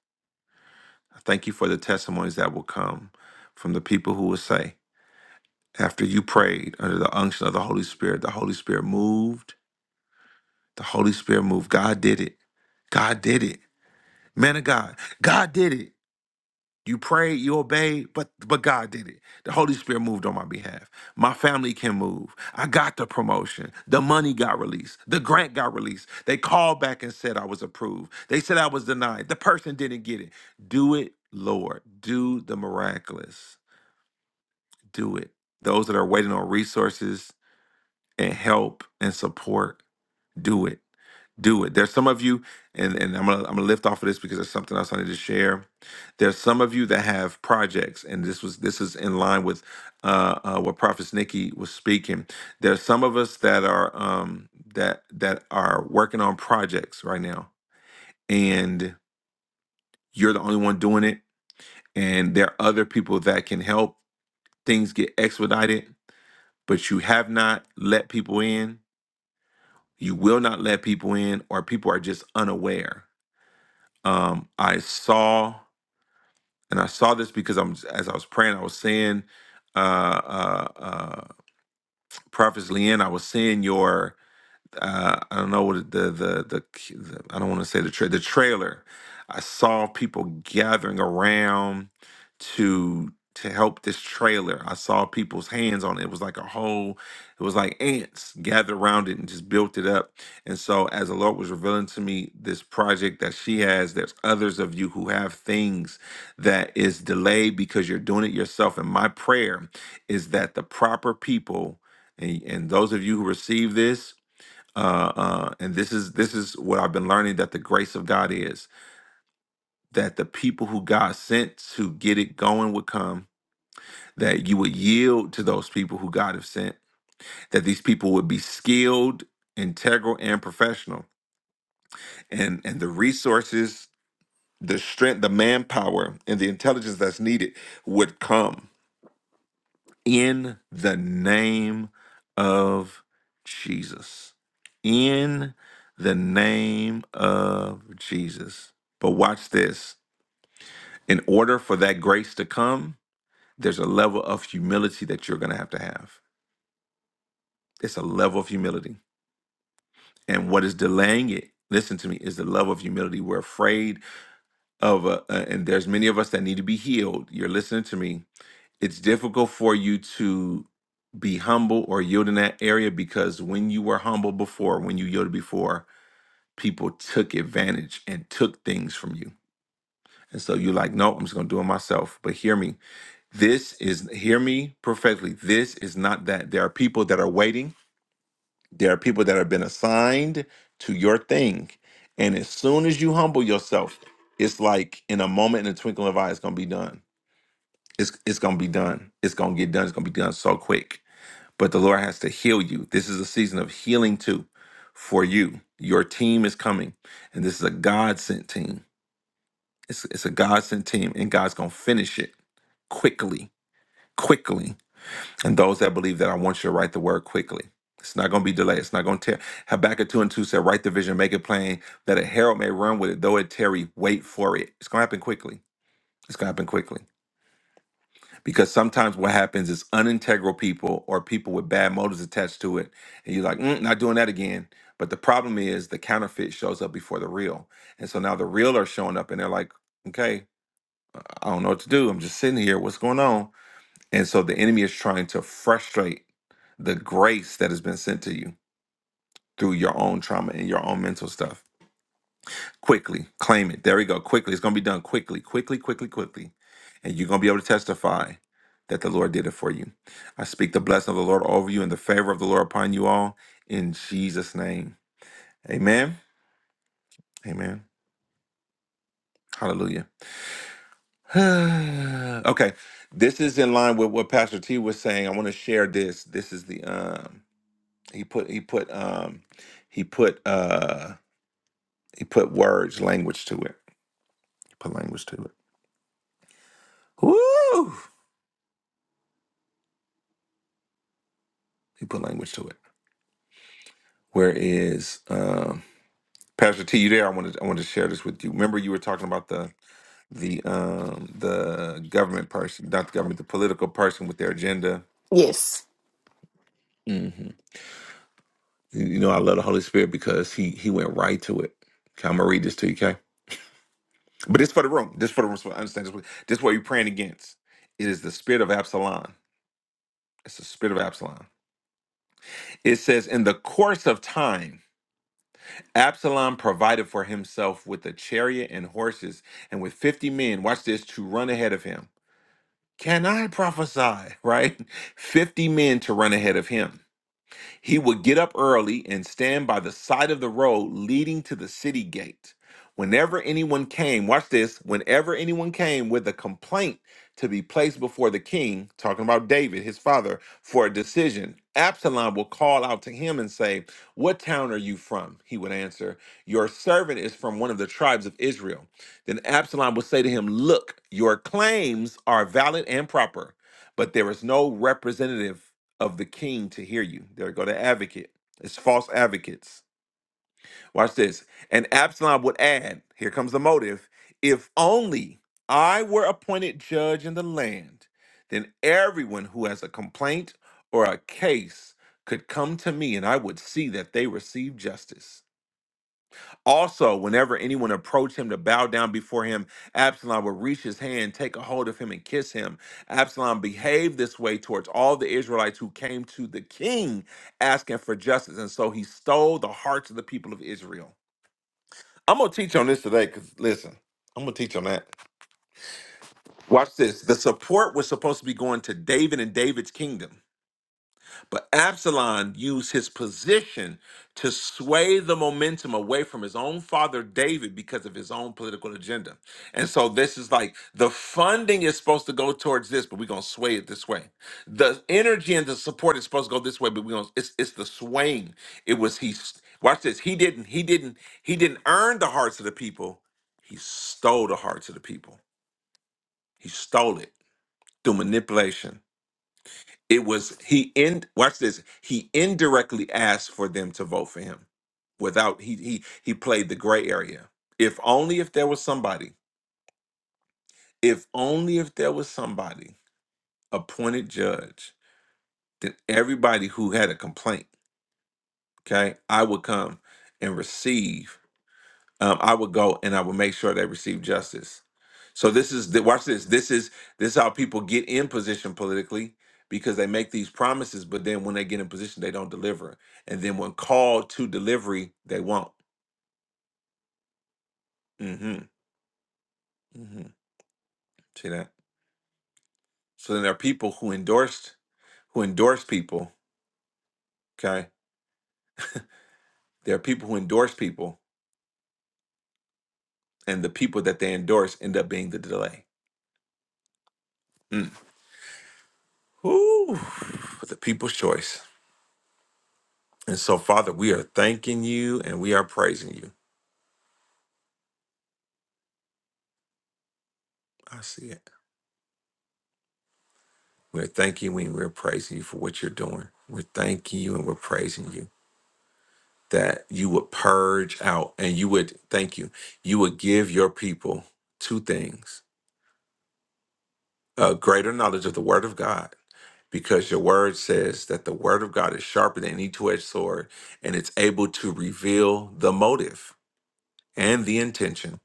I Thank you for the testimonies that will come from the people who will say, after you prayed under the unction of the Holy Spirit, the Holy Spirit moved. The Holy Spirit moved. God did it. God did it. Man of God, God did it. You prayed, you obeyed, but but God did it. The Holy Spirit moved on my behalf. My family can move. I got the promotion. The money got released. The grant got released. They called back and said I was approved. They said I was denied. The person didn't get it. Do it, Lord. Do the miraculous. Do it. Those that are waiting on resources and help and support, Do it. Do it. There's some of you, and, and I'm gonna I'm gonna lift off of this because there's something else I need to share. There's some of you that have projects, and this was this is in line with uh, uh, what Prophet Nikki was speaking. There's some of us that are um, that that are working on projects right now, and you're the only one doing it, and there are other people that can help. Things get expedited, but you have not let people in. You will not let people in, or people are just unaware um, I saw, and I saw this because I'm as I was praying, I was seeing, uh, uh, uh, Prophet Leanne, I was seeing your uh, I don't know what the the the, the I don't want to say the tra- the trailer. I saw people gathering around to to help this trailer. I saw people's hands on it. It was like a whole. It was like ants gathered around it and just built it up. And so, as the Lord was revealing to me this project that she has, there's others of you who have things that is delayed because you're doing it yourself. And my prayer is that the proper people and, and those of you who receive this uh, uh, and this is this is what I've been learning that the grace of God is that the people who God sent to get it going would come, that you would yield to those people who God have sent, that these people would be skilled, integral, and professional, and and the resources, the strength, the manpower, and the intelligence that's needed would come in the name of Jesus. In the name of Jesus. But watch this. In order for that grace to come, there's a level of humility that you're going to have to have. It's a level of humility. And what is delaying it, listen to me, is the level of humility. We're afraid of, uh, uh, and there's many of us that need to be healed. You're listening to me it's difficult for you to be humble or yield in that area because when you were humble before, when you yielded before, people took advantage and took things from you. And so you're like, no, I'm just gonna do it myself. But hear me. This is hear me perfectly. This is not that. There are people that are waiting. There are people that have been assigned to your thing. And as soon as you humble yourself, it's like in a moment in a twinkling of an eye, it's gonna be done. It's it's gonna be done. It's gonna get done. It's gonna be done so quick but the Lord has to heal you. This is a season of healing too for you. Your team is coming, and this is a God sent team. It's, it's a God sent team, and God's going to finish it quickly, quickly. And those that believe that, I want you to write the word quickly. It's not going to be delayed. It's not going to tear. Habakkuk 2 and 2 said, Write the vision, make it plain, that a herald may run with it, though it tarry, wait for it. It's going to happen quickly. It's going to happen quickly. because sometimes what happens is unintegral people or people with bad motives attached to it and you're like mm, not doing that again but the problem is the counterfeit shows up before the real and so now the real are showing up and they're like okay i don't know what to do i'm just sitting here what's going on and so the enemy is trying to frustrate the grace that has been sent to you through your own trauma and your own mental stuff quickly. Claim it. There we go. Quickly. It's going to be done quickly, quickly, quickly, quickly. And you're going to be able to testify that the Lord did it for you. I speak the blessing of the Lord over you and the favor of the Lord upon you all in Jesus' name. Amen. Amen. Hallelujah. okay. This is in line with what Pastor T was saying. I want to share this. This is the um he put he put um he put uh he put words, language to it. He put language to it. Woo! He put language to it. Whereas um, Pastor T, you there? I wanted I wanted to share this with you. Remember, you were talking about the the um, the government person, not the government, the political person with their agenda. Yes. hmm You you know, I love the Holy Spirit because he he went right to it. Okay, I'm gonna read this to you, okay? But it's for the room. This for the room. So I understand this. What, this what you're praying against. It is the spirit of Absalom. It's the spirit of Absalom. It says, in the course of time. Absalom provided for himself with a chariot and horses and with 50 men, watch this, to run ahead of him. Can I prophesy, right? 50 men to run ahead of him. He would get up early and stand by the side of the road leading to the city gate. Whenever anyone came, watch this, whenever anyone came with a complaint to be placed before the king, talking about David, his father, for a decision, Absalom will call out to him and say, What town are you from? He would answer, Your servant is from one of the tribes of Israel. Then Absalom would say to him, Look, your claims are valid and proper, but there is no representative of the king to hear you. There go the advocate. It's false advocates. Watch this. And Absalom would add, here comes the motive, if only I were appointed judge in the land, then everyone who has a complaint or a case could come to me and I would see that they receive justice. Also, whenever anyone approached him to bow down before him, Absalom would reach his hand, take a hold of him, and kiss him. Absalom behaved this way towards all the Israelites who came to the king asking for justice. And so he stole the hearts of the people of Israel. I'm going to teach on this today because, listen, I'm going to teach on that. Watch this. The support was supposed to be going to David and David's kingdom. But Absalom used his position to sway the momentum away from his own father David because of his own political agenda. And so this is like the funding is supposed to go towards this, but we're gonna sway it this way. The energy and the support is supposed to go this way, but we're gonna it's it's the swaying. It was he watch this. He didn't, he didn't, he didn't earn the hearts of the people. He stole the hearts of the people. He stole it through manipulation. It was he in watch this. He indirectly asked for them to vote for him without he he he played the gray area. If only if there was somebody, if only if there was somebody appointed judge, then everybody who had a complaint, okay, I would come and receive um, I would go and I would make sure they receive justice. So this is the, watch this. This is this is how people get in position politically because they make these promises, but then when they get in position, they don't deliver. And then when called to delivery, they won't. hmm hmm See that? So then there are people who endorsed who endorse people. Okay, there are people who endorse people, and the people that they endorse end up being the delay. Mm. Whew. The people's choice. And so, Father, we are thanking you and we are praising you. I see it. We're thanking you and we're praising you for what you're doing. We're thanking you and we're praising you that you would purge out and you would, thank you, you would give your people two things a greater knowledge of the word of God, because your word says that the word of God is sharper than any two edged sword and it's able to reveal the motive and the intention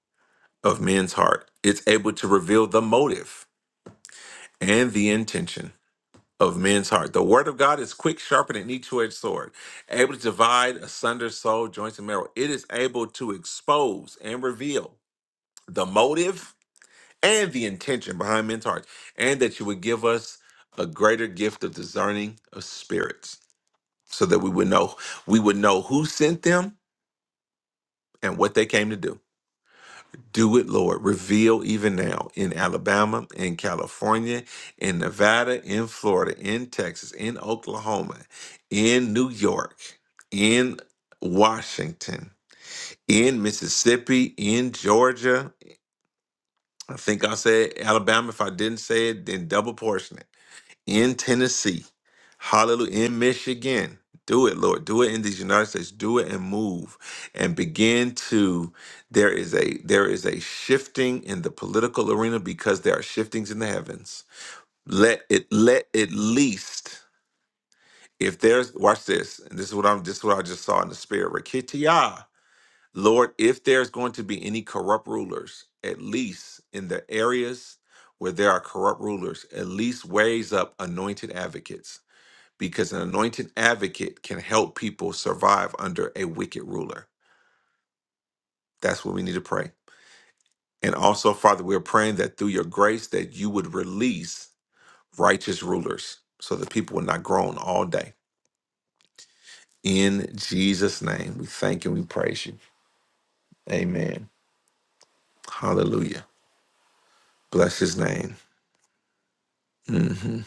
of men's heart. It's able to reveal the motive and the intention of men's heart. The word of God is quick, sharper than any two-edged sword, able to divide asunder soul, joints, and marrow. It is able to expose and reveal the motive and the intention behind men's hearts, and that you would give us a greater gift of discerning of spirits, so that we would know we would know who sent them and what they came to do. Do it, Lord. Reveal even now in Alabama, in California, in Nevada, in Florida, in Texas, in Oklahoma, in New York, in Washington, in Mississippi, in Georgia. I think I said Alabama. If I didn't say it, then double portion it in Tennessee, hallelujah, in Michigan. Do it, Lord. Do it in these United States. Do it and move and begin to there is a there is a shifting in the political arena because there are shiftings in the heavens. Let it let at least if there's watch this, and this is what I'm this is what I just saw in the spirit. Rikitia. Lord, if there's going to be any corrupt rulers, at least in the areas where there are corrupt rulers, at least raise up anointed advocates because an anointed advocate can help people survive under a wicked ruler. That's what we need to pray. And also, Father, we're praying that through your grace that you would release righteous rulers so that people would not groan all day. In Jesus' name, we thank and we praise you. Amen. Hallelujah. Bless his name. hmm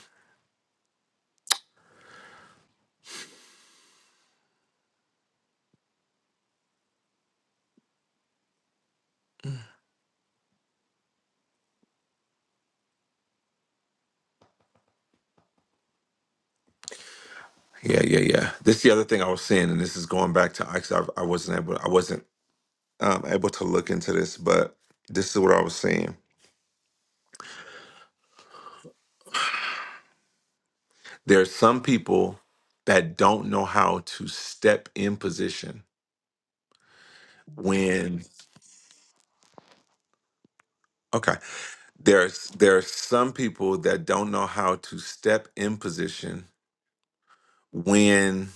Yeah, yeah, yeah. This is the other thing I was saying, and this is going back to actually I, I wasn't able I wasn't um, able to look into this, but this is what I was saying There are some people that don't know how to step in position when okay. There's there are some people that don't know how to step in position when.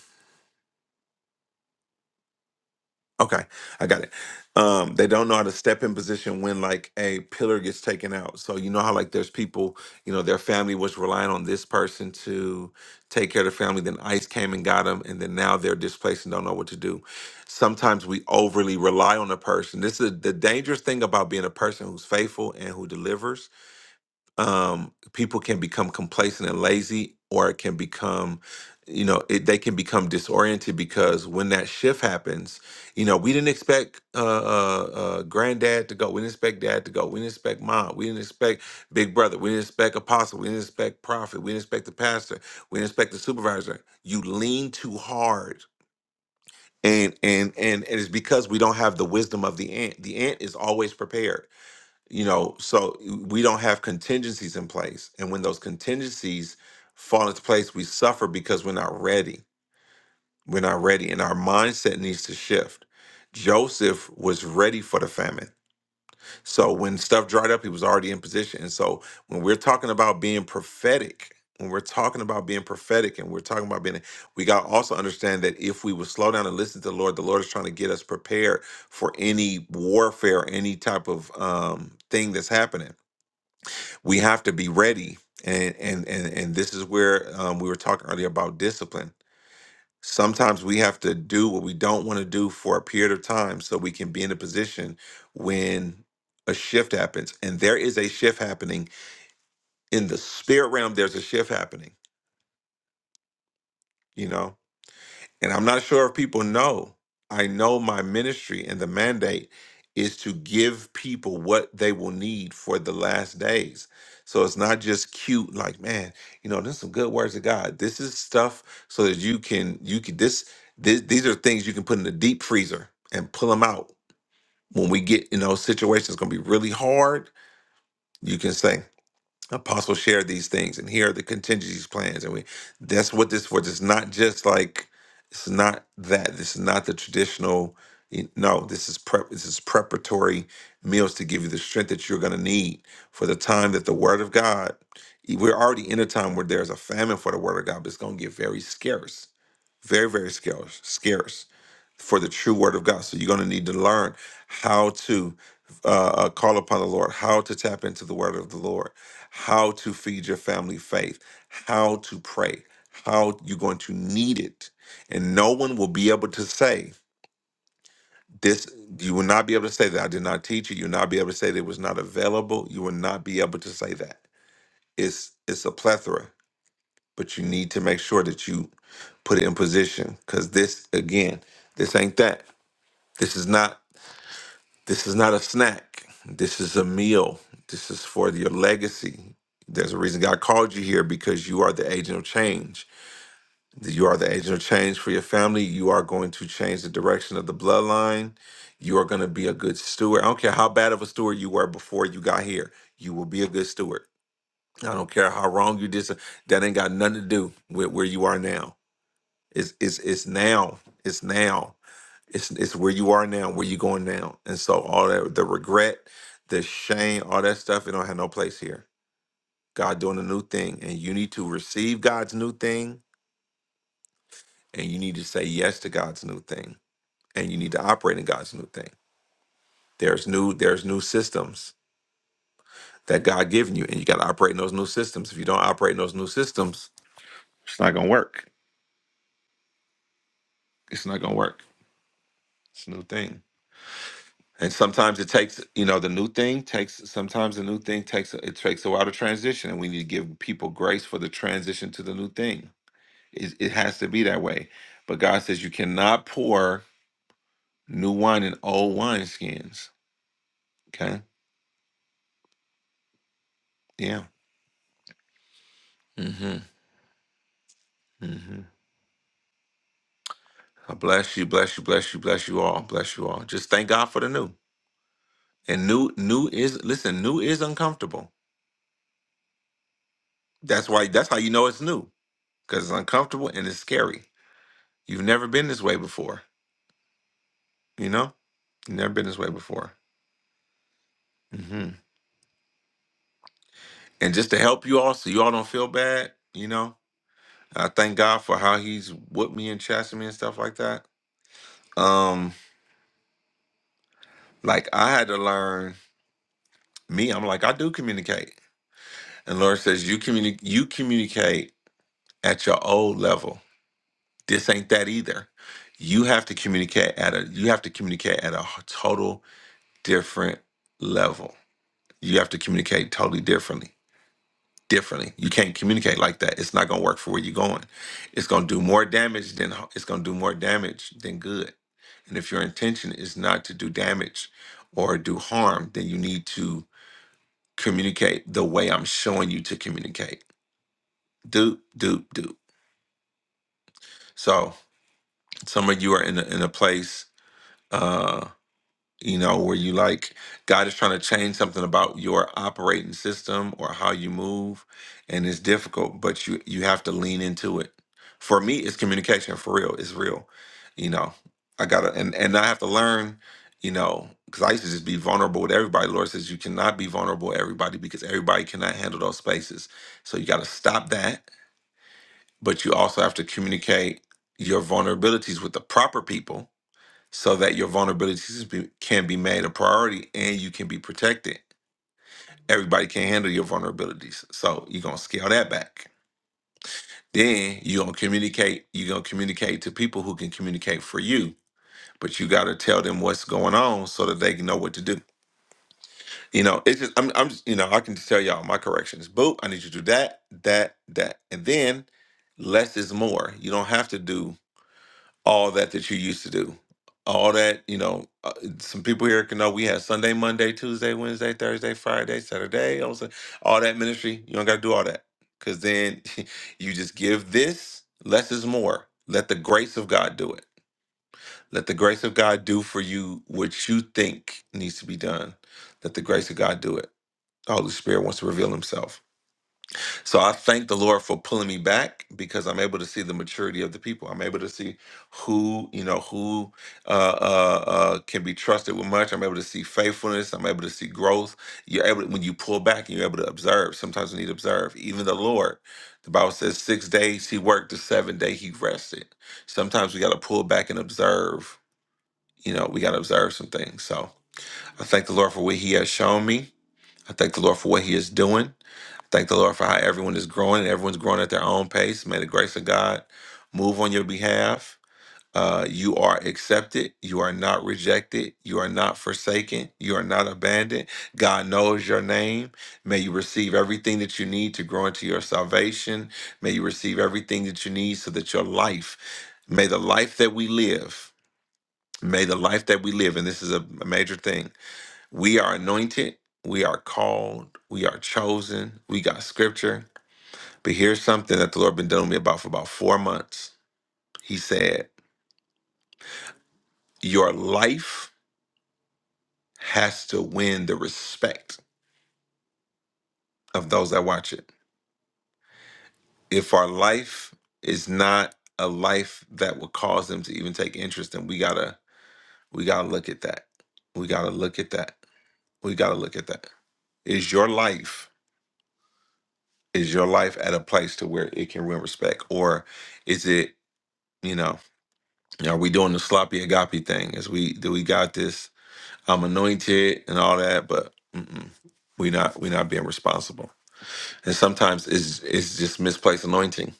Okay, I got it. Um, they don't know how to step in position when like a pillar gets taken out. So you know how like there's people, you know, their family was relying on this person to take care of the family. Then ICE came and got them, and then now they're displaced and don't know what to do. Sometimes we overly rely on a person. This is the dangerous thing about being a person who's faithful and who delivers um, people can become complacent and lazy, or it can become, you know, it, they can become disoriented because when that shift happens, you know, we didn't expect uh, uh, uh, granddad to go, we didn't expect dad to go, we didn't expect mom, we didn't expect big brother, we didn't expect apostle, we didn't expect prophet, we didn't expect the pastor, we didn't expect the supervisor. You lean too hard. And, and and and it's because we don't have the wisdom of the ant. The ant is always prepared you know so we don't have contingencies in place and when those contingencies fall into place we suffer because we're not ready we're not ready and our mindset needs to shift joseph was ready for the famine so when stuff dried up he was already in position and so when we're talking about being prophetic when we're talking about being prophetic and we're talking about being we got to also understand that if we would slow down and listen to the lord the lord is trying to get us prepared for any warfare any type of um, thing that's happening we have to be ready and and and, and this is where um, we were talking earlier about discipline sometimes we have to do what we don't want to do for a period of time so we can be in a position when a shift happens and there is a shift happening in the spirit realm there's a shift happening you know And I'm not sure if people know. I know my ministry and the mandate is to give people what they will need for the last days. So it's not just cute, like, man, you know, there's some good words of God. This is stuff so that you can, you can, this, this these are things you can put in the deep freezer and pull them out when we get, you know, situations gonna be really hard. You can say. Apostle shared these things, and here are the contingencies plans, and we that's what this for. It's not just like it's not that. This is not the traditional. you- No, this is prep. This is preparatory meals to give you the strength that you're going to need for the time that the Word of God. We're already in a time where there's a famine for the Word of God, but it's going to get very scarce very very scarce scarce for the true word of god so you're going to need to learn how to uh, uh, call upon the lord how to tap into the word of the lord how to feed your family faith how to pray how you're going to need it and no one will be able to say this you will not be able to say that i did not teach you you will not be able to say that it was not available you will not be able to say that it's it's a plethora but you need to make sure that you put it in position because this again this ain't that this is not this is not a snack this is a meal this is for your legacy there's a reason god called you here because you are the agent of change you are the agent of change for your family you are going to change the direction of the bloodline you are going to be a good steward i don't care how bad of a steward you were before you got here you will be a good steward i don't care how wrong you did so- that ain't got nothing to do with where you are now It's it's it's now. It's now. It's it's where you are now, where you going now. And so all that the regret, the shame, all that stuff, it don't have no place here. God doing a new thing. And you need to receive God's new thing and you need to say yes to God's new thing. And you need to operate in God's new thing. There's new, there's new systems that God given you, and you gotta operate in those new systems. If you don't operate in those new systems, it's not gonna work. It's not gonna work. It's a new thing. and sometimes it takes you know the new thing takes sometimes the new thing takes it takes a while to transition and we need to give people grace for the transition to the new thing it, it has to be that way but god says you cannot pour new wine in old wine skins okay yeah mm-hmm mm-hmm I bless you bless you bless you bless you all bless you all just thank god for the new and new new is listen new is uncomfortable that's why that's how you know it's new because it's uncomfortable and it's scary you've never been this way before You know, never been this way before. hmm And just to help you all, so you all don't feel bad. You know, I thank God for how He's with me and chastising me and stuff like that. Um, like I had to learn me. I'm like I do communicate, and Lord says you communicate. You communicate at your old level. This ain't that either. You have to communicate at a. You have to communicate at a total different level. You have to communicate totally differently differently. You can't communicate like that. It's not going to work for where you're going. It's going to do more damage than it's going to do more damage than good. And if your intention is not to do damage or do harm, then you need to communicate the way I'm showing you to communicate. Do do do. So some of you are in a, in a place. Uh, you know, where you like God is trying to change something about your operating system or how you move, and it's difficult, but you you have to lean into it. For me, it's communication for real. It's real, you know. I gotta and and I have to learn, you know, because I used to just be vulnerable with everybody. Lord says you cannot be vulnerable with everybody because everybody cannot handle those spaces. So you got to stop that, but you also have to communicate your vulnerabilities with the proper people so that your vulnerabilities be- can be made a priority and you can be protected. Everybody can handle your vulnerabilities. So you're gonna scale that back. Then you're gonna communicate, you're gonna communicate to people who can communicate for you, but you gotta tell them what's going on so that they can know what to do. You know, it's just I'm I'm just, you know, I can just tell y'all my corrections. Boo, I need you to do that, that, that. And then less is more. You don't have to do all that that you used to do. All that, you know, uh, some people here can know we have Sunday, Monday, Tuesday, Wednesday, Thursday, Friday, Saturday, on Sun- all that ministry. You don't got to do all that because then you just give this, less is more. Let the grace of God do it. Let the grace of God do for you what you think needs to be done. Let the grace of God do it. The Holy Spirit wants to reveal Himself. So I thank the Lord for pulling me back because I'm able to see the maturity of the people. I'm able to see who you know who uh, uh, uh, can be trusted with much. I'm able to see faithfulness. I'm able to see growth. You're able to, when you pull back and you're able to observe. Sometimes we need to observe. Even the Lord, the Bible says, six days He worked, the seventh day He rested. Sometimes we got to pull back and observe. You know, we got to observe some things. So I thank the Lord for what He has shown me. I thank the Lord for what He is doing. Thank the Lord for how everyone is growing and everyone's growing at their own pace. May the grace of God move on your behalf. Uh, you are accepted. You are not rejected. You are not forsaken. You are not abandoned. God knows your name. May you receive everything that you need to grow into your salvation. May you receive everything that you need so that your life, may the life that we live, may the life that we live, and this is a a major thing, we are anointed, we are called, we are chosen, we got scripture but here's something that the Lord been dealing with me about for about four months. He said, Your life has to win the respect of those that watch it. If our life is not a life that will cause them to even take interest, then we gotta we gotta look at that. We gotta look at that. We gotta look at that. Is your life is your life at a place to where it can win respect? Or is it, you know, are we doing the sloppy agape thing? Is we do we got this I'm anointed and all that, but mm-mm, we not we not being responsible. And sometimes it's it's just misplaced anointing.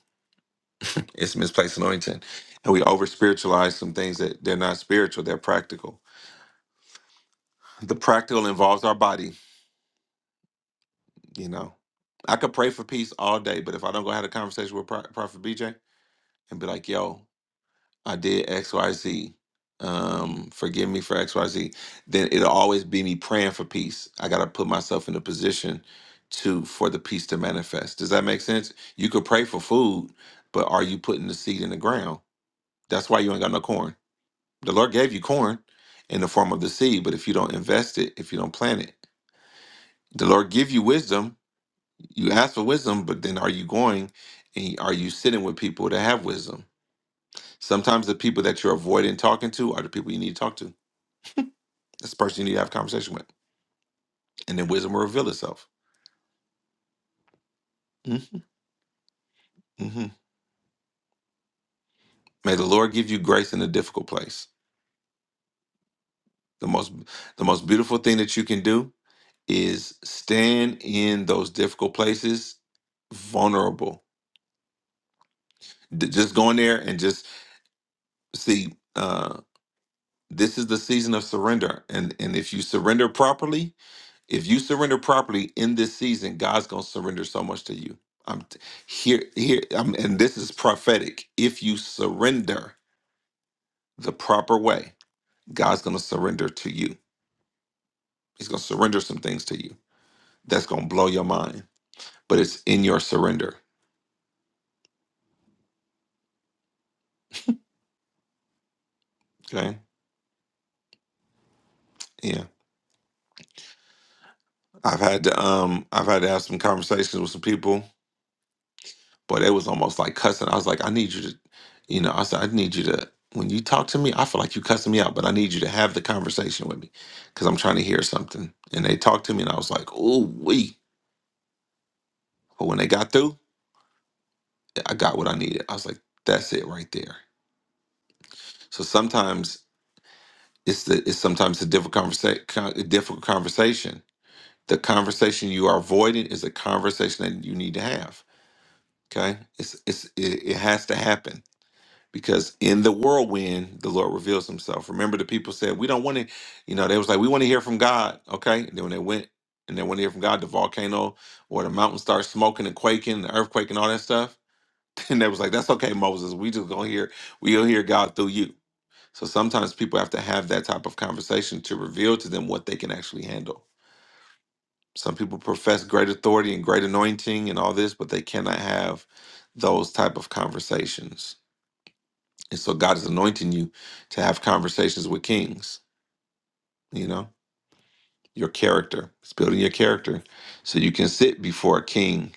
It's misplaced anointing, and we over spiritualize some things that they're not spiritual. They're practical. The practical involves our body. You know, I could pray for peace all day, but if I don't go have a conversation with Pro- Prophet BJ and be like, "Yo." I did XYZ. Um, forgive me for XYZ. Then it'll always be me praying for peace. I gotta put myself in a position to for the peace to manifest. Does that make sense? You could pray for food, but are you putting the seed in the ground? That's why you ain't got no corn. The Lord gave you corn in the form of the seed, but if you don't invest it, if you don't plant it, the Lord give you wisdom. You ask for wisdom, but then are you going and are you sitting with people that have wisdom? Sometimes the people that you're avoiding talking to are the people you need to talk to. That's the person you need to have a conversation with. And then wisdom will reveal itself. Mm-hmm. mm-hmm. May the Lord give you grace in a difficult place. The most the most beautiful thing that you can do is stand in those difficult places vulnerable. D- just go in there and just see uh this is the season of surrender. And and if you surrender properly, If you surrender properly in this season, God's gonna surrender so much to you. I'm t- here, here, I'm, and this is prophetic. If you surrender the proper way, God's gonna surrender to you. He's gonna surrender some things to you that's gonna blow your mind. But it's in your surrender. Okay. Yeah. I've had to um I've had to have some conversations with some people but it was almost like cussing. I was like, I need you to, you know, I said, I need you to, when you talk to me, I feel like you cussing me out, but I need you to have the conversation with me because I'm trying to hear something. And they talked to me and I was like, Ooh wee. But when they got through, I got what I needed. I was like, that's it right there. So sometimes it's the, it's sometimes a difficult conversation, a difficult conversation. The conversation you are avoiding is a conversation that you need to have. Okay. It's, it's, it, it has to happen because in the whirlwind the lord reveals himself remember the people said we don't want to you know they was like we want to hear from god okay and then when they went and they want to hear from god the volcano or the mountain starts smoking and quaking and the earthquake and all that stuff and they was like that's okay moses we just gonna hear we'll hear god through you so sometimes people have to have that type of conversation to reveal to them what they can actually handle some people profess great authority and great anointing and all this but they cannot have those type of conversations and so God is anointing you to have conversations with kings, you know, your character. It's building your character so you can sit before a king,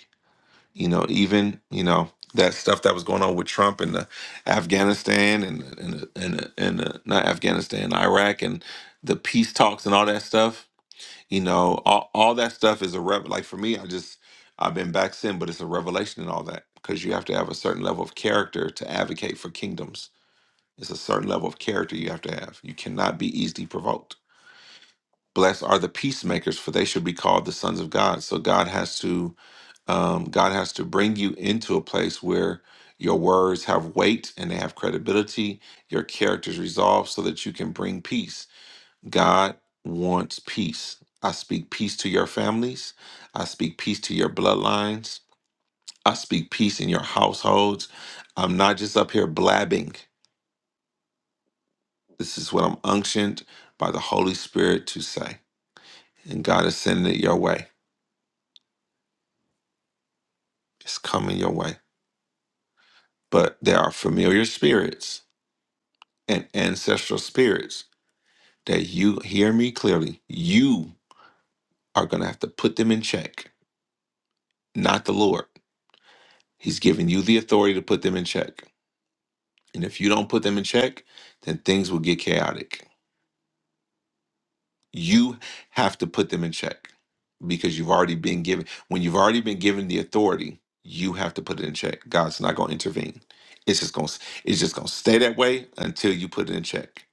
you know, even, you know, that stuff that was going on with Trump and the Afghanistan and and and, and uh, not Afghanistan, Iraq and the peace talks and all that stuff, you know, all, all that stuff is a rev like for me, I just I've been back sin, but it's a revelation and all that because you have to have a certain level of character to advocate for kingdoms It's a certain level of character you have to have. You cannot be easily provoked. Blessed are the peacemakers, for they should be called the sons of God. So God has to um, God has to bring you into a place where your words have weight and they have credibility. Your character is resolved so that you can bring peace. God wants peace. I speak peace to your families. I speak peace to your bloodlines. I speak peace in your households. I'm not just up here blabbing. This is what I'm unctioned by the Holy Spirit to say. And God is sending it your way. It's coming your way. But there are familiar spirits and ancestral spirits that you hear me clearly. You are going to have to put them in check, not the Lord. He's giving you the authority to put them in check. And if you don't put them in check, then things will get chaotic You have to put them in check because you've already been given, when you've already been given the authority, you have to put it in check. God's not going to intervene. It's just going to, it's just going to stay that way until you put it in check.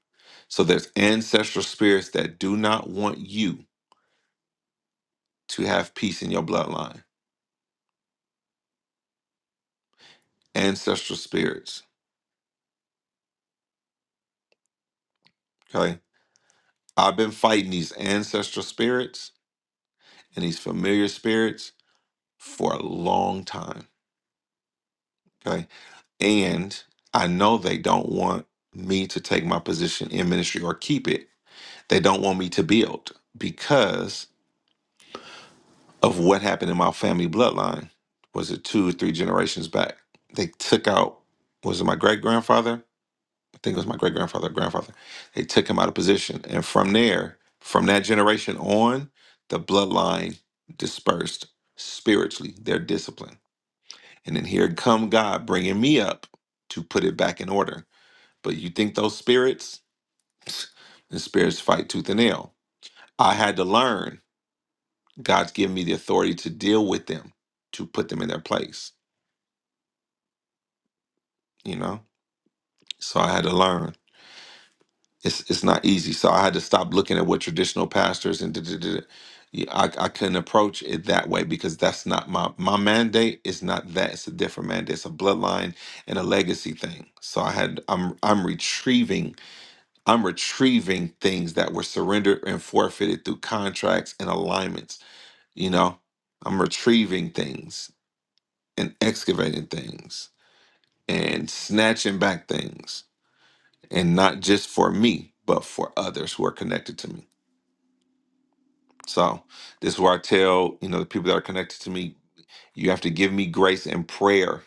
So there's ancestral spirits that do not want you to have peace in your bloodline. Ancestral spirits. Okay. I've been fighting these ancestral spirits and these familiar spirits for a long time. Okay. And I know they don't want me to take my position in ministry or keep it. They don't want me to build because of what happened in my family bloodline. Was it two or three generations back? They took out, was it my great grandfather? I think it was my great grandfather, grandfather. They took him out of position. And from there, from that generation on, the bloodline dispersed spiritually, their discipline. And then here come God bringing me up to put it back in order But you think those spirits? The spirits fight tooth and nail. I had to learn. God's given me the authority to deal with them, to put them in their place, you know? So I had to learn. It's it's not easy. So I had to stop looking at what traditional pastors and da, da, da, da. Yeah, I, I couldn't approach it that way because that's not my my mandate is not that. It's a different mandate. It's a bloodline and a legacy thing. So I had I'm I'm retrieving I'm retrieving things that were surrendered and forfeited through contracts and alignments. You know, I'm retrieving things and excavating things and snatching back things, and not just for me, but for others who are connected to me. So, this is where I tell, you know, the people that are connected to me, you have to give me grace and prayer,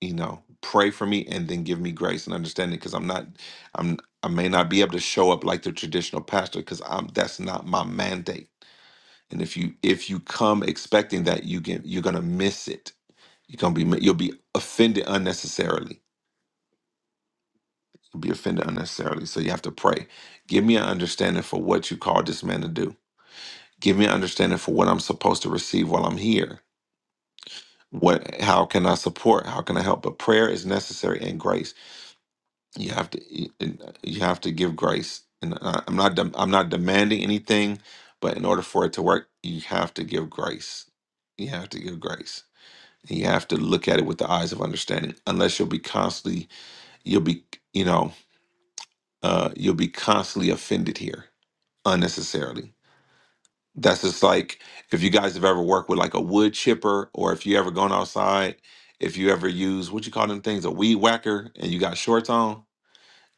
you know, pray for me and then give me grace and understanding because I'm not, I'm, I may not be able to show up like the traditional pastor because I'm that's not my mandate And if you if you come expecting that, you get you're gonna miss it. You're gonna be you'll be offended unnecessarily. You'll be offended unnecessarily. So you have to pray. Give me an understanding for what you called this man to do. Give me an understanding for what I'm supposed to receive while I'm here. What how can I support? How can I help? But prayer is necessary and grace. You have to you have to give grace. And I- I'm not dem- I'm not demanding anything, but in order for it to work, you have to give grace. You have to give grace and you have to look at it with the eyes of understanding unless you'll be constantly you'll be you know uh you'll be constantly offended here unnecessarily that's just like if you guys have ever worked with like a wood chipper or if you ever gone outside if you ever use what you call them things a weed whacker and you got shorts on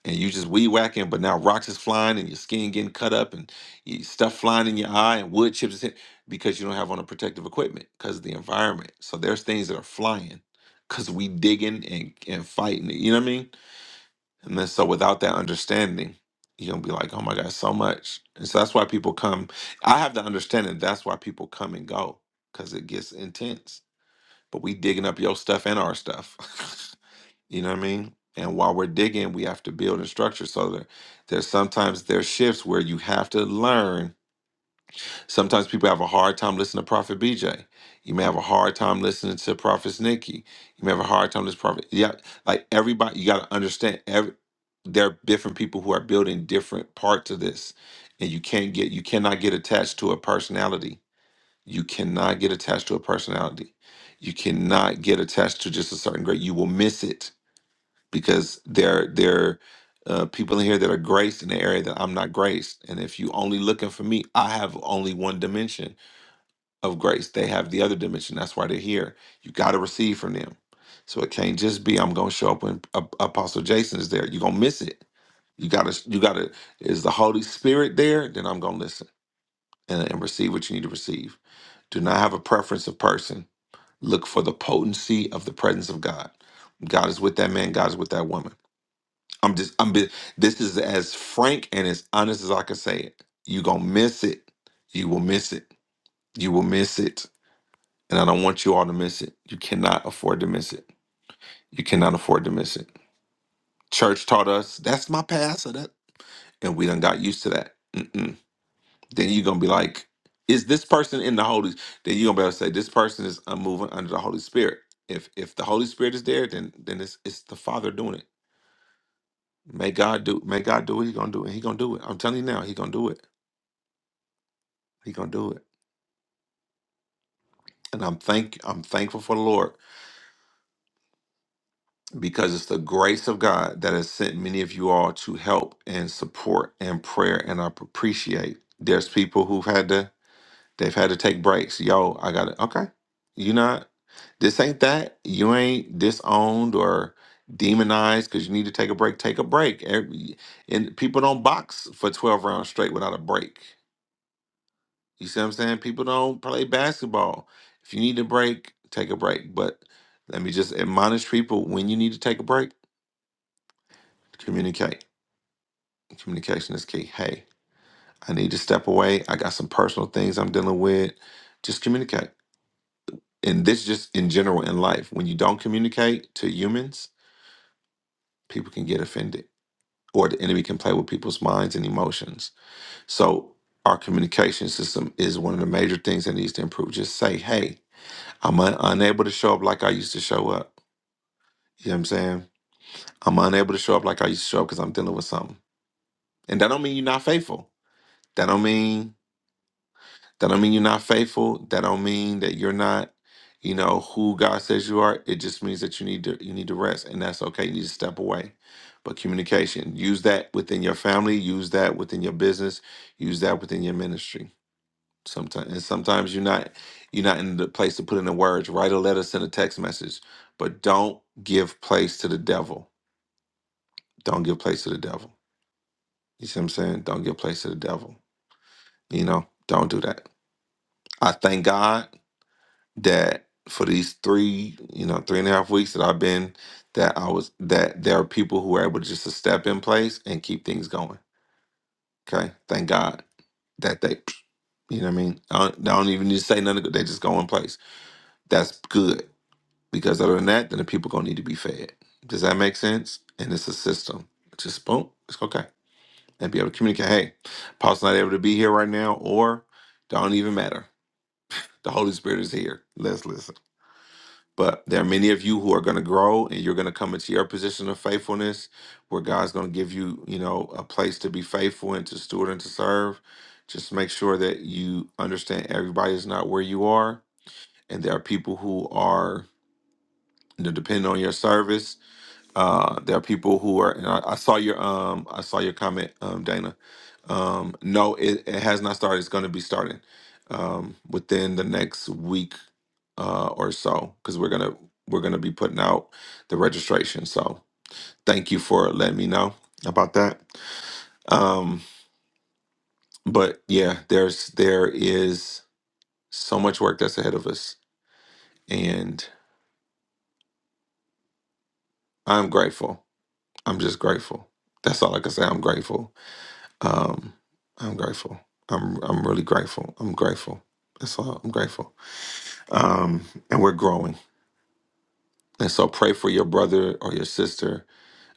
and you just weed whacking, but now rocks is flying and your skin getting cut up and you, stuff flying in your eye and wood chips is hit because you don't have on a protective equipment because of the environment. So there's things that are flying because we digging and, and fighting it. You know what I mean? And then so without that understanding, you're gonna be like, oh my God, so much. And so that's why people come. I have the understanding that's why people come and go because it gets intense. But we digging up your stuff and our stuff. You know what I mean? And while we're digging, we have to build and structure. So that there's sometimes there's shifts where you have to learn. Sometimes people have a hard time listening to Prophet BJ. You may have a hard time listening to Prophet Nikki. You may have a hard time listening to Prophet. Yeah, like everybody, you got to understand. Every there are different people who are building different parts of this, and you can't get you cannot get attached to a personality. You cannot get attached to a personality. You cannot get attached to just a certain grade. You will miss it because there there are uh, people in here that are graced in the area that I'm not graced. And if you only looking for me, I have only one dimension of grace. They have the other dimension. That's why they're here. You got to receive from them. So it can't just be I'm going to show up when Ap- Apostle Jason is there. You're going to miss it. You got to you got to is the Holy Spirit there? Then I'm going to listen and, and receive what you need to receive. Do not have a preference of person. Look for the potency of the presence of God. God is with that man, God is with that woman. I'm just I'm be, this is as frank and as honest as I can say it. You gonna miss it. You will miss it. You will miss it. And I don't want you all to miss it. You cannot afford to miss it. You cannot afford to miss it. Church taught us that's my pastor, that, and we done got used to that. Mm-mm. Then you gonna be like, is this person in the Holy? Then you gonna be able to say this person is unmoving under the Holy Spirit. If if the Holy Spirit is there, then then it's it's the Father doing it. May God do. May God do what He gonna do, and He gonna do it. I'm telling you now, He gonna do it He gonna do it. And I'm thank I'm thankful for the Lord because it's the grace of God that has sent many of you all to help and support and prayer and I appreciate. There's people who've had to they've had to take breaks. Yo, I got it. Okay. You not this ain't that. You ain't disowned or demonized because you need to take a break. Take a break. Every, and people don't box for 12 rounds straight without a break. You see what I'm saying? People don't play basketball. If you need a break, take a break. But let me just admonish people when you need to take a break, communicate. Communication is key. Hey, I need to step away. I got some personal things I'm dealing with. Just communicate. And this just in general in life. When you don't communicate to humans, people can get offended. Or the enemy can play with people's minds and emotions. So our communication system is one of the major things that needs to improve. Just say, hey, I'm un- unable to show up like I used to show up. You know what I'm saying? I'm unable to show up like I used to show up because I'm dealing with something. And that don't mean you're not faithful. That don't mean that don't mean you're not faithful. That don't mean that you're not, you know, who God says you are. It just means that you need to you need to rest. And that's okay. You need to step away. But communication, use that within your family, use that within your business, use that within your ministry. Sometimes and sometimes you're not you're not in the place to put in the words. Write a letter, send a text message, but don't give place to the devil. Don't give place to the devil. You see what I'm saying? Don't give place to the devil. You know, don't do that. I thank God that for these three, you know, three and a half weeks that I've been, that I was that there are people who are able just to step in place and keep things going. Okay, thank God that they, you know, what I mean, I don't, I don't even need to say nothing. They just go in place. That's good Because other than that, then the people gonna need to be fed. Does that make sense? And it's a system. Just boom, it's okay. And be able to communicate, hey, Paul's not able to be here right now, or don't even matter. The Holy Spirit is here. Let's listen. But there are many of you who are gonna grow and you're gonna come into your position of faithfulness where God's gonna give you, you know, a place to be faithful and to steward and to serve. Just make sure that you understand everybody is not where you are. And there are people who are you know, depending on your service Uh, there are people who are. And I, I saw your um, I saw your comment, um, Dana. Um, no, it, it has not started. It's going to be starting um, within the next week uh, or so because we're gonna we're gonna be putting out the registration. So thank you for letting me know about that. Um, but yeah, there's there is so much work that's ahead of us, and I'm grateful. I'm just grateful. That's all I can say. I'm grateful Um, I'm grateful. I'm I'm really grateful. I'm grateful. That's all. I'm grateful. Um, and we're growing. And so pray for your brother or your sister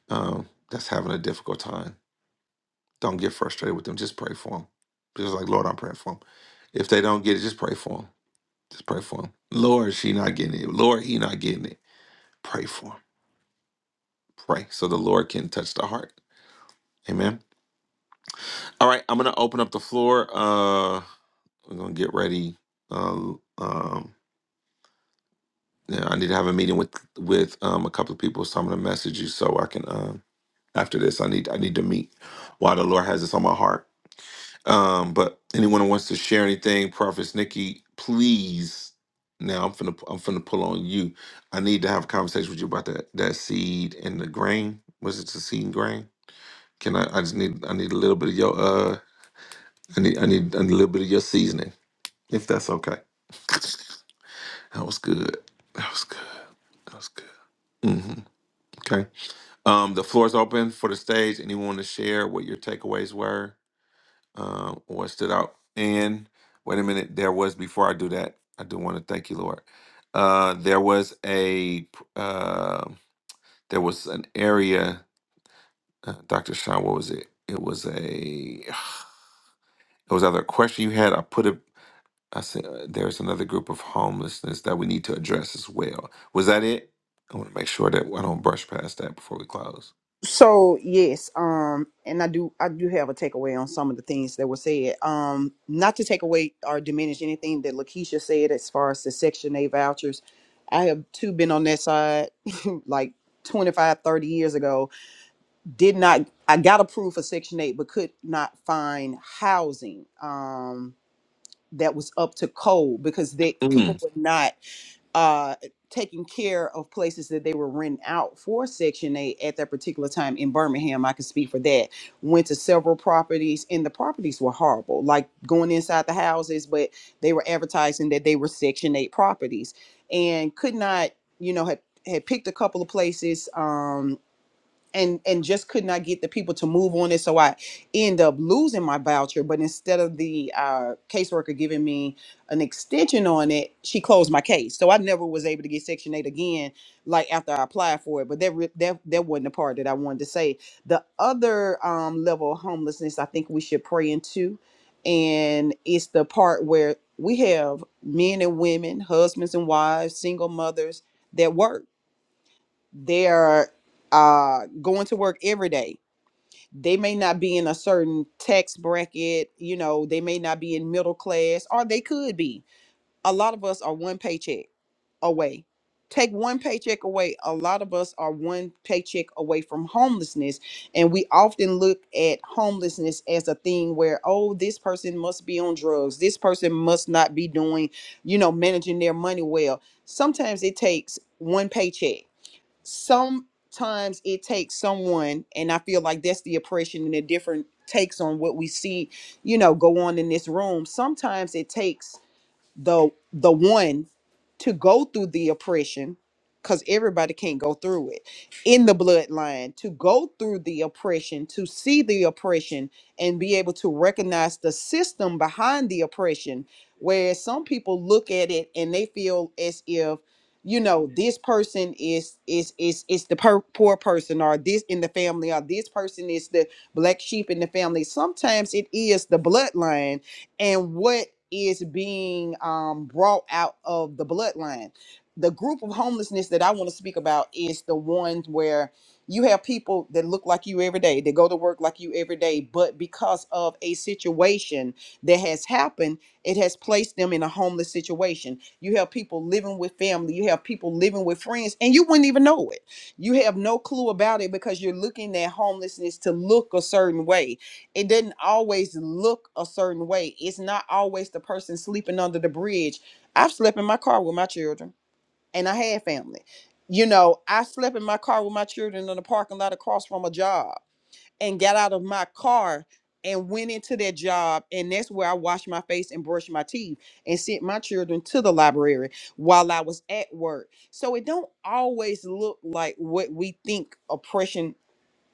um, that's having a difficult time. Don't get frustrated with them. Just pray for them. Just like Lord, I'm praying for them. If they don't get it, just pray for them. Just pray for them. Lord, she not getting it. Lord, he not getting it. Pray for them. Pray so the Lord can touch the heart. Amen. All right, I'm gonna open up the floor. Uh, we're gonna get ready. Uh, um, Yeah, I need to have a meeting with with um a couple of people, so I'm gonna message you so I can um after this I need I need to meet while the Lord has this on my heart. Um, but anyone who wants to share anything, Prophet Nikki, please. Now I'm finna I'm finna pull on you. I need to have a conversation with you about that that seed and the grain. Was it the seed and grain? Can I? I just need I need a little bit of your uh I need I need a little bit of your seasoning if that's okay. That was good. That was good. That was good. Mm-hmm. Okay. Um, the floor is open for the stage. Anyone to share what your takeaways were, um, or what stood out? And wait a minute, there was before I do that, I do want to thank you, Lord. Uh, there was a uh, there was an area, uh, Doctor Sean. What was it? It was a it was either a question you had. I put it. I said uh, there's another group of homelessness that we need to address as well. Was that it? I want to make sure that I don't brush past that before we close. So yes, um, and I do I do have a takeaway on some of the things that were said. Um, not to take away or diminish anything that Lakeisha said as far as the Section A vouchers. I have too been on that side like 25 30 years ago. Did not I got approved for Section 8 but could not find housing um that was up to code because they people Mm, were not uh, taking care of places that they were renting out for Section 8 at that particular time in Birmingham. I can speak for that. Went to several properties, and the properties were horrible, like going inside the houses, but they were advertising that they were Section 8 properties and could not, you know, had, had picked a couple of places. Um, and and just could not get the people to move on it so i end up losing my voucher but instead of the uh, caseworker giving me an extension on it she closed my case so i never was able to get section 8 again like after i applied for it but that re- that, that wasn't the part that i wanted to say the other um, level of homelessness i think we should pray into and it's the part where we have men and women husbands and wives single mothers that work they're uh going to work every day they may not be in a certain tax bracket you know they may not be in middle class or they could be a lot of us are one paycheck away take one paycheck away a lot of us are one paycheck away from homelessness and we often look at homelessness as a thing where oh this person must be on drugs this person must not be doing you know managing their money well sometimes it takes one paycheck sometimes it takes someone and i feel like that's the oppression and the different takes on what we see you know go on in this room sometimes it takes the the one to go through the oppression because everybody can't go through it in the bloodline to go through the oppression to see the oppression and be able to recognize the system behind the oppression where some people look at it and they feel as if you know this person is is is is the per- poor person or this in the family or this person is the black sheep in the family sometimes it is the bloodline and what is being um, brought out of the bloodline. The group of homelessness that I want to speak about is the ones where you have people that look like you every day, They go to work like you every day, but because of a situation that has happened, it has placed them in a homeless situation. You have people living with family, you have people living with friends, and you wouldn't even know it. You have no clue about it because you're looking at homelessness to look a certain way it doesn't always look a certain way. It's not always the person sleeping under the bridge. I've slept in my car with my children and I had family. You know, I slept in my car with my children in the parking lot across from a job and got out of my car and went into that job. And that's where I washed my face and brushed my teeth and sent my children to the library while I was at work. So it don't always look like what we think oppression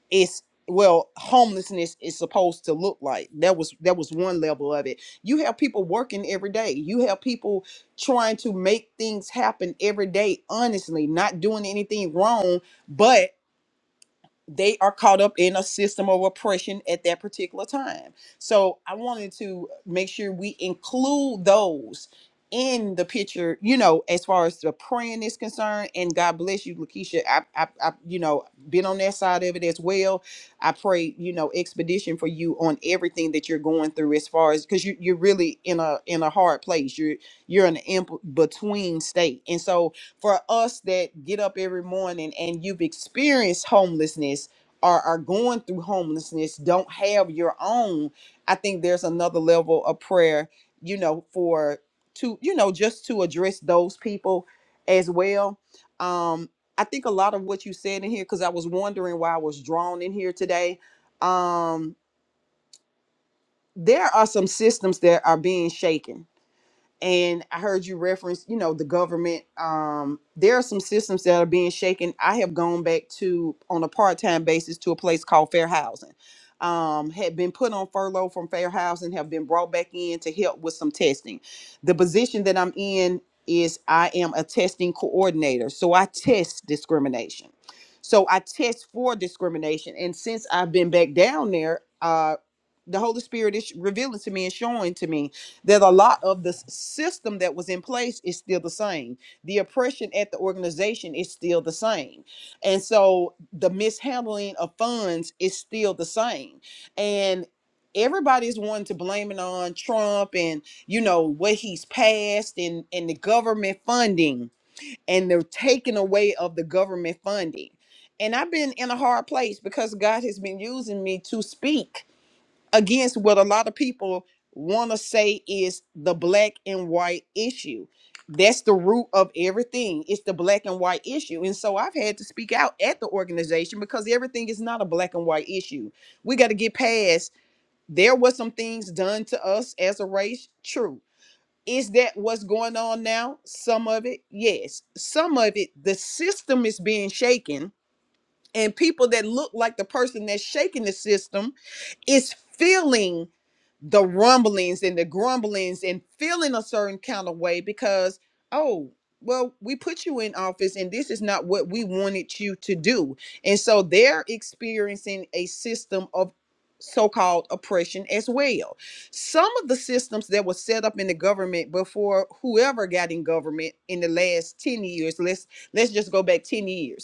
is well homelessness is supposed to look like that was that was one level of it you have people working every day you have people trying to make things happen every day honestly not doing anything wrong but they are caught up in a system of oppression at that particular time. So I wanted to make sure we include those in the picture, you know, as far as the praying is concerned. And God bless you, Lakeisha. I, I, I you know, been on that side of it as well. I pray, you know, expedition for you on everything that you're going through as far as because you, you're really in a in a hard place. You're you're in an in between state. And so for us that get up every morning and you've experienced homelessness or are going through homelessness, don't have your own, I think there's another level of prayer, you know, for to, you know, just to address those people as well. Um, I think a lot of what you said in here, because I was wondering why I was drawn in here today. Um, there are some systems that are being shaken and I heard you reference, you know, the government. Um, there are some systems that are being shaken. I have gone back to on a part-time basis to a place called Fair Housing. Um, had been put on furlough from Fair Housing, have been brought back in to help with some testing. The position that I'm in is I am a testing coordinator, so I test discrimination. So I test for discrimination, and since I've been back down there, uh, the Holy Spirit is revealing to me and showing to me that a lot of the s- system that was in place is still the same. The oppression at the organization is still the same. And so the mishandling of funds is still the same. And everybody's wanting to blame it on Trump and you know what he's passed and and the government funding and they're taking away of the government funding. And I've been in a hard place because God has been using me to speak against what a lot of people want to say is the black and white issue. That's the root of everything. It's the black and white issue. And so I've had to speak out at the organization because everything is not a black and white issue. We got to get past there was some things done to us as a race, true. Is that what's going on now? Some of it, yes. Some of it, the system is being shaken and people that look like the person that's shaking the system is feeling the rumblings and the grumblings and feeling a certain kind of way because oh well we put you in office and this is not what we wanted you to do and so they're experiencing a system of so-called oppression as well some of the systems that were set up in the government before whoever got in government in the last 10 years let's let's just go back 10 years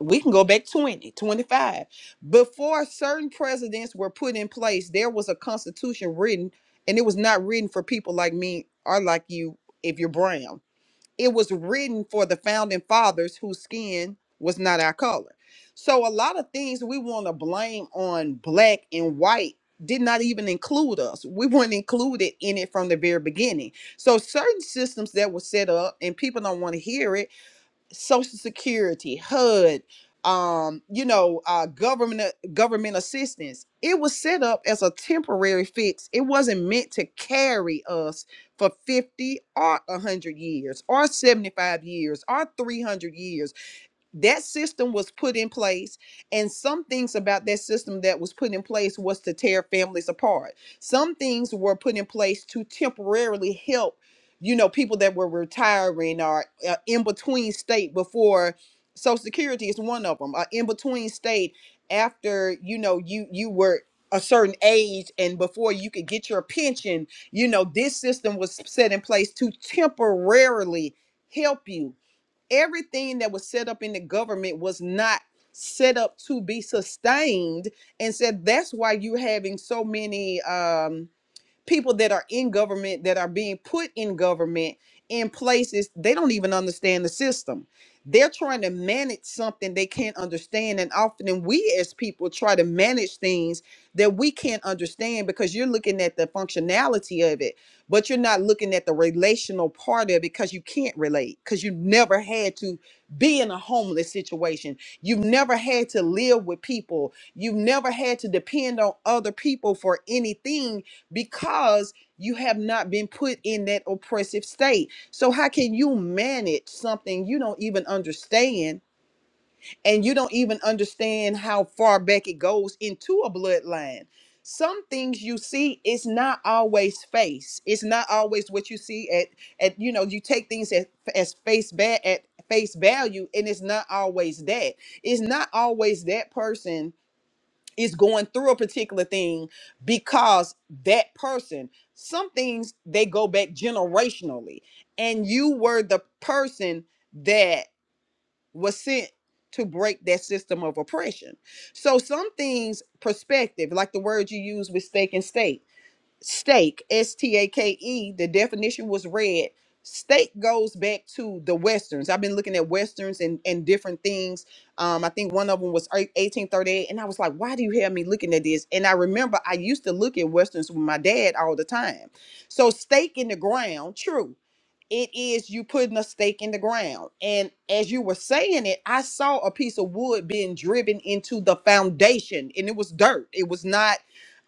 we can go back 20, 25. Before certain presidents were put in place, there was a constitution written, and it was not written for people like me or like you if you're brown. It was written for the founding fathers whose skin was not our color. So a lot of things we want to blame on black and white did not even include us. We weren't included in it from the very beginning. So certain systems that were set up and people don't want to hear it Social Security, HUD, um, you know, uh, government government assistance. It was set up as a temporary fix. It wasn't meant to carry us for 50 or 100 years or 75 years or 300 years that system was put in place and some things about that system that was put in place was to tear families apart some things were put in place to temporarily help you know people that were retiring or uh, in between state before social security is one of them uh, in between state after you know you you were a certain age and before you could get your pension you know this system was set in place to temporarily help you everything that was set up in the government was not set up to be sustained and said that's why you're having so many um people that are in government that are being put in government in places they don't even understand the system they're trying to manage something they can't understand and often we as people try to manage things that we can't understand because you're looking at the functionality of it but you're not looking at the relational part of it because you can't relate because you never had to be in a homeless situation you've never had to live with people you've never had to depend on other people for anything because you have not been put in that oppressive state. So, how can you manage something you don't even understand and you don't even understand how far back it goes into a bloodline? Some things you see it's not always face. It's not always what you see at at you know you take things at as face bad at face value, and it's not always that. It's not always that person is going through a particular thing because that person some things they go back generationally and you were the person that was sent to break that system of oppression so some things perspective like the word you use with stake and stake stake s-t-a-k-e the definition was read stake goes back to the westerns i've been looking at westerns and and different things um i think one of them was eight- 1838 and i was like why do you have me looking at this and i remember i used to look at westerns with my dad all the time so stake in the ground true it is you putting a stake in the ground. And as you were saying it, I saw a piece of wood being driven into the foundation and it was dirt. It was not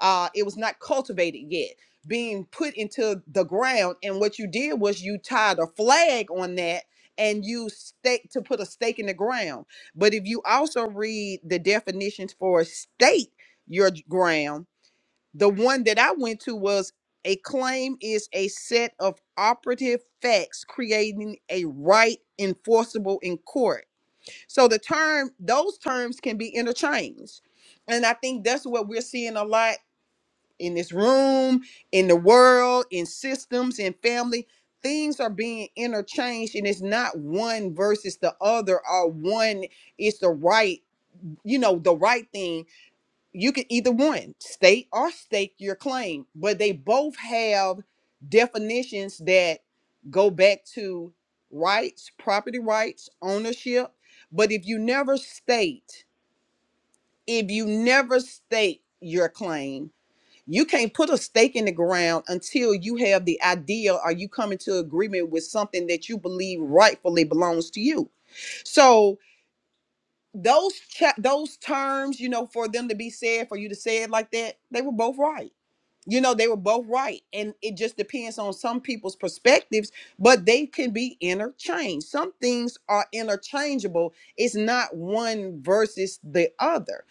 uh, it was not cultivated yet being put into the ground and what you did was you tied a flag on that and you stake to put a stake in the ground but if you also read the definitions for state your j- ground the one that i went to was a claim is a set of operative facts creating a right enforceable in court so the term those terms can be interchanged and i think that's what we're seeing a lot in this room, in the world, in systems, in family. Things are being interchanged, and it's not one versus the other, or one is the right, you know, the right thing. You can either one state or stake your claim, but they both have definitions that go back to rights, property rights, ownership. But if you never state, if you never state your claim, you can't put a stake in the ground until you have the idea or you come into agreement with something that you believe rightfully belongs to you. So those cha- those terms, you know, for them to be said, for you to say it like that, they were both right. You know, they were both right, and it just depends on some people's perspectives, but they can be interchanged. Some things are interchangeable. It's not one versus the other.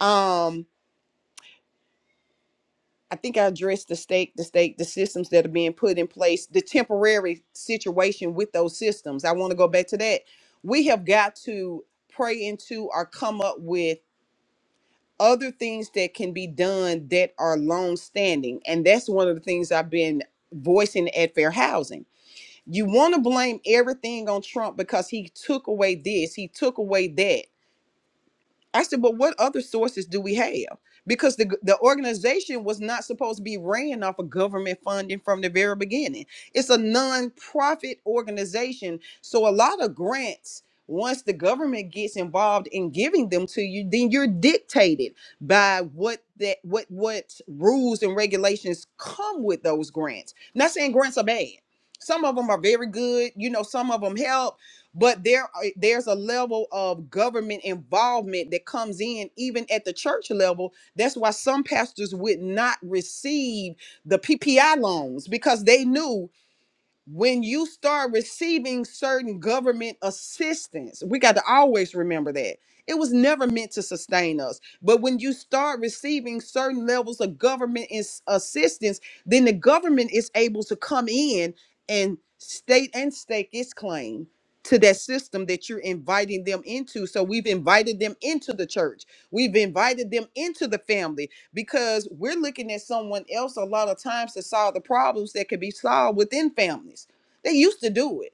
Um, I think I addressed the stake, the stake, the systems that are being put in place, the temporary situation with those systems. I want to go back to that. We have got to pray into or come up with other things that can be done that are long standing. And that's one of the things I've been voicing at Fair Housing. You want to blame everything on Trump because he took away this, he took away that. I said, but what other sources do we have? Because the, the organization was not supposed to be ran off of government funding from the very beginning. It's a nonprofit organization. So a lot of grants, once the government gets involved in giving them to you, then you're dictated by what that what what rules and regulations come with those grants. Not saying grants are bad. Some of them are very good, you know, some of them help, but there are- there's a level of government involvement that comes in even at the church level that's why some pastors would not receive the ppi loans because they knew when you start receiving certain government assistance, we got to always remember that. It was never meant to sustain us. But when you start receiving certain levels of government is- assistance, then the government is able to come in and state and stake its claim to that system that you're inviting them into. So we've invited them into the church. We've invited them into the family because we're looking at someone else a lot of times to solve the problems that could be solved within families. They used to do it.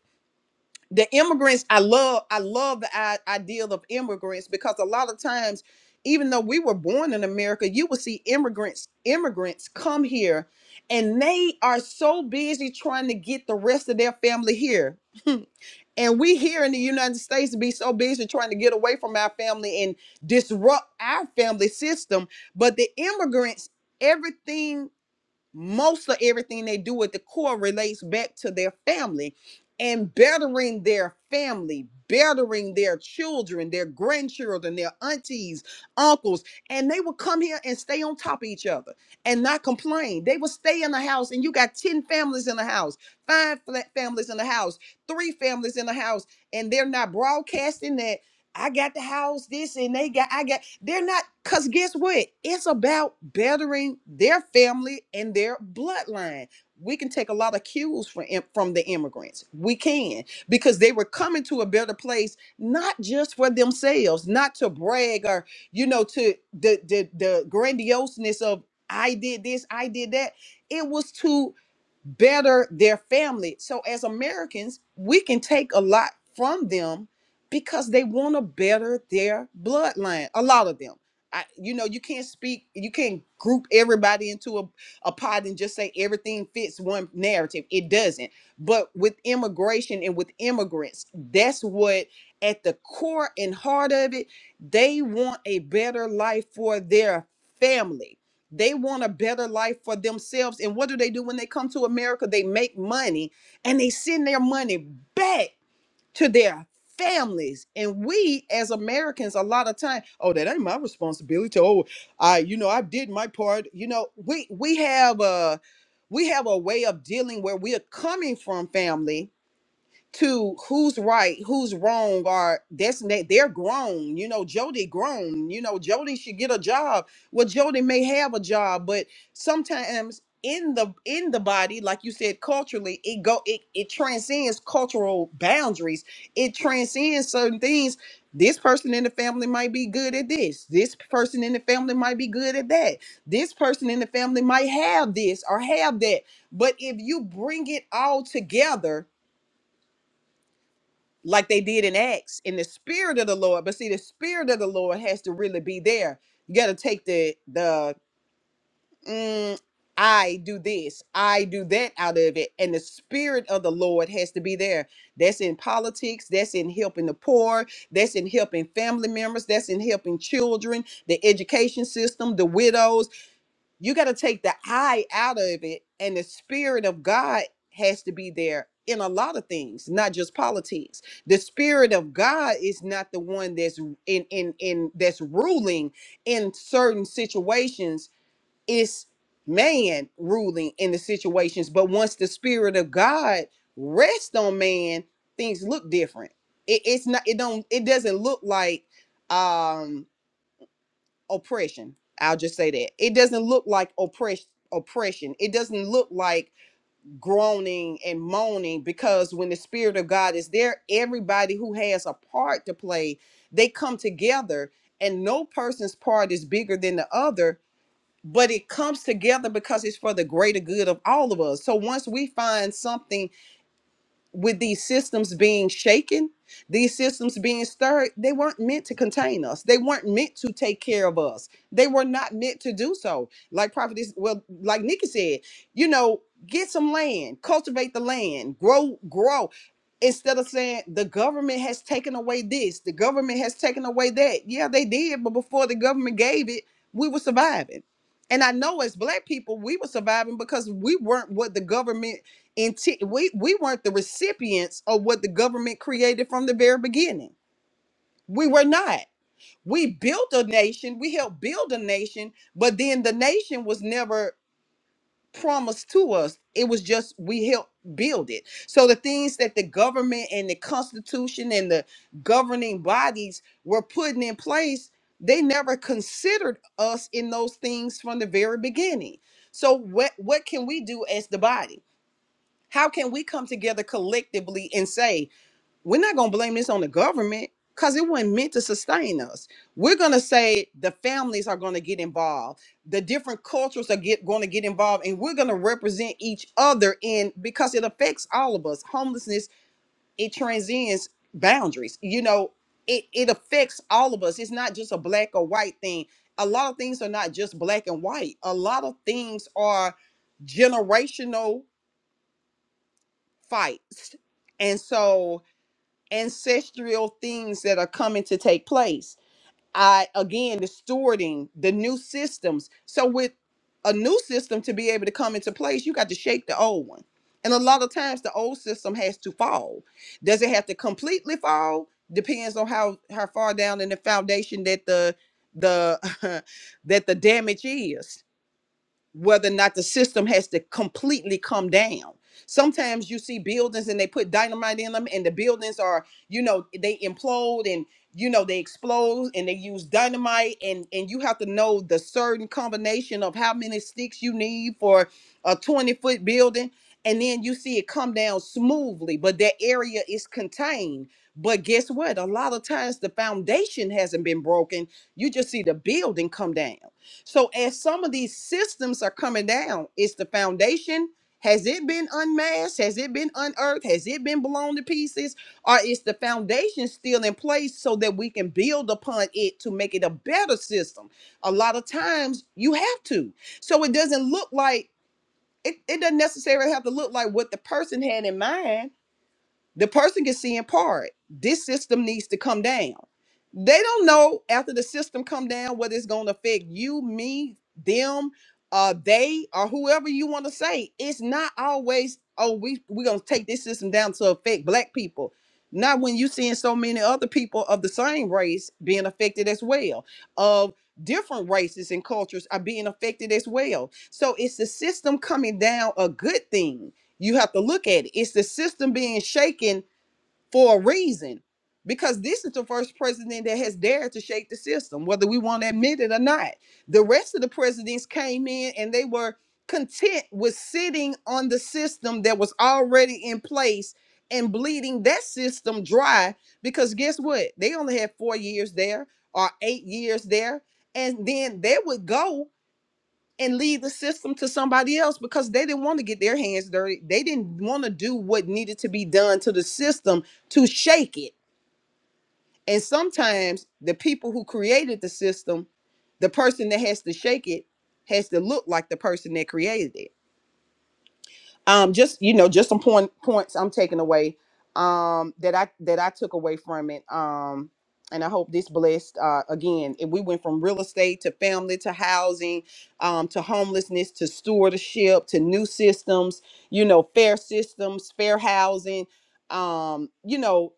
The immigrants, I love, I love the i- idea of immigrants because a lot of times, even though we were born in America, you will see immigrants, immigrants come here, and they are so busy trying to get the rest of their family here. And we here in the United States be so busy trying to get away from our family and disrupt our family system. But the immigrants, everything most of everything they do at the core relates back to their family and bettering their family, bettering their children, their grandchildren, their aunties, uncles. And they will come here and stay on top of each other and not complain. They will stay in the house, and you got 10 families in the house, five fla- families in the house, three families in the house, and they're not broadcasting that. I got the house, this, and they got, I got, they're not, because guess what? It's about bettering their family and their bloodline. We can take a lot of cues from, im- from the immigrants. We can, because they were coming to a better place, not just for themselves, not to brag or, you know, to the, the, the grandioseness of, I did this, I did that. It was to better their family. So as Americans, we can take a lot from them because they want to better their bloodline. A lot of them. I, you know, you can't speak, you can't group everybody into a, a pot and just say everything fits one narrative. It doesn't. But with immigration and with immigrants, that's what at the core and heart of it, they want a better life for their family. They want a better life for themselves. And what do they do when they come to America? They make money and they send their money back to their families. And we as Americans, a lot of time, oh, that ain't my responsibility. Oh, I, you know, I did my part. You know, we we have a we have a way of dealing where we are coming from family to who's right, who's wrong, or that's na- they're grown. You know, Jody grown. You know, Jody should get a job. Well, Jody may have a job, but sometimes in the in the body, like you said, culturally, it go it it transcends cultural boundaries. It transcends certain things. This person in the family might be good at this. This person in the family might be good at that. This person in the family might have this or have that. But if you bring it all together like they did in Acts in the spirit of the Lord. But see, the spirit of the Lord has to really be there. You got to take the the mm, I do this, I do that out of it, and the spirit of the Lord has to be there. That's in politics. That's in helping the poor. That's in helping family members. That's in helping children, the education system, the widows you got to take the I out of it, and the spirit of God has to be there in a lot of things, not just politics. The spirit of God is not the one that's in in in that's ruling in certain situations. It's man ruling in the situations, but once the spirit of God rests on man, things look different. It, it's not. It don't. It doesn't look like. um oppression. I'll just say that. It doesn't look like oppress oppression. It doesn't look like groaning and moaning because when the spirit of God is there, everybody who has a part to play, they come together and no person's part is bigger than the other, but it comes together because it's for the greater good of all of us. So once we find something with these systems being shaken, these systems being stirred, they weren't meant to contain us. They weren't meant to take care of us. They were not meant to do so. Like prophet well, like Nikki said, you know, get some land, cultivate the land, grow, grow. Instead of saying the government has taken away this, the government has taken away that. Yeah, they did, but before the government gave it, we were surviving. And I know as black people, we were surviving because we weren't what the government inti- we we weren't the recipients of what the government created from the very beginning. We were not. We built a nation, we helped build a nation, but then the nation was never promised to us. It was just we helped build it. So the things that the government and the constitution and the governing bodies were putting in place, they never considered us in those things from the very beginning. So what what can we do as the body? How can we come together collectively and say, we're not going to blame this on the government because it wasn't meant to sustain us? We're going to say the families are going to get involved, the different cultures are get, going to get involved, and we're going to represent each other in because it affects all of us. Homelessness, it transcends boundaries. You know, it, it affects all of us. It's not just a black or white thing. A lot of things are not just black and white, a lot of things are generational fights and so ancestral things that are coming to take place i again distorting the new systems so with a new system to be able to come into place you got to shake the old one and a lot of times the old system has to fall does it have to completely fall depends on how how far down in the foundation that the the that the damage is whether or not the system has to completely come down. Sometimes you see buildings and they put dynamite in them, and the buildings are, you know, they implode and you know they explode and they use dynamite and and you have to know the certain combination of how many sticks you need for a 20 foot building and then you see it come down smoothly but that area is contained but guess what a lot of times the foundation hasn't been broken you just see the building come down so as some of these systems are coming down, it's the foundation. Has it been unmasked? Has it been unearthed? Has it been blown to pieces? Or is the foundation still in place so that we can build upon it to make it a better system? A lot of times you have to. So it doesn't look like it, it doesn't necessarily have to look like what the person had in mind the person can see in part. This system needs to come down. They don't know after the system come down whether it's going to affect you, me, them, uh, they, or whoever you want to say. It's not always, oh, we we're gonna take this system down to affect black people. Not when you seeing so many other people of the same race being affected as well, of different races and cultures are being affected as well. So it's the system coming down a good thing you have to look at it. It's the system being shaken for a reason. Because this is the first president that has dared to shake the system, whether we want to admit it or not. The rest of the presidents came in and they were content with sitting on the system that was already in place and bleeding that system dry. Because guess what? They only had four years there or eight years there. And then they would go and leave the system to somebody else because they didn't want to get their hands dirty. They didn't want to do what needed to be done to the system to shake it. And sometimes the people who created the system, the person that has to shake it has to look like the person that created it um just you know just some point points i'm taking away um that i that i took away from it um and i hope this blessed uh again if we went from real estate to family to housing um to homelessness to stewardship to new systems you know fair systems fair housing um you know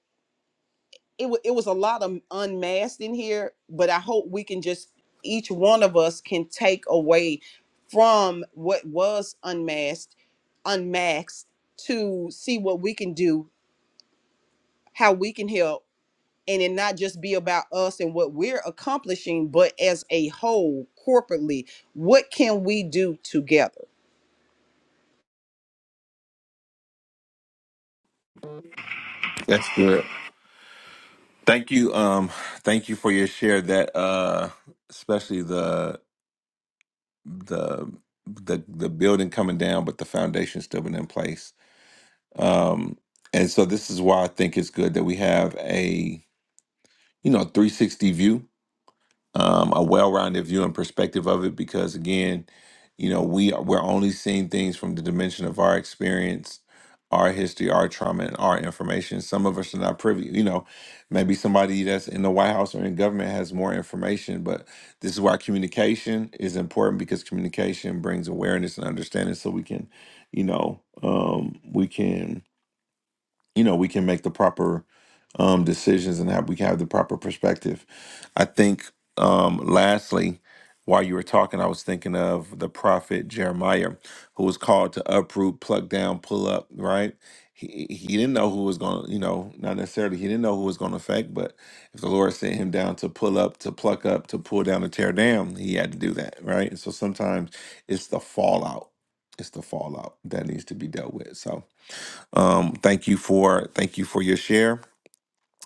it, wa it was a lot of unmasked in here, but I hope we can just each one of us can take away from what was unmasked, unmasked to see what we can do, how we can help, and it not just be about us and what we're accomplishing, but as a whole, corporately, what can we do together? that's good. Thank you. Um, thank you for your share. That uh, especially the the the the building coming down, but the foundation still been in place. Um, and so this is why I think it's good that we have a you know 360 view um, a well-rounded view and perspective of it because again you know we are, we're only seeing things from the dimension of our experience our history our trauma and our information some of us are not privy you know maybe somebody that's in the white house or in government has more information but this is why communication is important because communication brings awareness and understanding so we can you know um, we can you know we can make the proper um, decisions and have we can have the proper perspective. I think um, lastly, while you were talking, I was thinking of the prophet Jeremiah, who was called to uproot, pluck down, pull up. Right? He he didn't know who was going to you know not necessarily he didn't know who was going to affect, but if the Lord sent him down to pull up, to pluck up, to pull down, to tear down, he had to do that. Right? And so sometimes it's the fallout. It's the fallout that needs to be dealt with. So um, thank you for thank you for your share.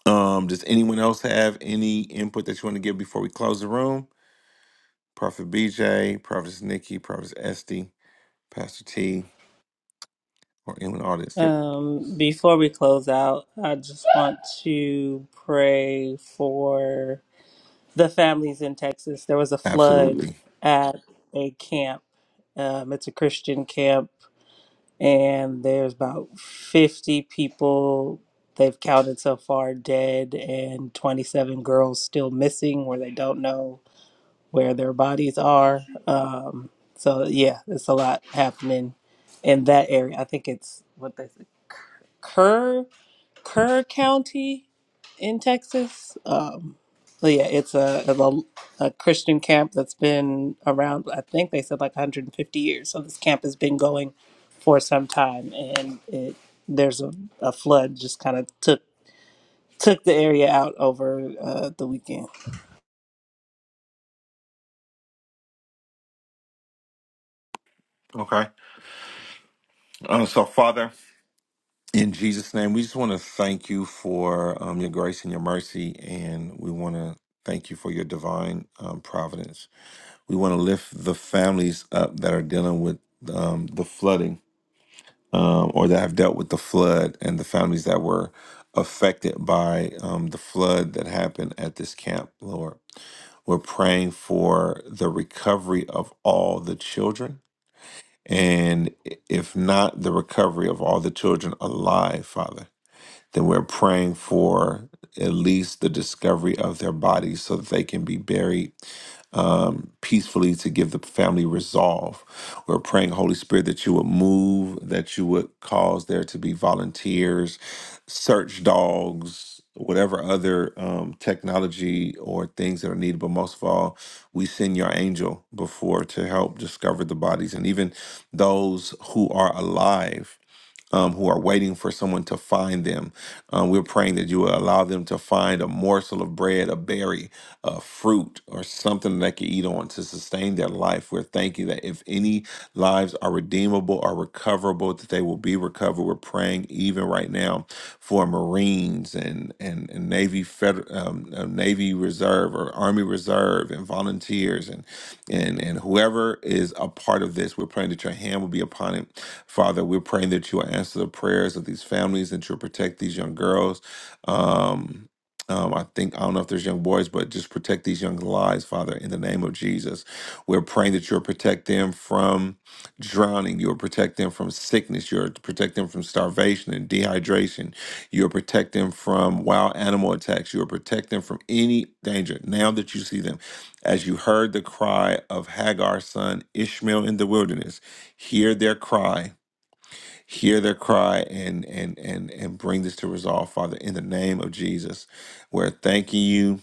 Um, does anyone else have any input that you want to give before we close the room? Prophet BJ, Prophet Nikki, Prophet Esty, Pastor T, or anyone in the audience? Yep, Um, before we close out, I just want to pray for the families in Texas. There was a flood absolutely. at a camp. Um, it's a Christian camp, and there's about 50 people they've counted so far dead, and 27 girls still missing where they don't know where their bodies are. Um, so yeah, it's a lot happening in that area. I think it's what they say, Kerr Kerr County in Texas. Um, so yeah, it's a, a a Christian camp that's been around. I think they said like 150 years. So this camp has been going for some time, and it there's a, a flood just kind of took took the area out over uh, the weekend. Okay. Uh, so, Father, in Jesus' name, we just want to thank you for um, your grace and your mercy, and we want to thank you for your divine um, providence. We want to lift the families up that are dealing with um, the flooding um, or that have dealt with the flood and the families that were affected by um, the flood that happened at this camp, Lord. We're praying for the recovery of all the children, and i- if not the recovery of all the children alive, Father. Then we're praying for at least the discovery of their bodies so that they can be buried um, peacefully to give the family resolve. We're praying, Holy Spirit, that you would move, that you would cause there to be volunteers, search dogs, whatever other um, technology or things that are needed. But most of all, we send your angel before to help discover the bodies and even those who are alive um, who are waiting for someone to find them. Um, we're praying that you will allow them to find a morsel of bread, a berry, a fruit, or something that they can eat on to sustain their life. We're thanking that if any lives are redeemable or recoverable, that they will be recovered. We're praying even right now right now for Marines and and, and Navy Feder- um, uh, Navy Reserve or Army Reserve and volunteers and and and whoever is a part of this. We're praying that your hand will be upon it, Father. We're praying that you will answer the prayers of these families and you'll protect these young girls. Um, um, I think I don't know if there's young boys, but just protect these young lives, Father, in the name of Jesus. We're praying that you'll protect them from drowning. You'll protect them from sickness. You'll protect them from starvation and dehydration. You'll protect them from wild animal attacks. You'll protect them from any danger. Now that you see them, as you heard the cry of Hagar's son Ishmael in the wilderness, hear their cry. Hear their cry and and and and bring this to resolve, Father, in the name of Jesus. We're thanking you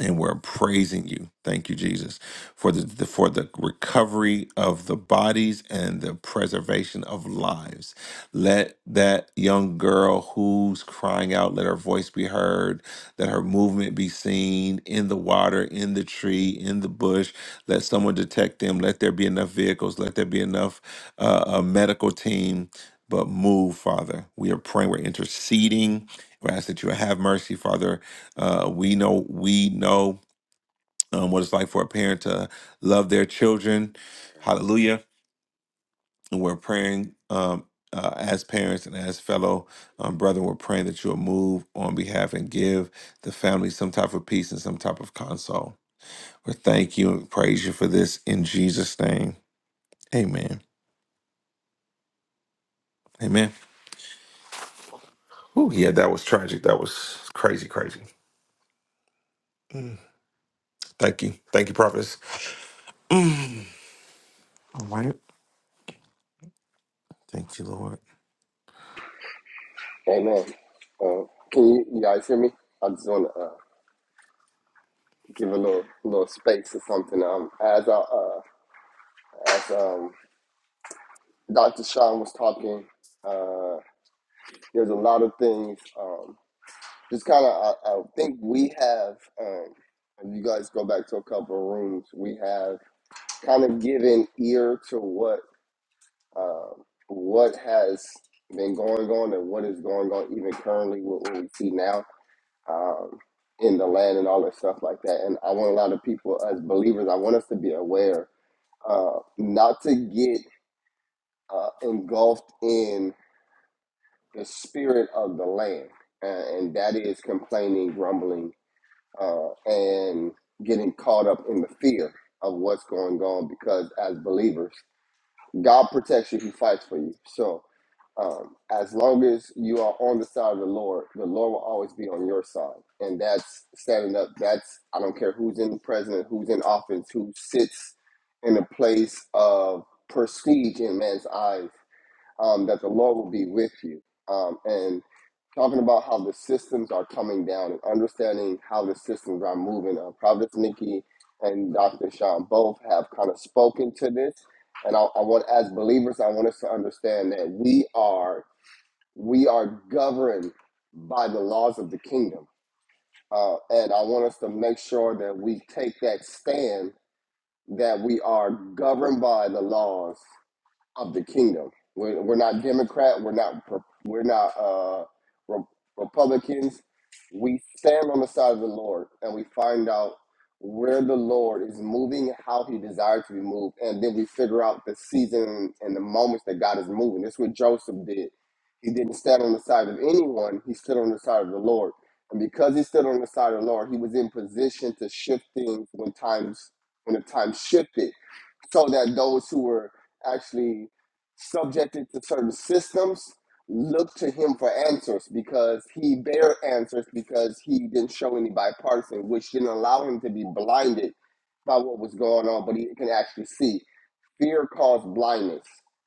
and we're praising you. Thank you, Jesus, for the, the for the recovery of the bodies and the preservation of lives. Let that young girl who's crying out, let her voice be heard, let her movement be seen in the water, in the tree, in the bush. Let someone detect them. Let there be enough vehicles. Let there be enough uh, a medical team. But move, Father. We are praying. We're interceding. We ask that you have mercy, Father uh, we know we know um, what it's like for a parent to love their children. Hallelujah! And we're praying um, uh, as parents and as fellow um, brethren. We're praying that you'll move on behalf and give the family some type of peace and some type of console. We thank you and praise you for this in Jesus' name. Amen. Amen. Oh yeah, that was tragic. That was crazy, crazy. Mm. Thank you, thank you, prophets. Mm. All right. Thank you, Lord. Amen. Uh, can you, you guys hear me? I just want to uh, give a little little space or something. Um, as I, uh, as um, Dr. Sean was talking, uh, there's a lot of things. Um, just kind of I, I think we have um if you guys go back to a couple of rooms we have kind of given ear to what um what has been going on and what is going on even currently what, what we see now um in the land and all that stuff like that and i want a lot of people as believers i want us to be aware uh not to get uh engulfed in the spirit of the land uh, and that is complaining grumbling uh, and getting caught up in the fear of what's going on because as believers, God protects you, He fights for you. So um, as long as you are on the side of the Lord, the Lord will always be on your side. And that's standing up. That's, I don't care who's in the president, who's in office, who sits in a place of prestige in man's eyes, um, that the Lord will be with you. Um, and talking about how the systems are coming down and understanding how the systems are moving. Uh, Providence Nikki and Dr. Sean both have kind of spoken to this, and I, I want, as believers, I want us to understand that we are we are governed by the laws of the kingdom, uh, and I want us to make sure that we take that stand that we are governed by the laws of the kingdom. We're, we're not Democrat. We're not. We're not uh, Re- Republicans. We stand on the side of the Lord, and we find out where the Lord is moving, how He desires to be moved, and then we figure out the season and the moments that God is moving. That's what Joseph did. He didn't stand on the side of anyone. He stood on the side of the Lord, and because he stood on the side of the Lord, he was in position to shift things when times when the times shifted so that those who were actually subjected to certain systems look to him for answers because he bare answers because he didn't show any bipartisan, which didn't allow him to be blinded by what was going on, but he can actually see. Fear caused blindness,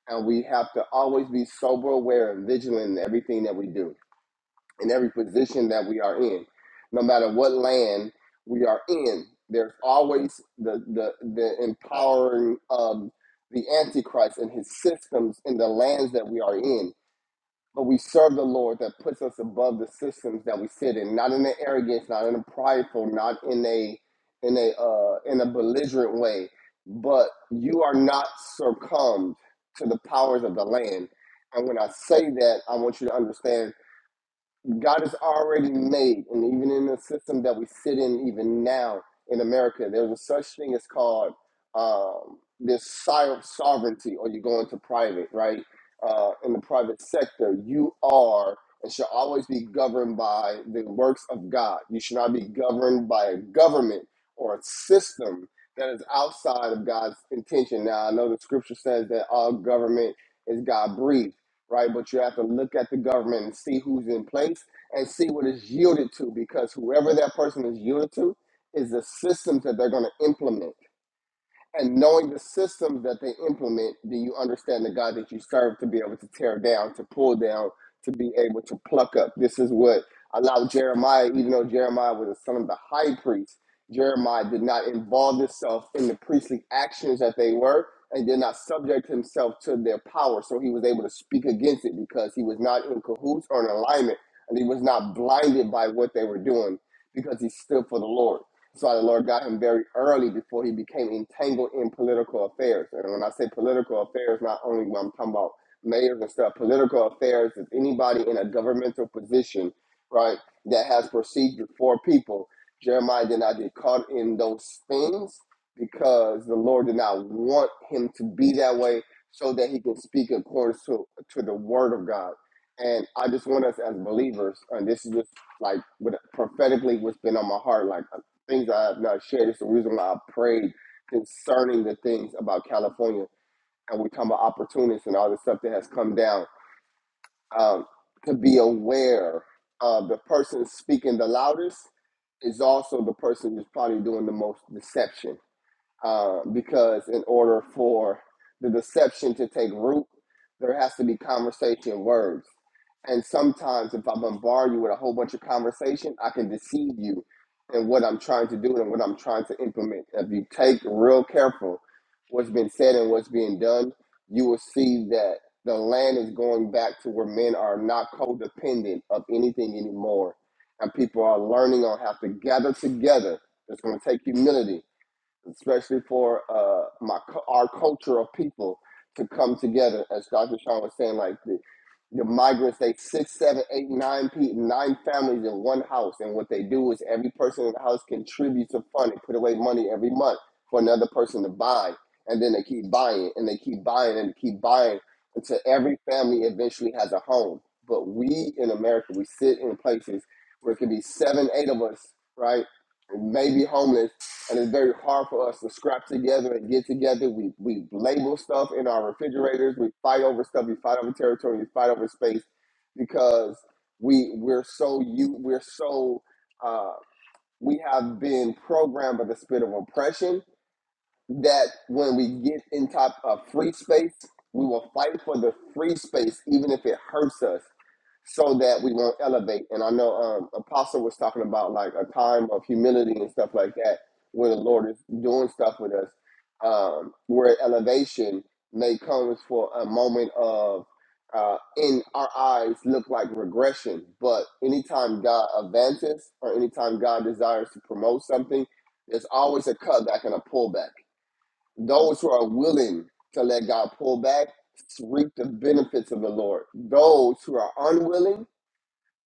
and we have to always be sober, aware, and vigilant in everything that we do in every position that we are in, no matter what land we are in. There's always the the, the empowering of the Antichrist and his systems in the lands that we are in. But we serve the Lord that puts us above the systems that we sit in, not in an arrogance, not in a prideful, not in a in a uh, in a belligerent way. But you are not succumbed to the powers of the land. And when I say that, I want you to understand God is already made, and even in the system that we sit in, even now in America, there's a such thing as called um, this so- sovereignty, or you go into private, right? Uh, in the private sector, you are and should always be governed by the works of God. You should not be governed by a government or a system that is outside of God's intention. Now, I know the scripture says that all government is God breathed right? But you have to look at the government and see who's in place and see what is yielded to because whoever that person is yielded to is the systems that they're going to implement and knowing the systems that they implement, then you understand the God that you serve to be able to tear down, to pull down, to be able to pluck up. This is what allowed Jeremiah, even though Jeremiah was the son of the high priest, Jeremiah did not involve himself in the priestly actions that they were and did not subject himself to their power. So he was able to speak against it because he was not in cahoots or in alignment and he was not blinded by what they were doing because he stood for the Lord. So the Lord got him very early before he became entangled in political affairs. And when I say political affairs, not only when I'm talking about mayors and stuff, political affairs is anybody in a governmental position, right, that has procedure for people. Jeremiah did not get caught in those things because the Lord did not want him to be that way so that he can speak according to, to the word of God. And I just want us as believers, and this is just like what prophetically what's been on my heart, like things I have not shared. It's the reason why I prayed concerning the things about California. And we come about opportunists and all the stuff that has come down. Um, to be aware of the person speaking the loudest is also the person who's probably doing the most deception uh, because in order for the deception to take root, there has to be conversation words. And sometimes, if I bombard you with a whole bunch of conversation, I can deceive you in what I'm trying to do and what I'm trying to implement. If you take real careful what's been said and what's being done, you will see that the land is going back to where men are not codependent of anything anymore. And people are learning on how to gather together. It's going to take humility especially for uh, my our culture of people to come together. As Dr. Sean was saying, like the, the migrants, they six, seven, eight, nine people, nine families in one house, and what they do is every person in the house contributes a fund and put away money every month for another person to buy, and then they keep buying and they keep buying and they keep buying until every family eventually has a home. But we in America, we sit in places where it could be seven, eight of us, right? Maybe homeless and it's very hard for us to scrap together and get together. We we label stuff in our refrigerators. We fight over stuff. We fight over territory. We fight over space because we we're so you we're so uh, we have been programmed by the spirit of oppression that when we get in top of free space, we will fight for the free space, even if it hurts us, so that we won't elevate. And I know um, Apostle was talking about like a time of humility and stuff like that, where the Lord is doing stuff with us, um, where elevation may come for a moment of. Uh, in our eyes look like regression but anytime god advances or anytime god desires to promote something there's always a cutback and a pullback those who are willing to let God pull back reap the benefits of the Lord. Those who are unwilling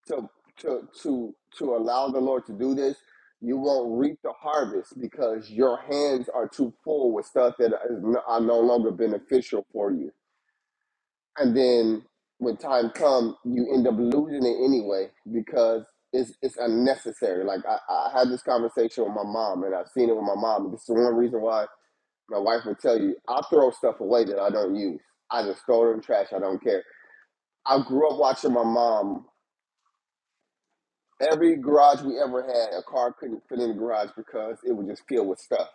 to to to to allow the Lord to do this, you won't reap the harvest because your hands are too full with stuff that is no, are no longer beneficial for you. And then when time comes, you end up losing it anyway because it's it's unnecessary. Like I, I had this conversation with my mom, and I've seen it with my mom. This is one reason why my wife will tell you, I'll throw stuff away that I don't use. I just throw it in the trash. I don't care. I grew up watching my mom. Every garage we ever had, a car couldn't fit in the garage because it was just filled with stuff.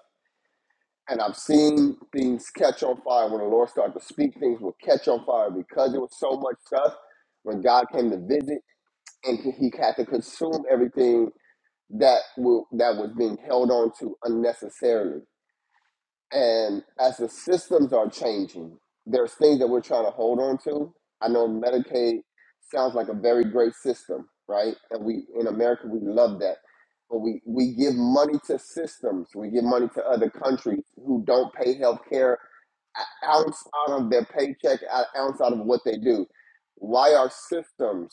And I've seen things catch on fire when the Lord started to speak. Things will catch on fire because there was so much stuff. When God came to visit, and He had to consume everything that wa- that was being held on to unnecessarily. And as the systems are changing, there's things that we're trying to hold on to. I know Medicaid sounds like a very great system, right? And we in America we love that. But we, we give money to systems, we give money to other countries who don't pay health care an ounce out of their paycheck, an ounce out of what they do. Why our systems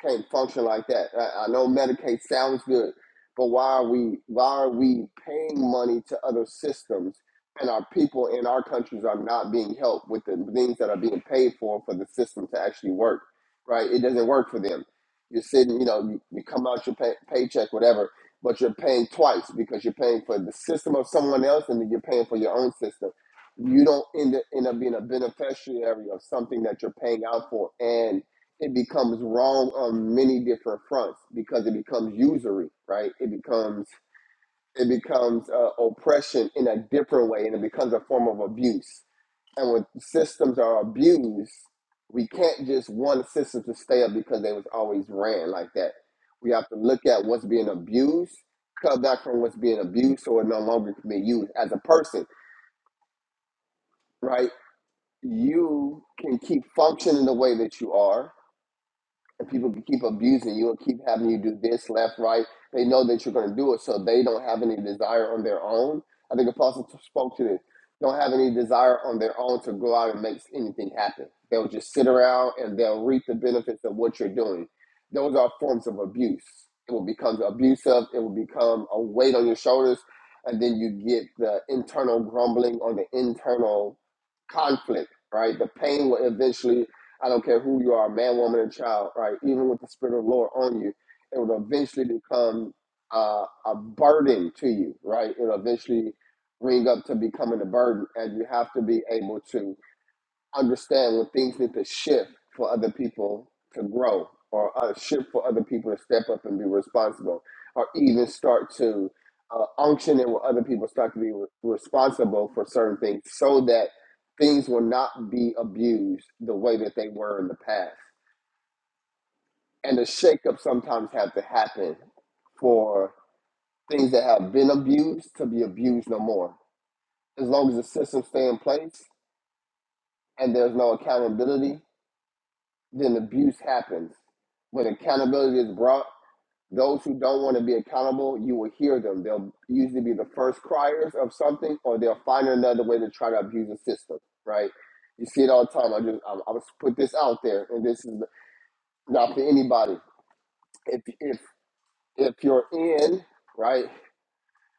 can't function like that? I, I know Medicaid sounds good, but why are we why are we paying money to other systems and our people in our countries are not being helped with the things that are being paid for for the system to actually work, right? It doesn't work for them. You're sitting, you know, you, you come out your pay, paycheck, whatever, but you're paying twice because you're paying for the system of someone else and then you're paying for your own system. You don't end up, end up being a beneficiary of something that you're paying out for, and it becomes wrong on many different fronts because it becomes usury, right? It becomes it becomes uh, oppression in a different way and it becomes a form of abuse and when systems are abused we can't just want the system to stay up because they was always ran like that we have to look at what's being abused cut back from what's being abused so it no longer can be used as a person right you can keep functioning the way that you are and people can keep abusing you and keep having you do this left right they know that you're going to do it so they don't have any desire on their own i think apostle spoke to this don't have any desire on their own to go out and make anything happen they'll just sit around and they'll reap the benefits of what you're doing those are forms of abuse it will become abusive it will become a weight on your shoulders and then you get the internal grumbling or the internal conflict right the pain will eventually I don't care who you are, man, woman, and child, right? Even with the Spirit of the Lord on you, it will eventually become uh, a burden to you, right? It'll eventually ring up to becoming a burden, and you have to be able to understand when things need to shift for other people to grow or uh, shift for other people to step up and be responsible or even start to uh, unction it where other people start to be re- responsible for certain things so that things will not be abused the way that they were in the past. And the shakeup sometimes have to happen for things that have been abused to be abused no more. As long as the system stay in place and there's no accountability, then abuse happens. When accountability is brought, those who don't want to be accountable, you will hear them. They'll usually be the first criers of something, or they'll find another way to try to abuse the system. Right? You see it all the time. I just I, I just put this out there, and this is not for anybody. If if if you're in right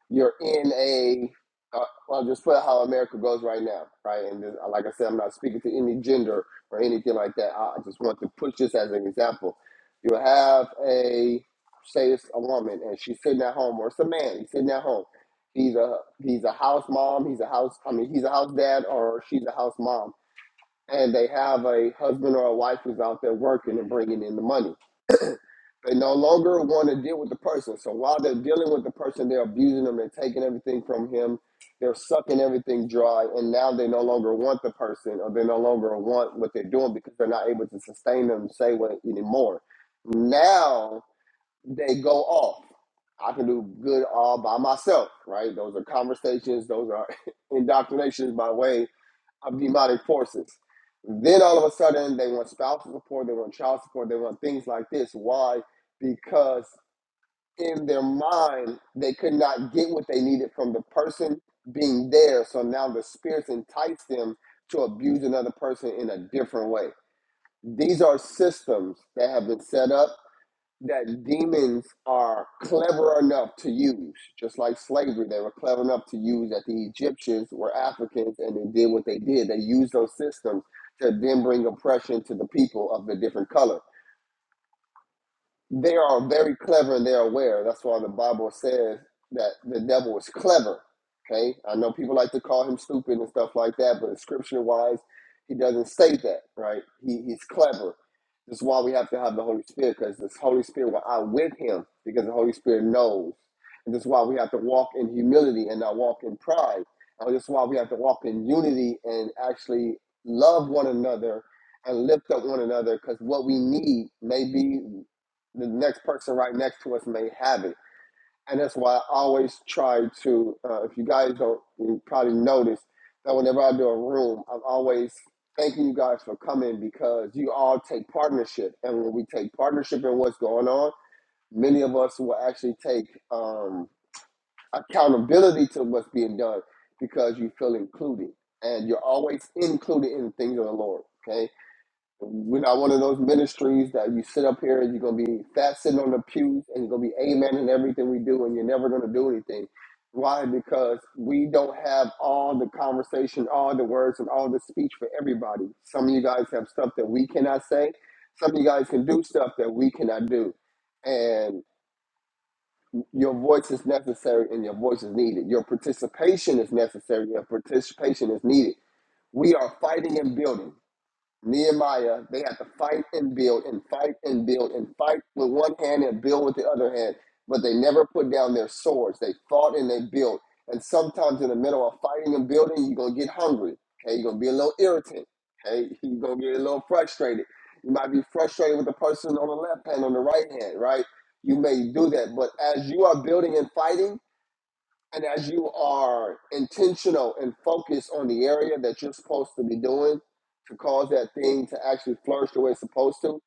you're in a uh, I'll just put how America goes right now, right? And this, like I said, I'm not speaking to any gender or anything like that. I I just want to push this as an example. you have a say it's a woman and she's sitting at home, or it's a man, he's sitting at home. He's a he's a house mom, he's a house I mean he's a house dad or she's a house mom. And they have a husband or a wife who's out there working and bringing in the money they no longer want to deal with the person. So while they're dealing with the person, they're abusing them and taking everything from him. They're sucking everything dry, and now they no longer want the person, or they no longer want what they're doing because they're not able to sustain them, say what anymore. Now they go off. I can do good all by myself, right? Those are conversations. Those are indoctrinations by way of demonic forces. Then all of a sudden, they want spousal support, they want child support, they want things like this. Why? Because in their mind, they could not get what they needed from the person being there. So now the spirits entice them to abuse another person in a different way. These are systems that have been set up that demons are clever enough to use, just like slavery, they were clever enough to use that the Egyptians were Africans and they did what they did. They used those systems to then bring oppression to the people of the different colors. They are very clever and they're aware. That's why the Bible says that the devil is clever. Okay? I know people like to call him stupid and stuff like that, but scripture wise, he doesn't say that, right? He, he's clever. This is why we have to have the Holy Spirit, because this Holy Spirit will outwit him, because the Holy Spirit knows. And this is why we have to walk in humility and not walk in pride. And this is why we have to walk in unity and actually love one another and lift up one another, because what we need may be the next person right next to us may have it. And that's why I always try to, uh, if you guys don't you probably notice, that whenever I do a room, I'm always thanking you guys for coming because you all take partnership. And when we take partnership in what's going on, many of us will actually take um, accountability to what's being done because you feel included. And you're always included in the things of the Lord. Okay we're not one of those ministries that you sit up here and you're gonna be fat sitting on the pews and you're gonna be amen in everything we do and you're never gonna do anything. Why? Because we don't have all the conversation, all the words, and all the speech for everybody. Some of you guys have stuff that we cannot say. Some of you guys can do stuff that we cannot do. And your voice is necessary and your voice is needed. Your participation is necessary. Your participation is needed. We are fighting and building. Nehemiah, they had to fight and build and fight and build and fight with one hand and build with the other hand, but they never put down their swords. They fought and they built. And sometimes in the middle of fighting and building, you're gonna get hungry. Okay, you're gonna be a little irritant. Okay, you're gonna get a little frustrated. You might be frustrated with the person on the left hand, on the right hand, right? You may do that, but as you are building and fighting, and as you are intentional and focused on the area that you're supposed to be doing to cause that thing to actually flourish the way it's supposed to,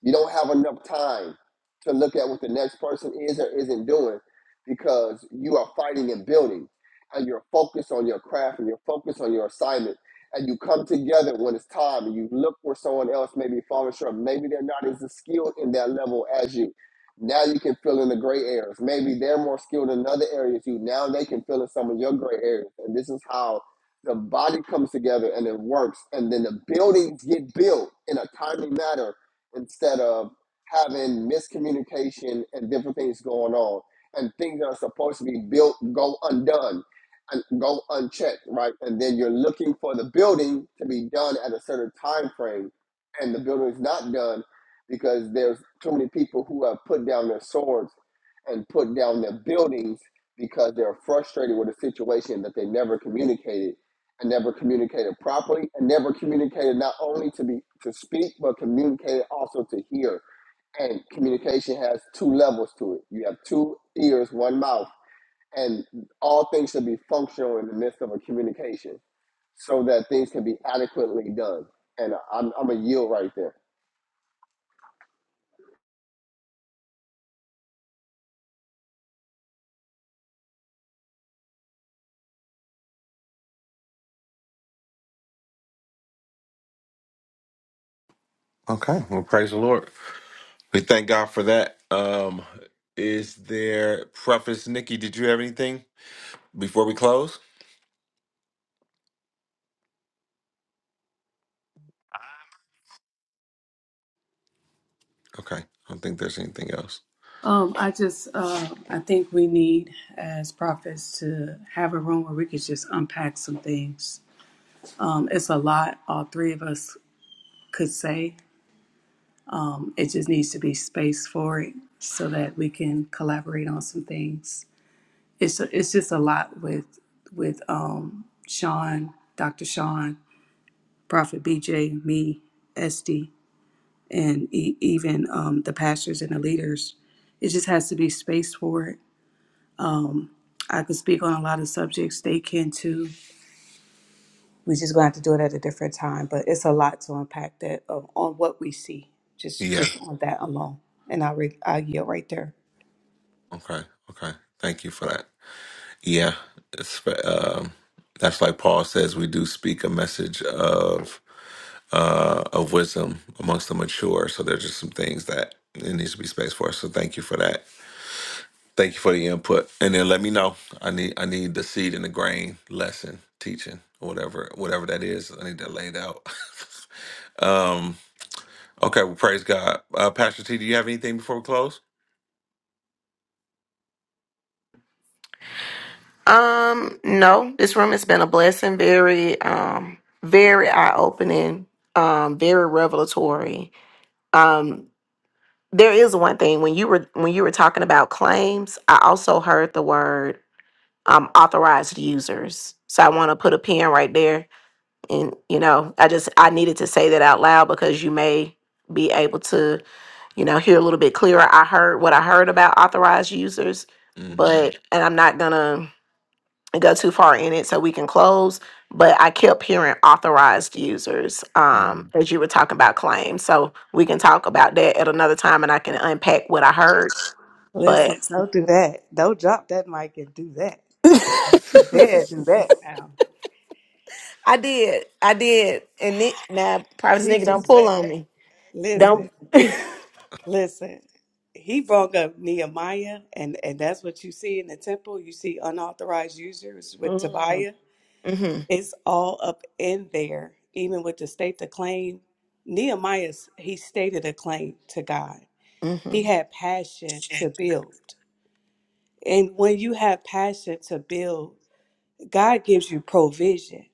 you don't have enough time to look at what the next person is or isn't doing because you are fighting and building and you're focused on your craft and you're focused on your assignment. And you come together when it's time and you look where someone else may be falling short. Maybe they're not as skilled in that level as you now you can fill in the gray areas. Maybe they're more skilled in other areas you. Now they can fill in some of your gray areas. And this is how the body comes together and it works. And then the buildings get built in a timely manner instead of having miscommunication and different things going on. And things that are supposed to be built go undone and go unchecked, right? And then you're looking for the building to be done at a certain time frame and the building is not done because there's too many people who have put down their swords and put down their buildings because they're frustrated with a situation that they never communicated and never communicated properly and never communicated not only to be to speak but communicated also to hear and communication has two levels to it you have two ears one mouth and all things should be functional in the midst of a communication so that things can be adequately done and i'm, I'm a yield right there Okay. Well, praise the Lord. We thank God for that. Um, is there preface, Nikki? Did you have anything before we close? Okay, I don't think there's anything else. Um, I just, uh, I think we need as prophets to have a room where we could just unpack some things. Um, it's a lot all three of us could say. It just needs to be space for it so that we can collaborate on some things. It's it's just a lot with with um, Sean, Dr. Sean, Prophet BJ, me, Esty, and e- even um, the pastors and the leaders. It just has to be space for it Um, I could speak on a lot of subjects. They can too. We just gonna have to do it at a different time. But it's a lot to unpack that uh, on what we see. Just Yeah. just on that alone. And I re- I yield right there. Okay. Okay. Thank you for that. Yeah. It's, um, that's like Paul says. We do speak a message of uh, of wisdom amongst the mature. So there's just some things that it needs to be space for. So thank you for that. Thank you for the input, and then let me know. I need I need the seed and the grain lesson teaching, whatever whatever that is. I need that laid out. um. Okay. Well, praise God, uh, Pastor T. Do you have anything before we close? Um, no, this room has been a blessing, very um very eye opening, um, very revelatory. Um, there is one thing when you were when you were talking about claims, I also heard the word um authorized users. So I want to put a pin right there and you know, I just I needed to say that out loud because you may be able to, you know, hear a little bit clearer. I heard what I heard about authorized users, hmm but and I'm not gonna and go too far in it so we can close but i kept hearing authorized users um as you were talking about claims so we can talk about that at another time and i can unpack what i heard but Listen, don't do that. Don't drop that mic and do that. Don't you dare do that now. I did. I did. And Nick, now, private nigga, Jesus don't pull wept. on me. Don't. Listen, listen. He broke up Nehemiah, and and that's what you see in the temple. You see unauthorized users with Mm-hmm. Tobiah. It's all up in there, even with the state to claim. Nehemiah's he stated a claim to God. Mm-hmm. He had passion to build. And when you have passion to build, God gives you provision.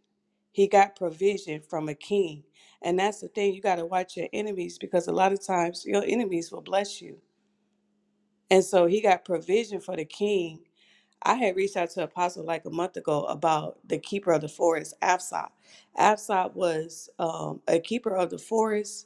He got provision from a king. And that's the thing, you got to watch your enemies because a lot of times your enemies will bless you. And so he got provision for the king. I had reached out to Apostle like a month ago about the keeper of the forest, Absop. Absop was um, a keeper of the forest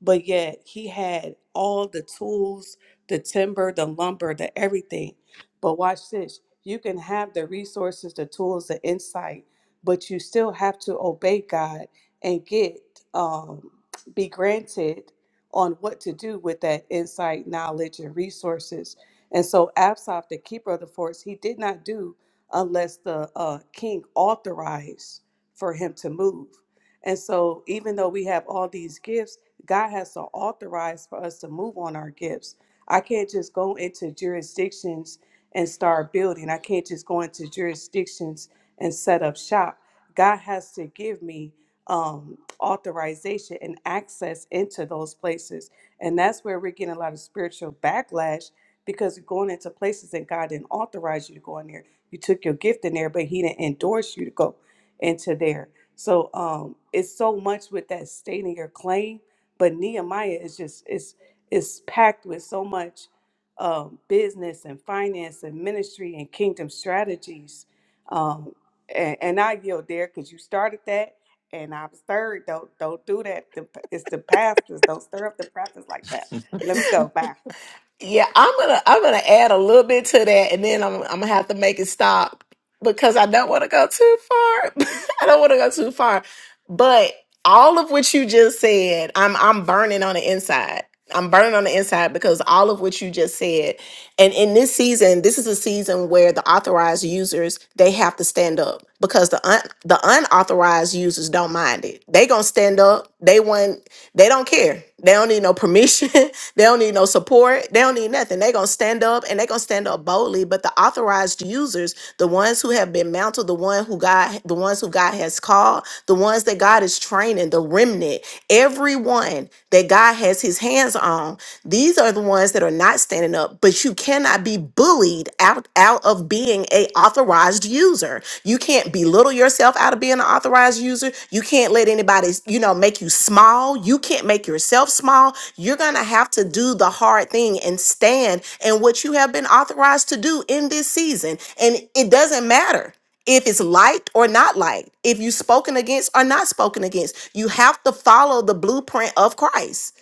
but yet he had all the tools, the timber, the lumber, the everything. But watch this you can have the resources, the tools, the insight, but you still have to obey God and get, um, be granted on what to do with that insight, knowledge, and resources. And so Absop, the keeper of the forts, he did not do unless the uh, king authorized for him to move. And so, even though we have all these gifts, God has to authorize for us to move on our gifts. I can't just go into jurisdictions and start building. I can't just go into jurisdictions and set up shop. God has to give me um, authorization and access into those places. And that's where we're getting a lot of spiritual backlash because you're going into places that God didn't authorize you to go in there. You took your gift in there, but He didn't endorse you to go into there. So um, it's so much with that stating your claim but Nehemiah is just it's it's packed with so much um, business and finance and ministry and kingdom strategies. Um, and, and I yield there because you started that, and I was third. Don't don't do that. The- It's the pastors. Don't stir up the prophets like that. Let me go. Bye. Yeah, I'm gonna I'm gonna add a little bit to that, and then I'm I'm gonna have to make it stop because I don't want to go too far. I don't want to go too far, but all of what you just said, I'm I'm burning on the inside. I'm burning on the inside because all of what you just said, and in this season, this is a season where the authorized users they have to stand up because the un, the unauthorized users don't mind it. They gonna stand up. They want. They don't care. They don't need no permission. they don't need no support. They don't need nothing. They're going to stand up and they're going to stand up boldly. But the authorized users, the ones who have been mounted, the one who God, the ones who God has called, the ones that God is training, the remnant, everyone that God has his hands on, these are the ones that are not standing up but you cannot be bullied out out of being a authorized user. You can't belittle yourself out of being an authorized user. You can't let anybody, you know, make you small. You can't make yourself small. You're going to have to do the hard thing and stand in what you have been authorized to do in this season. And it doesn't matter if it's liked or not liked, if you spoken against or not spoken against. You have to follow the blueprint of Christ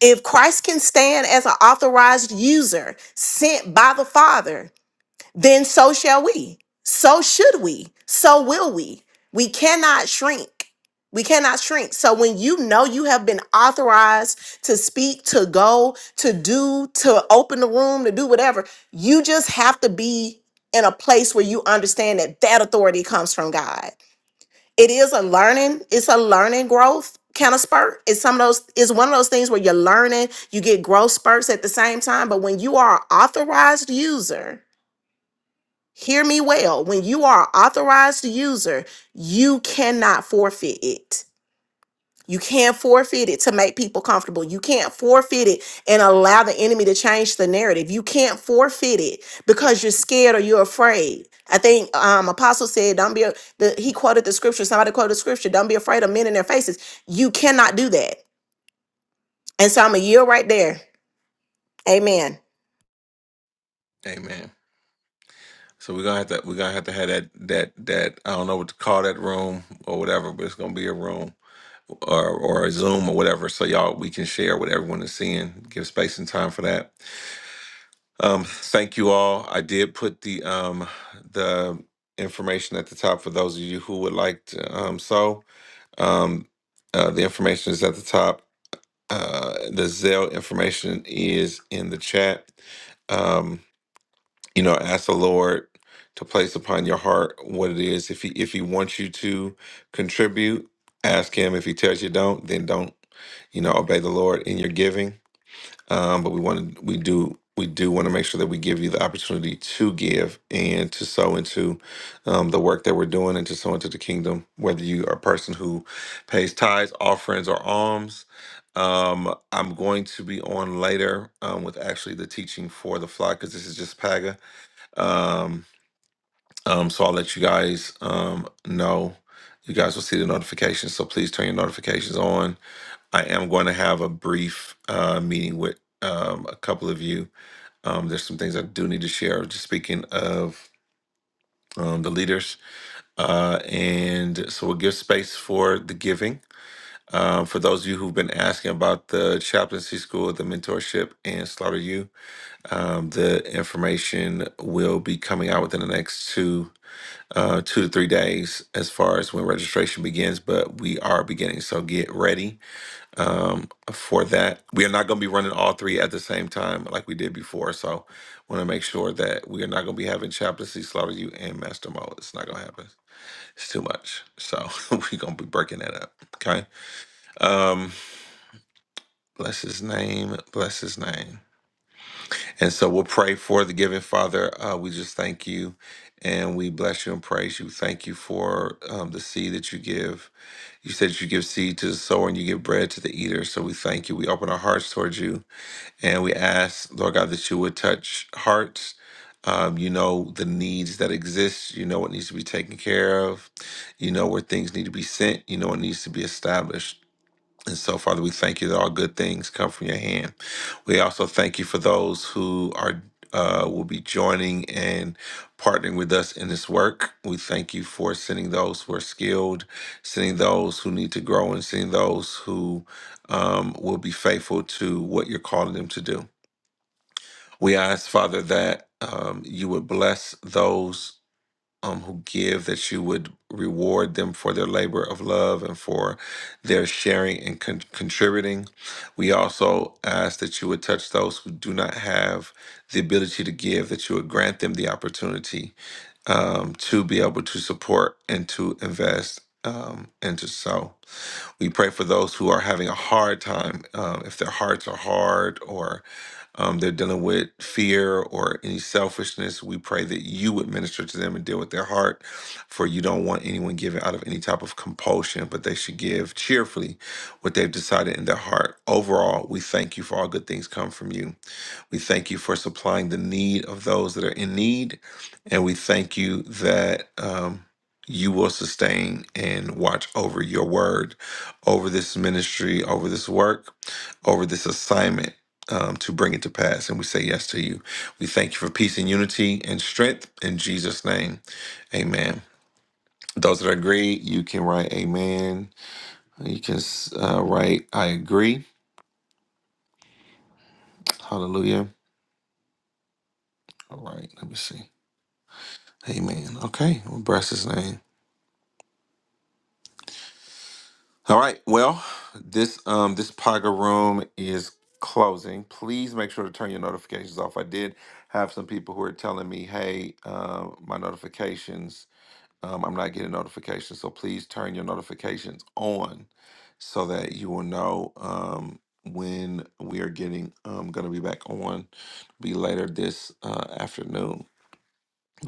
if Christ can stand as an authorized user sent by the Father, then so shall we. So should we. So will we. We cannot shrink. We cannot shrink. So when you know you have been authorized to speak, to go, to do, to open the room, to do whatever, you just have to be in a place where you understand that that authority comes from God it is a learning it's a learning growth kind of spurt it's some of those it's one of those things where you're learning you get growth spurts at the same time but when you are an authorized user hear me well when you are an authorized user you cannot forfeit it you can't forfeit it to make people comfortable. You can't forfeit it and allow the enemy to change the narrative. You can't forfeit it because you're scared or you're afraid. I think um, Apostle said, "Don't be." A, the, he quoted the scripture. Somebody quoted the scripture. Don't be afraid of men in their faces. You cannot do that. And so I'm a yield right there. Amen. Amen. So we're gonna have to we're gonna have to have that that that I don't know what to call that room or whatever, but it's gonna be a room or or a Zoom or whatever, so y'all we can share what everyone is seeing. Give space and time for that. Um, thank you all. I did put the um the information at the top for those of you who would like to um so um uh, the information is at the top. Uh, the Zelle information is in the chat. Um, you know, ask the Lord to place upon your heart what it is. If he if he wants you to contribute, ask him. If he tells you don't, then don't. You know, obey the Lord in your giving um, but we want to we do we do want to make sure that we give you the opportunity to give and to sow into um, the work that we're doing and to sow into the kingdom whether you are a person who pays tithes offerings or alms um, i'm going to be on later um, with actually the teaching for the flock because this is just paga um, um, so i'll let you guys um, know you guys will see the notifications so please turn your notifications on I am going to have a brief uh, meeting with um, a couple of you. Um, there's some things I do need to share. Just speaking of um, the leaders, uh, and so we'll give space for the giving. Um, for those of you who've been asking about the chaplaincy school, the mentorship, and Slaughter You, um, the information will be coming out within the next two uh, two to three days as far as when registration begins. But we are beginning, so get ready um, for that. We are not going to be running all three at the same time like we did before. So, want to make sure that we are not going to be having Chaplaincy, Slaughter You, and Master Mode. It's not going to happen. It's too much. So, we're going to be breaking that up. Okay. Um, bless his name. Bless his name. And so, we'll pray for the giving Father. Uh, we just thank you and we bless you and praise you. Thank you for um, the seed that you give. You said you give seed to the sower and you give bread to the eater. So, we thank you. We open our hearts towards you. And we ask, Lord God, that you would touch hearts. Um, you know the needs that exist. You know what needs to be taken care of. You know where things need to be sent. You know what needs to be established. And so, Father, we thank you that all good things come from your hand. We also thank you for those who are uh, will be joining and partnering with us in this work. We thank you for sending those who are skilled, sending those who need to grow, and sending those who um, will be faithful to what you're calling them to do. We ask, Father, that um, you would bless those um, who give, that you would reward them for their labor of love and for their sharing and con- contributing. We also ask that you would touch those who do not have the ability to give, that you would grant them the opportunity um, to be able to support and to invest um, and to sow. We pray for those who are having a hard time, um, if their hearts are hard, or um, they're dealing with fear or any selfishness, we pray that you would minister to them and deal with their heart. For you don't want anyone giving out of any type of compulsion, but they should give cheerfully what they've decided in their heart. Overall, we thank you for all good things come from you. We thank you for supplying the need of those that are in need. And we thank you that um, you will sustain and watch over your word, over this ministry, over this work, over this assignment um, to bring it to pass. And we say yes to you. We thank you for peace and unity and strength in Jesus' name. Amen. Those that agree, you can write amen. You can uh, write I agree. Hallelujah. All right. Let me see. Amen. Okay. We'll bless his name. All right. Well, this um this Paga room is closing. Please make sure to turn your notifications off. I did have some people who are telling me, hey, uh, my notifications Um, I'm not getting notifications, so please turn your notifications on so that you will know um, when we are getting um, going to be back on. Be later this uh, afternoon.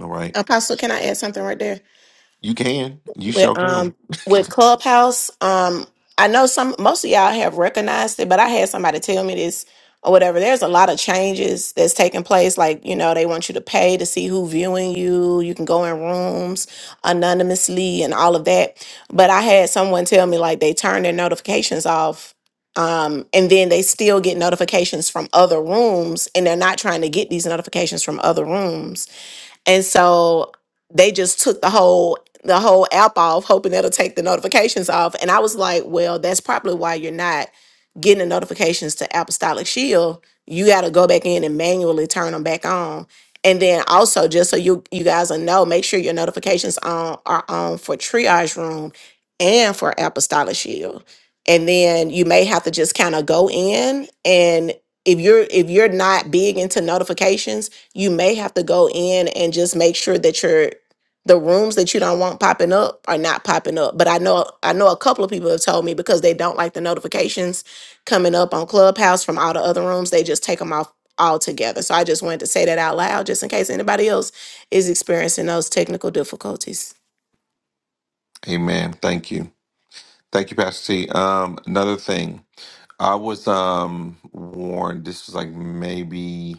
All right, Apostle, can I add something right there? you can, you with sure can. um with Clubhouse. Um, I know some most of y'all have recognized it, but I had somebody tell me this or whatever. There's a lot of changes that's taking place. Like you know, they want you to pay to see who viewing you. You can go in rooms anonymously and all of that. But I had someone tell me like they turn their notifications off. Um, and then they still get notifications from other rooms, and they're not trying to get these notifications from other rooms and so they just took the whole the whole app off, hoping it'll take the notifications off. And I was like, well, that's probably why you're not getting the notifications to Apostolic Shield. You got to go back in and manually turn them back on. And then also, just so you you guys will know, make sure your notifications on are on for Triage Room and for Apostolic Shield. And then you may have to just kind of go in if you're if you're not big into notifications, you may have to go in and just make sure that your the rooms that you don't want popping up are not popping up. But I know I know a couple of people have told me because they don't like the notifications coming up on Clubhouse from all the other rooms, they just take them off altogether. So I just wanted to say that out loud just in case anybody else is experiencing those technical difficulties. Amen. Thank you, thank you, Pastor T. Um, another thing, I was um warned. This was like maybe.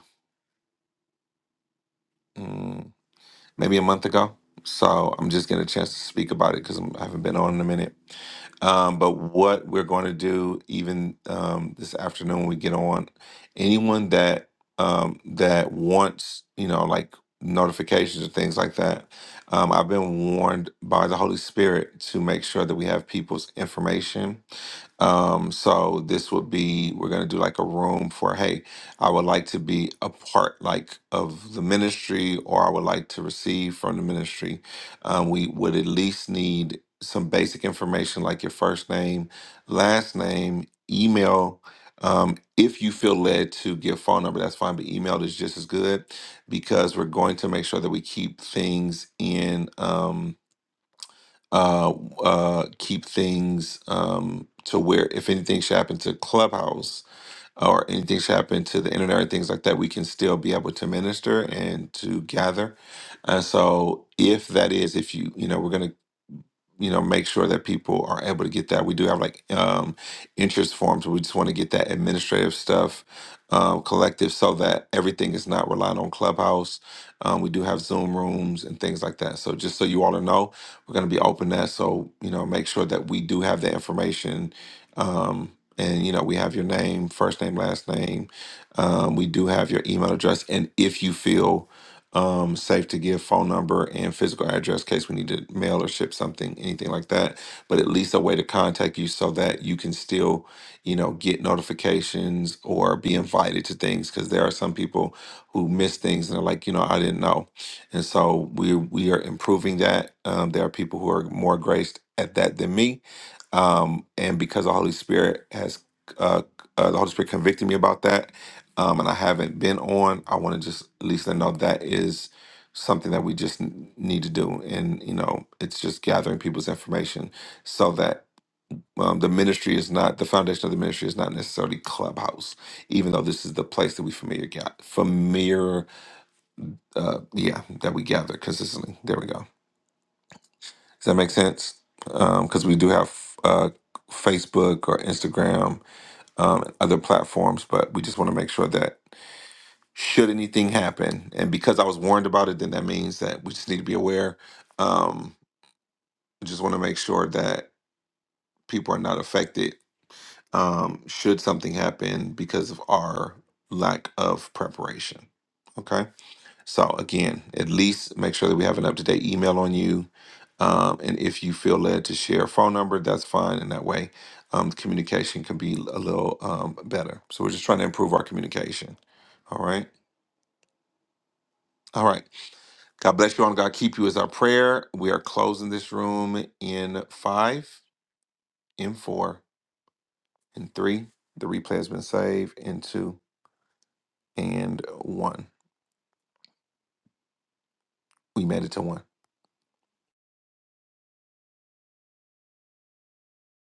mm, maybe a month ago. So I'm just getting a chance to speak about it because I haven't been on in a minute. Um, but what we're going to do, even um, this afternoon, when we get on. Anyone that um, that wants, you know, like notifications or things like that, um, I've been warned by the Holy Spirit to make sure that we have people's information um, so this would be we're gonna do like a room for hey, I would like to be a part, like of the ministry, or I would like to receive from the ministry. Um, we would at least need some basic information, like your first name, last name, email. Um, if you feel led to give phone number, that's fine, but email is just as good because we're going to make sure that we keep things in, um, uh, uh, keep things um, to where if anything should happen to Clubhouse or anything's happened to the internet or things like that, we can still be able to minister and to gather. And so, if that is, if you, you know, we're going to you know make sure that people are able to get that we do have like um interest forms we just want to get that administrative stuff um collective so that everything is not reliant on clubhouse um we do have zoom rooms and things like that so just so you all know we're going to be open that so you know make sure that we do have that information um and you know we have your name first name last name um, we do have your email address and if you feel um, safe to give phone number and physical address in case we need to mail or ship something, anything like that. But at least a way to contact you so that you can still, you know, get notifications or be invited to things because there are some people who miss things and they are like, you know, I didn't know. And so we we are improving that. Um, there are people who are more graced at that than me, um, and because the Holy Spirit has uh, uh, the Holy Spirit convicted me about that, um, and I haven't been on, I want to just at least let know that is something that we just n- need to do. And, you know, it's just gathering people's information so that um, the ministry is not, the foundation of the ministry is not necessarily Clubhouse, even though this is the place that we familiar, ga- familiar, uh, yeah, that we gather consistently. There we go. Does that make sense? Because we do have uh, Facebook or Instagram um, and other platforms, but we just want to make sure that should anything happen. And because I was warned about it, then that means that we just need to be aware. Um, just want to make sure that people are not affected um, should something happen because of our lack of preparation. Okay. So, again, at least make sure that we have an up to date email on you. Um, and if you feel led to share a phone number, that's fine. And that way, um, communication can be a little um, better. So, we're just trying to improve our communication. All right. All right. God bless you all. and God keep you is our prayer. We are closing this room in five, in four, in three. The replay has been saved in two and one. We made it to one.